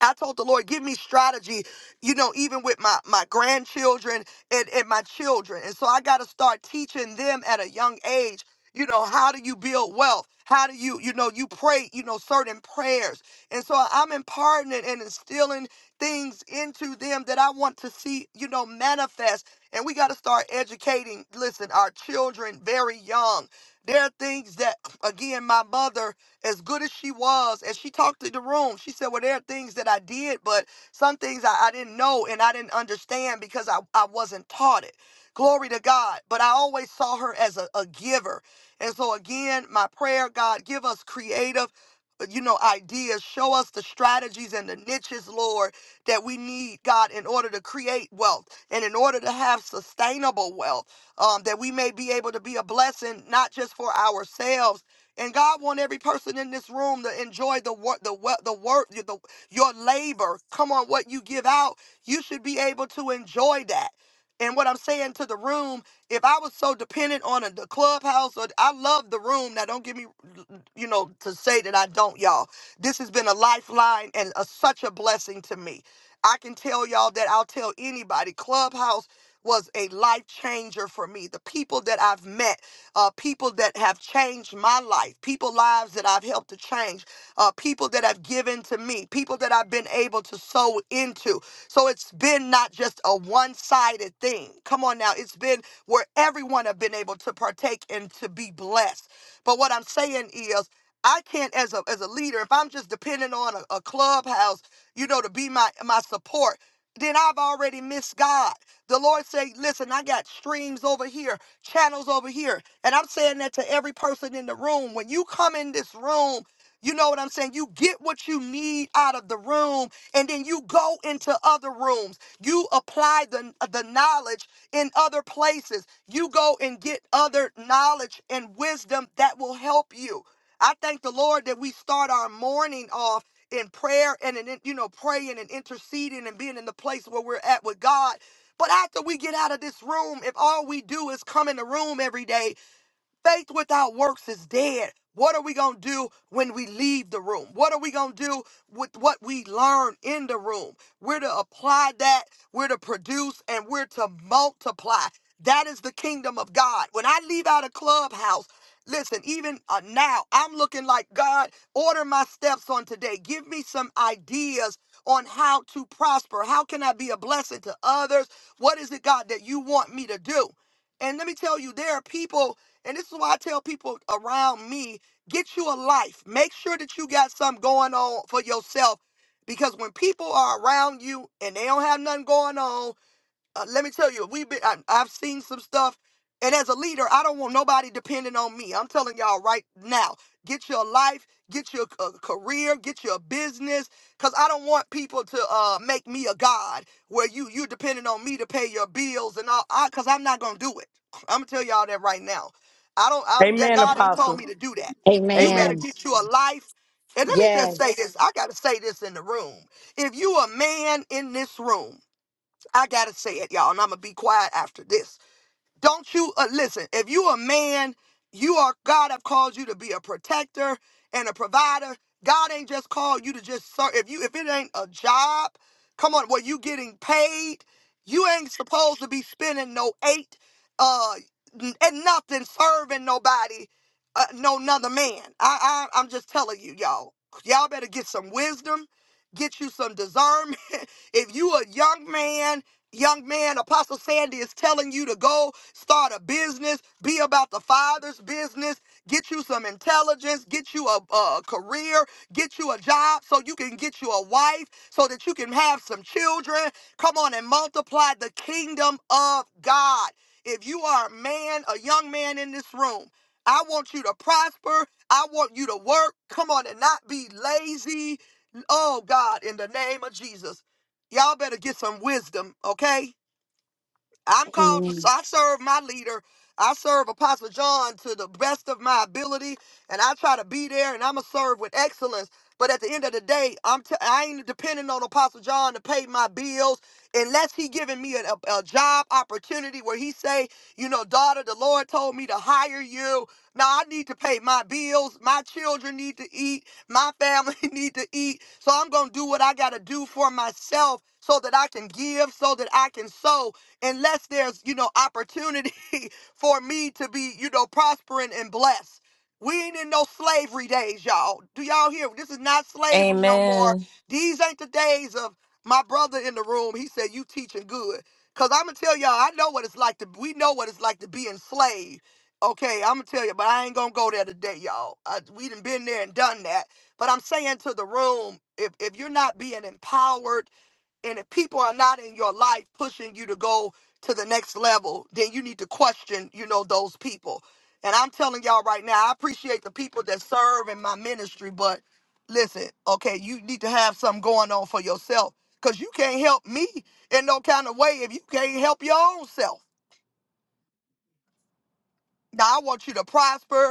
S1: I told the Lord, give me strategy, you know, even with my, my grandchildren and, and my children. And so I got to start teaching them at a young age, you know, how do you build wealth? How do you, you know, you pray, you know, certain prayers. And so I'm imparting it and instilling things into them that I want to see, you know, manifest. And we got to start educating, listen, our children very young. There are things that, again, my mother as good as she was, as she talked to the room, she said, Well, there are things that I did, but some things I, I didn't know and I didn't understand because I, I wasn't taught it. Glory to God. But I always saw her as a, a giver. And so, again, my prayer, God, give us creative. uh, You know, ideas, show us the strategies and the niches, Lord, that we need, God, in order to create wealth and in order to have sustainable wealth, um, that we may be able to be a blessing, not just for ourselves and God want every person in this room to enjoy the work, the work, the work, the, your labor. Come on, what you give out, you should be able to enjoy that. And what I'm saying to the room, if I was so dependent on a, the clubhouse, or I love the room. Now, don't give me, you know, to say that I don't, y'all. This has been a lifeline and a, such a blessing to me. I can tell y'all that I'll tell anybody. Clubhouse was a life changer for me. The people that I've met uh, people that have changed my life, people lives that I've helped to change, uh, people that have given to me, people that I've been able to sow into. So it's been not just a one sided thing. Come on now, it's been where everyone have been able to partake and to be blessed. But what I'm saying is. I can't, as a as a leader, if I'm just depending on a, a clubhouse, you know, to be my my support, then I've already missed God. The Lord say, "Listen, I got streams over here channels over here. And I'm saying that to every person in the room. When you come in this room, you know what I'm saying? You get what you need out of the room, and then you go into other rooms. You apply the, the knowledge in other places. You go and get other knowledge and wisdom that will help you. I thank the Lord that we start our morning off in prayer and in, you know praying and interceding and being in the place where we're at with God but after we get out of this room, if all we do is come in the room every day Faith without works is dead. What are we going to do when we leave the room? What are we going to do with what we learn in the room? We're to apply that, we're to produce, and we're to multiply. That is the kingdom of God. When I leave out of clubhouse, listen, even uh, now, I'm looking like God, order my steps on today. Give me some ideas on how to prosper. How can I be a blessing to others? What is it, God, that you want me to do? And let me tell you, there are people and this is why I tell people around me get you a life. Make sure that you got something going on for yourself. Because when people are around you and they don't have nothing going on, uh, let me tell you, we've been. I, I've seen some stuff, and as a leader, I don't want nobody depending on me. I'm telling y'all right now, get your life, get your uh, career, get your business, cause I don't want people to uh, make me a god where you you depending on me to pay your bills and all. I, cause I'm not gonna do it. I'm gonna tell y'all that right now. I don't. I, that
S12: Amen,
S1: God ain't told me
S12: Apostle.
S1: to do that. You
S12: Amen.
S1: better
S15: Amen.
S1: get you a life. And let me just say
S15: Yes.
S1: this. I gotta say this in the room. If you a man in this room I gotta say it, y'all, and I'm gonna be quiet after this. Don't you uh, listen? If you a man, you are God have called you to be a protector and a provider. God ain't just called you to just serve. If you if it ain't a job, come on, where you getting paid, you ain't supposed to be spending no eight uh and nothing serving nobody, uh, no another man. I, I I'm just telling you, y'all. Y'all better get some wisdom, get you some discernment. if you a young man, young man, Apostle Sandy is telling you to go start a business, be about the Father's business, get you some intelligence, get you a, a career, get you a job so you can get you a wife, so that you can have some children. Come on and multiply the kingdom of God. If you are a man, a young man in this room, I want you to prosper. I want you to work. Come on and not be lazy. Oh God, in the name of Jesus. Y'all better get some wisdom, okay? I'm called to,
S15: Amen.
S1: I serve my leader. I serve Apostle John to the best of my ability, and I try to be there, and I'm going to serve with excellence. But at the end of the day, I'm t- I ain't depending on Apostle John to pay my bills unless he giving me a, a, a job opportunity where he say, you know, daughter, the Lord told me to hire you. Now I need to pay my bills. My children need to eat. My family need to eat. So I'm gonna do what I gotta do for myself so that I can give, so that I can sow unless there's, you know, opportunity for me to be, you know, prospering and blessed. We ain't in no slavery days, y'all. Do y'all hear? This is not slavery no more.
S4: Amen.
S1: These ain't the days of my brother in the room. He said, You teaching good. Cause I'ma tell y'all, I know what it's like to we know what it's like to be enslaved. Okay, I'ma tell you, but I ain't gonna go there today, y'all. I, we done been there and done that. But I'm saying to the room, if if you're not being empowered and if people are not in your life pushing you to go to the next level, then you need to question, you know, those people. And I'm telling y'all right now, I appreciate the people that serve in my ministry, but listen, okay, you need to have something going on for yourself because you can't help me in no kind of way if you can't help your own self. Now, I want you to prosper.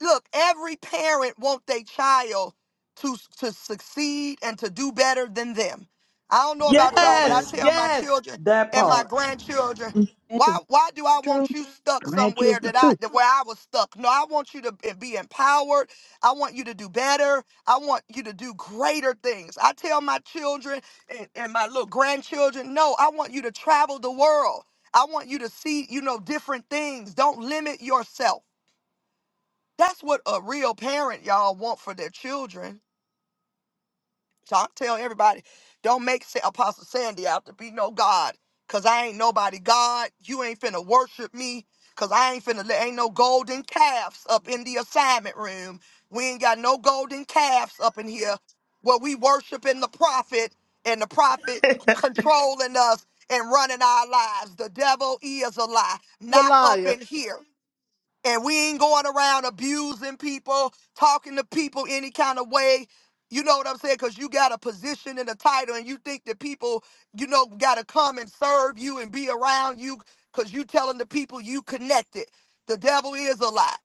S1: look, every parent wants their child to to succeed and to do better than them. I don't know about y'all, but I
S12: Yes,
S1: tell my
S12: yes,
S1: children
S12: that
S1: and my
S12: part.
S1: grandchildren,
S14: That's
S1: why
S14: the
S1: why do I
S14: truth.
S1: want you stuck
S14: Glad you're
S1: somewhere
S14: the
S1: that I
S14: truth.
S1: that where I was stuck? No, I want you to be be empowered. I want you to do better. I want you to do greater things. I tell my children and, and my little grandchildren, no, I want you to travel the world. I want you to see, you know, different things. Don't limit yourself. That's what a real parent, y'all, want for their children. So I tell everybody, don't make Sa- Apostle Sandy out to be no God, because I ain't nobody God. You ain't finna worship me, because I ain't finna, let ain't no golden calves up in the assignment room. We ain't got no golden calves up in here where we worshiping the prophet and the prophet controlling us and running our lives. The devil is a lie,
S12: The
S1: not up
S12: liar.
S1: in here and we ain't going around abusing people, talking to people any kind of way. You know what I'm saying? Because you got a position and a title, and you think that people, you know, got to come and serve you and be around you because you telling the people you connected. The devil is a lie.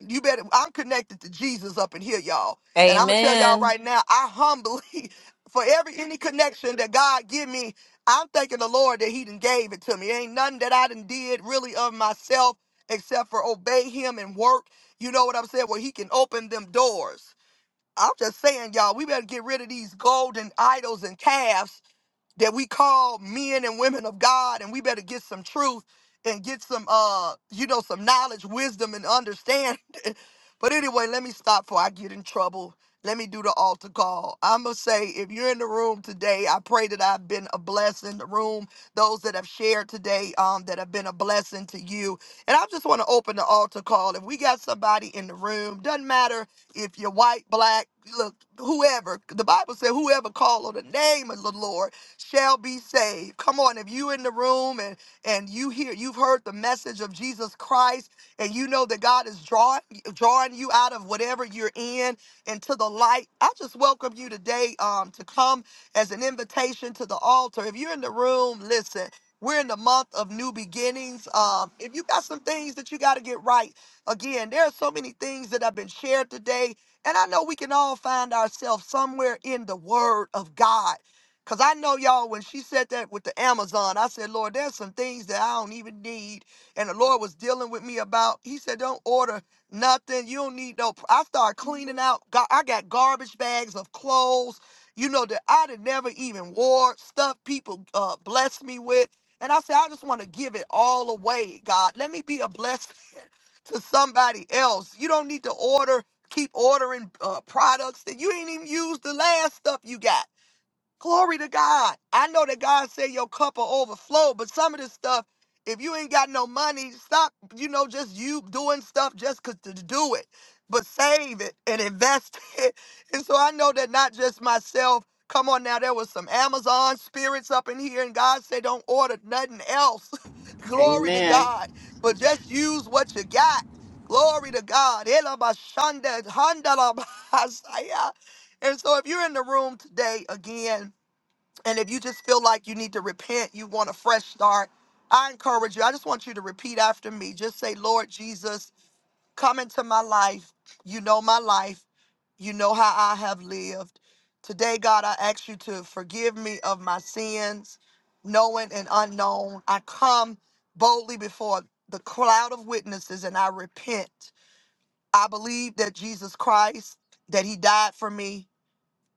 S1: You better, I'm connected to Jesus up in here, y'all. And I'm going to tell y'all
S4: Amen.
S1: right now, I humbly, for every any connection that God give me, I'm thanking the Lord that he done gave it to me. Ain't nothing that I done did really of myself except for obey him and work. You know what I'm saying? Where he can open them doors. I'm just saying, y'all, we better get rid of these golden idols and calves that we call men and women of God, and we better get some truth and get some, uh, you know, some knowledge, wisdom, and understanding. but anyway, let me stop before I get in trouble. Let me do the altar call. I'm gonna say, if you're in the room today, I pray that I've been a blessing. in The room, those that have shared today, um, that have been a blessing to you. And I just want to open the altar call. If we got somebody in the room, doesn't matter if you're white, black, look, whoever. The Bible said, whoever call on the name of the Lord shall be saved. Come on, if you in the room and and you hear you've heard the message of Jesus Christ and you know that God is drawing drawing you out of whatever you're in into the light, I just welcome you today um to come as an invitation to the altar. If you're in the room, listen. We're in the month of new beginnings. Um, if you got some things that you got to get right, again, there are so many things that have been shared today. And I know we can all find ourselves somewhere in the Word of God. Cause I know y'all, when she said that with the Amazon, I said, Lord, there's some things that I don't even need. And the Lord was dealing with me about, He said, Don't order nothing. You don't need no. I started cleaning out. Ga- I got garbage bags of clothes, you know, that I'd never even wore, stuff people uh, blessed me with. And I said, I just want to give it all away, God. Let me be a blessing to somebody else. You don't need to order, keep ordering uh, products that you ain't even used the last stuff you got. Glory to God. I know that God said your cup will overflow, but some of this stuff, if you ain't got no money, stop, you know, just you doing stuff just 'cause to do it, but save it and invest it. And so I know that not just myself, come on now, there was some Amazon spirits up in here, and God said, don't order nothing else. Glory to God, but just use what you got. Glory to God. Elabashanda, handalabasaya. And so if you're in the room today, again, and if you just feel like you need to repent, you want a fresh start, I encourage you. I just want you to repeat after me. Just say, Lord Jesus, come into my life. You know my life. You know how I have lived. Today, God, I ask you to forgive me of my sins, knowing and unknown. I come boldly before the cloud of witnesses and I repent. I believe that Jesus Christ, that he died for me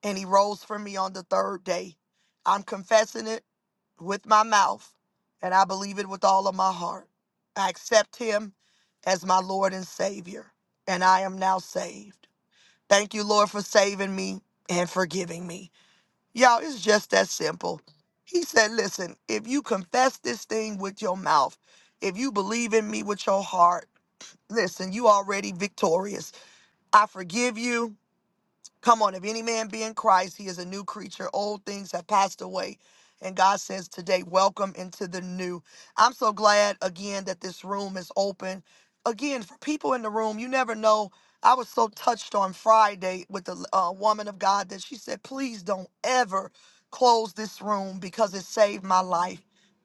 S1: and he rose for me on the third day. I'm confessing it with my mouth and I believe it with all of my heart. I accept him as my Lord and Savior, and I am now saved. Thank you, Lord, for saving me and forgiving me. Y'all, it's just that simple. He said, Listen, if you confess this thing with your mouth, if you believe in me with your heart, listen, you already victorious. I forgive you. Come on, if any man be in Christ, he is a new creature. Old things have passed away. And God says today, welcome into the new. I'm so glad again that this room is open. Again, for people in the room, you never know. I was so touched on Friday with the uh, woman of God that she said, please don't ever close this room because it saved my life.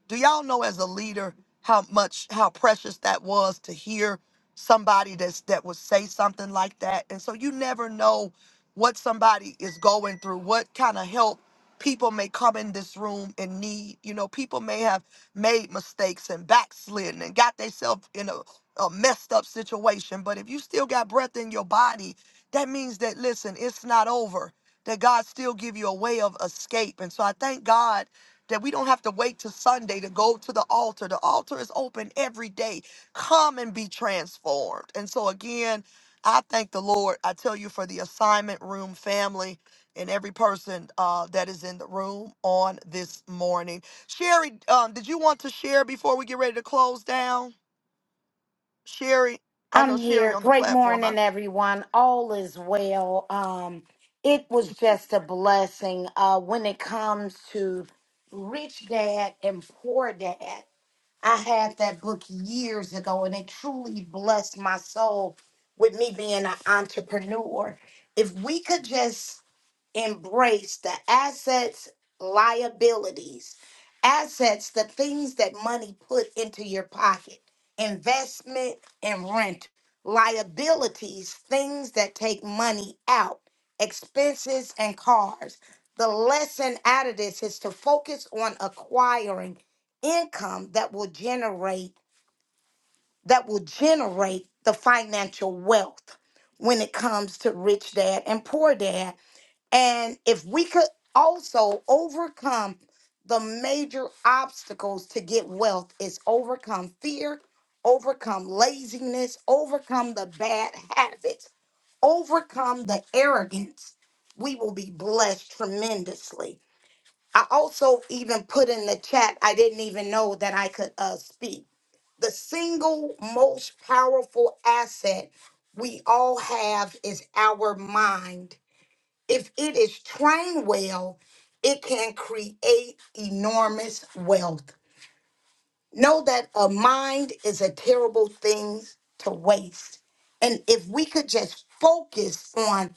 S1: Do y'all know as a leader how much, how precious that was to hear somebody that's, that would say something like that? And so you never know what somebody is going through, what kind of help people may come in this room and need. You know, people may have made mistakes and backslidden and got themselves in a, a messed up situation. But if you still got breath in your body, that means that listen, it's not over. That God still give you a way of escape. And so I thank God that we don't have to wait till Sunday to go to the altar. The altar is open every day. Come and be transformed. And so again, I thank the Lord. I tell you for the assignment room family and every person uh, that is in the room on this morning. Sherry, um, did you want to share before we get ready to close down? Sherry, I know
S15: I'm
S1: Sherry
S15: here.
S1: on the
S15: Great
S1: platform. I,
S15: morning, everyone. All is well. Um, it was just a blessing. Uh, when it comes to rich dad and poor dad, I had that book years ago, and it truly blessed my soul with me being an entrepreneur. If we could just embrace the assets, liabilities, assets, the things that money put into your pocket, investment and rent, liabilities, things that take money out, expenses and cars. The lesson out of this is to focus on acquiring income that will generate that will generate the financial wealth when it comes to rich dad and poor dad and if we could also overcome the major obstacles to get wealth is overcome fear, overcome laziness, overcome the bad habits, overcome the arrogance, we will be blessed tremendously. I also even put in the chat, I didn't even know that I could uh, speak. The single most powerful asset we all have is our mind if it is trained well, it can create enormous wealth. Know that a mind is a terrible thing to waste. And if we could just focus on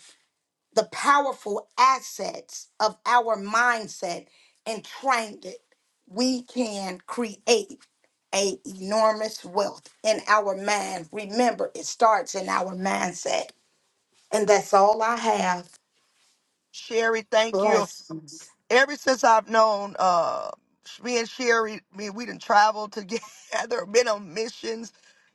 S15: the powerful assets of our mindset and train it, we can create a enormous wealth in our mind. Remember, it starts in our mindset. And that's all I have.
S1: Sherry, thank you.
S15: Blessings.
S1: ever since I've known uh me and Sherry, me we done traveled together, been on missions.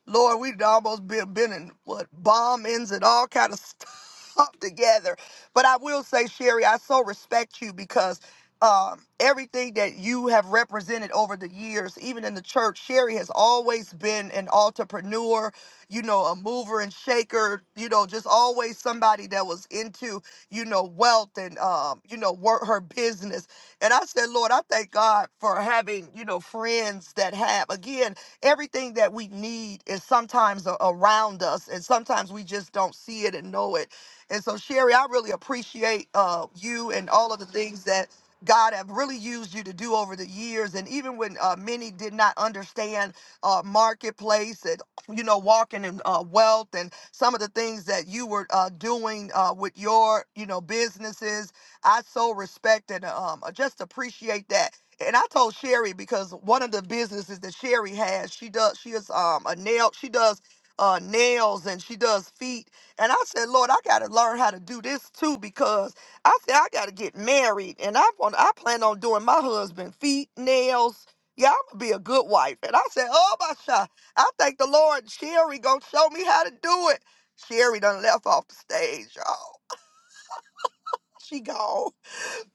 S1: Lord, we've almost been been in what bombings and all kind of stuff together. But I will say, Sherry, I so respect you because um, everything that you have represented over the years, even in the church, Sherry has always been an entrepreneur, you know, a mover and shaker, you know, just always somebody that was into you know, wealth and um, you know, work her business. And I said, Lord, I thank God for having, you know, friends that have again, everything that we need is sometimes a- around us and sometimes we just don't see it and know it. And so Sherry, I really appreciate uh you and all of the things that God have really used you to do over the years, and even when uh, many did not understand uh, marketplace and you know walking in uh, wealth and some of the things that you were uh, doing uh, with your, you know, businesses. I so respect and um, just appreciate that. And I told Sherry because one of the businesses that Sherry has, she does, she is um, a nail, she does uh, nails and she does feet. And I said, Lord, I got to learn how to do this too because I said I got to get married and I want, I plan on doing my husband feet, nails. Yeah, I'm gonna be a good wife. And I said, oh my God, I thank the Lord Sherry gonna show me how to do it. Sherry done left off the stage, y'all. She gone.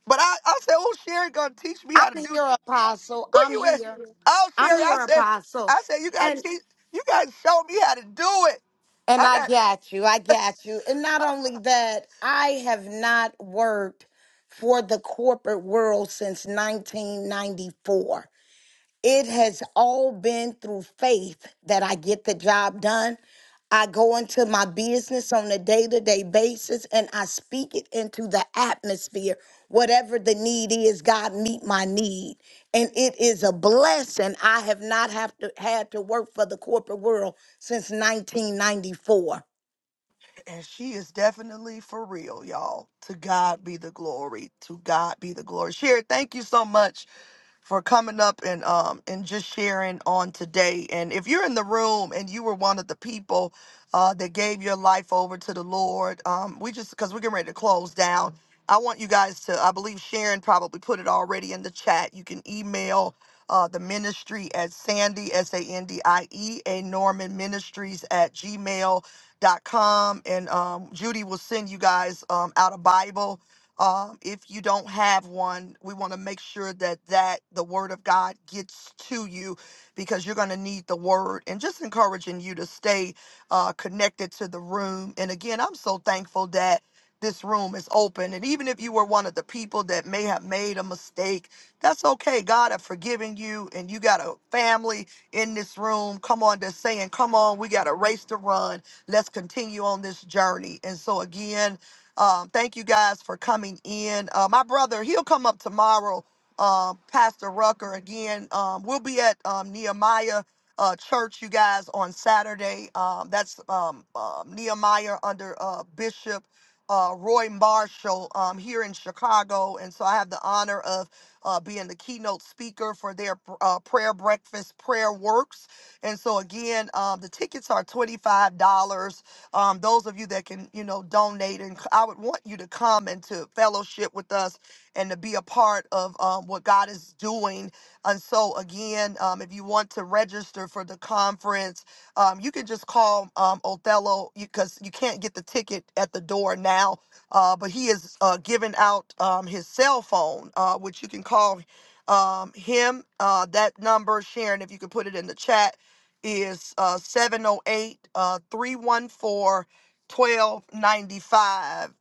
S1: But I, I said, oh, Sherry gonna teach me
S15: I'm
S1: how to do.
S15: here, Apostle.
S1: Where
S15: I'm
S1: you at?
S15: here.
S1: Oh,
S15: I'm
S1: Sherry, I
S15: here,
S1: said,
S15: Apostle.
S1: I said you gotta
S15: And
S1: teach, you gotta show me how to do it.
S15: and
S1: I
S15: I
S1: got.
S15: got you. I got you. And not only that, I have not worked for the corporate world since 1994. It has all been through faith that I get the job done. I go into my business on a day to day basis and I speak it into the atmosphere. Whatever the need is, God meet my need. And it is a blessing. I have not have to, had to work for the corporate world since 1994.
S1: And she is definitely for real, y'all. To God be the glory. To God be the glory. Sherry, thank you so much for coming up and um and just sharing on today. And if you're in the room and you were one of the people uh that gave your life over to the Lord, um, we just because we're getting ready to close down. I want you guys to, I believe Sharon probably put it already in the chat. You can email uh, the ministry at Sandy, S A N D I E, A Norman Ministries at gmail dot com, and um, Judy will send you guys um, out a Bible. Um, if you don't have one, we want to make sure that that the Word of God gets to you because you're going to need the Word. And just encouraging you to stay uh, connected to the room. And again, I'm so thankful that this room is open. And even if you were one of the people that may have made a mistake, that's okay. God have forgiven you, and you got a family in this room. Come on, just saying, come on, we got a race to run Let's continue on this journey. And so, again, um, thank you guys for coming in. Uh, my brother, he'll come up tomorrow, um, Pastor Rucker. Again, um, we'll be at um, Nehemiah uh, Church, you guys, on Saturday. Um, that's um, uh, Nehemiah under uh, Bishop uh, Roy Marshall um, here in Chicago. And so I have the honor of uh, being the keynote speaker for their uh, prayer breakfast, Prayer Works. And so again, um, the tickets are twenty five dollars. Um, those of you that can, you know, donate, and I would want you to come and to fellowship with us and to be a part of um, what God is doing. And so again, um, if you want to register for the conference, um, you can just call um, Othello because you can't get the ticket at the door now. Uh, but he is uh, giving out um, his cell phone, uh, which you can call um, him. Uh, that number, Sharon, if you could put it in the chat is uh, 708 uh,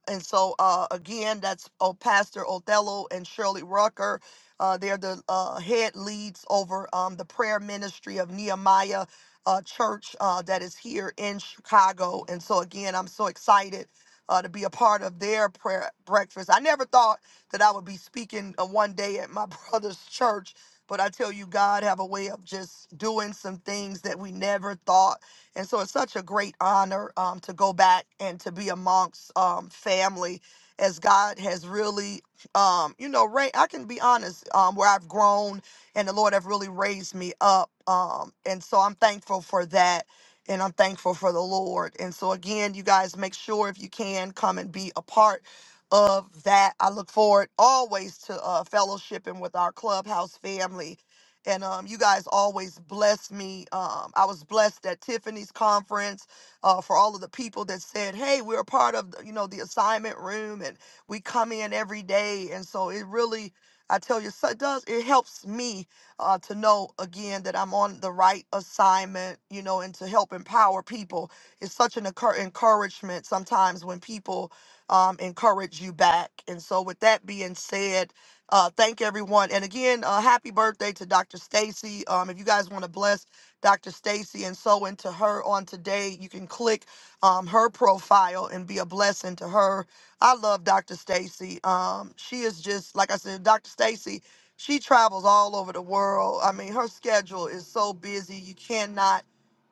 S1: And so, uh, again, that's oh, Pastor Othello and Shirley Rucker. Uh, they're the uh, head leads over um, the prayer ministry of Nehemiah uh, Church uh, that is here in Chicago. And so, again, I'm so excited uh, to be a part of their prayer breakfast. I never thought that I would be speaking uh, one day at my brother's church but I tell you, God have a way of just doing some things that we never thought. And so it's such a great honor um, to go back and to be amongst um, family as God has really, um, you know, Ray, I can be honest, um, where I've grown and the Lord have really raised me up. Um, and so I'm thankful for that. And I'm thankful for the Lord. And so, again, you guys make sure if you can come and be a part of that. I look forward always to uh, fellowshipping with our clubhouse family. And um, you guys always bless me. Um, I was blessed at Tiffany's conference uh, for all of the people that said, "Hey, we're a part of the, you know the assignment room, and we come in every day." And so it really, I tell you, so it does. It helps me uh, to know again that I'm on the right assignment, you know, and to help empower people. It's such an encour- encouragement sometimes when people um, encourage you back. And so, with that being said, uh, thank everyone. And again, uh, happy birthday to Dr. Stacy. Um, if you guys want to bless Dr. Stacy and so into her on today, you can click um, her profile and be a blessing to her. I love Dr. Stacy. Um, she is just like I said, Dr. Stacy. She travels all over the world. I mean, her schedule is so busy. You cannot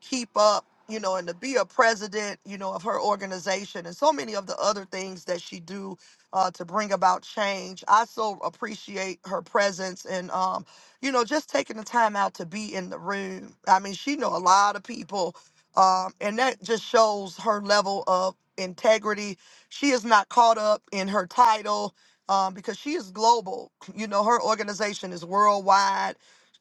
S1: keep up you know, and to be a president, you know, of her organization and so many of the other things that she do uh, to bring about change. I so appreciate her presence and, um, you know, just taking the time out to be in the room. I mean, she know a lot of people, um, and that just shows her level of integrity. She is not caught up in her title. Um, because she is global, you know, her organization is worldwide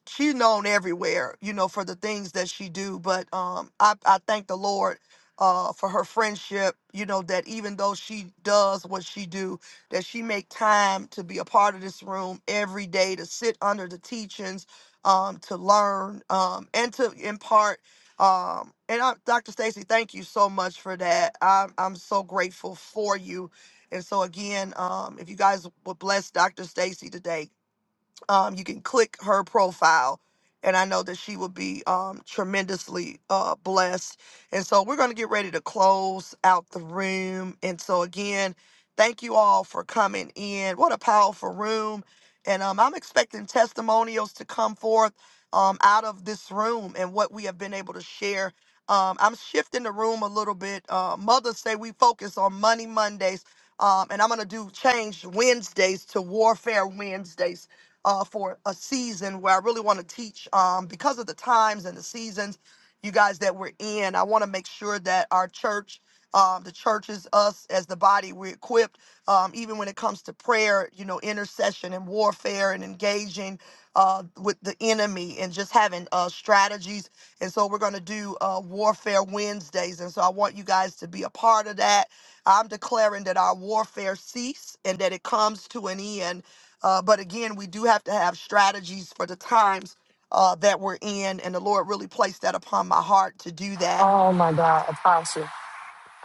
S1: she's known everywhere, you know, for the things that she do. But um, I, I thank the Lord uh, for her friendship, you know, that even though she does what she do, that she make time to be a part of this room every day, to sit under the teachings, um, to learn um, and to impart. Um, and I, Dr. Stacy, thank you so much for that. I'm, I'm so grateful for you. And so again, um, if you guys would bless Dr. Stacy today, um, you can click her profile and i know that she will be um, tremendously uh, blessed and so we're going to get ready to close out the room and so again thank you all for coming in what a powerful room and um, i'm expecting testimonials to come forth um, out of this room and what we have been able to share um, i'm shifting the room a little bit uh, mothers say we focus on money mondays um, and i'm going to do change wednesdays to warfare wednesdays uh, for a season where I really want to teach um, because of the times and the seasons, you guys that we're in. I want to make sure that our church, um, the churches, us as the body, we're equipped, um, even when it comes to prayer, you know, intercession and warfare and engaging uh, with the enemy and just having uh, strategies. And so we're going to do uh, Warfare Wednesdays. And so I want you guys to be a part of that. I'm declaring that our warfare cease and that it comes to an end uh, but again, we do have to have strategies for the times uh, that we're in, and the Lord really placed that upon my heart to do that.
S12: Oh my God, Apostle.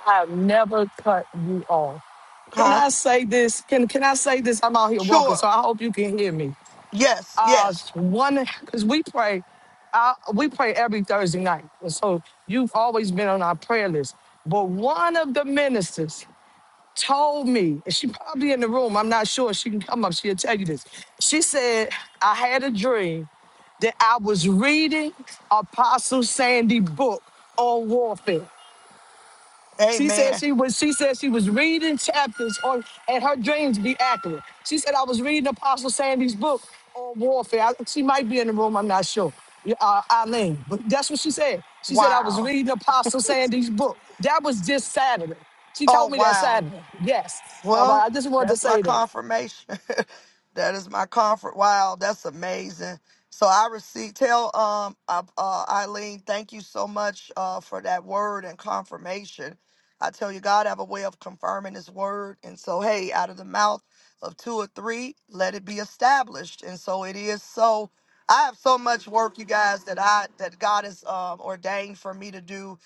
S12: I have never cut you off. Can
S1: Huh?
S12: I say this? Can can I say this? I'm out here walking, so
S1: Sure.
S12: I hope you can hear me.
S1: Yes.
S12: Uh
S1: Yes.
S12: one because we pray, uh, we pray every Thursday night. And so you've always been on our prayer list. But one of the ministers told me, and she probably in the room, I'm not sure she can come up, she'll tell you this. She said, I had a dream that I was reading Apostle Sandy book on warfare. She said
S1: Amen.
S12: she was she said she was reading chapters on and her dreams be accurate. She said I was reading Apostle Sandy's book on warfare. I- she might be in the room, I'm not sure. Yeah, Uh, Eileen, but that's what she said. She said I was
S1: Wow.
S12: reading Apostle Sandy's book. That was just Saturday. She
S1: Oh
S12: told me that
S1: wow.
S12: Saturday. Yes. All right.
S1: Well,
S12: I just wanted to
S1: that's my
S12: say that.
S1: confirmation. that is my comfort. Wow, that's amazing. So I received. Tell um uh, uh, Eileen, thank you so much uh, for that word and confirmation. I tell you, God have a way of confirming His word, and so hey, out of the mouth of two or three, let it be established, and so it is. So I have so much work, you guys, that I that God has um, ordained for me to do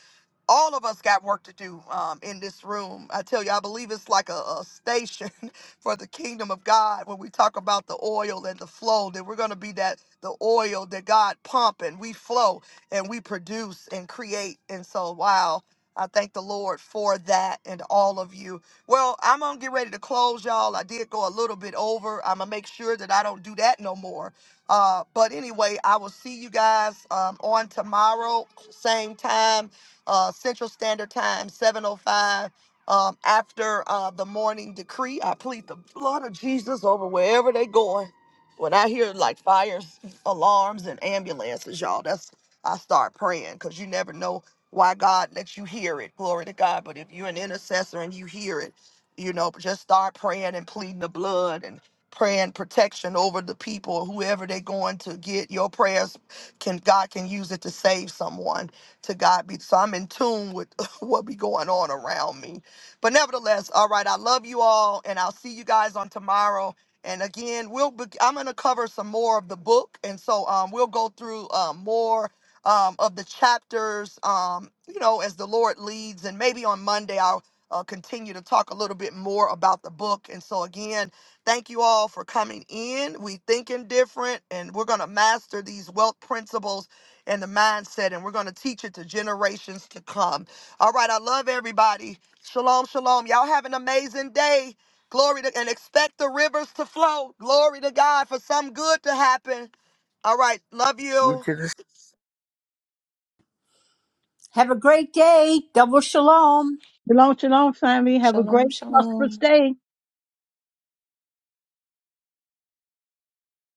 S1: all of us got work to do um, in this room. I tell you, I believe it's like a, a station for the kingdom of God when we talk about the oil and the flow, that we're going to be that the oil that God pump and we flow and we produce and create. And so, wow. I thank the Lord for that and all of you. Well, I'm gonna get ready to close, y'all. I did go a little bit over. I'm gonna make sure that I don't do that no more. Uh, but anyway, I will see you guys um, on tomorrow, same time uh, Central Standard Time, 7:05. Um, after uh, the morning decree, I plead the blood of Jesus over wherever they going. When I hear like fires, alarms, and ambulances, y'all, that's I start praying because you never know why God lets you hear it. Glory to God. But if you're an intercessor and you hear it, you know, just start praying and pleading the blood and praying protection over the people, whoever they're going to get. Your prayers can God can use it to save someone to God be so I'm in tune with what be going on around me. But nevertheless, all right, I love you all, and I'll see you guys on tomorrow. And again, we'll be, I'm gonna cover some more of the book, and so um, we'll go through um, more um, of the chapters, um, you know, as the Lord leads. And maybe on Monday I'll uh, continue to talk a little bit more about the book. And so again, thank you all for coming in. We thinking different, and we're gonna master these wealth principles and the mindset, and we're going to teach it to generations to come. All right, I love everybody. Shalom, shalom. Y'all have an amazing day. Glory to and expect the rivers to flow. Glory to God for some good to happen. All right, love
S16: You
S1: you.
S16: can
S2: Have a great day. Double shalom.
S14: Shalom, shalom, family. Have a great,
S4: Shalom, shalom.
S14: prosperous day.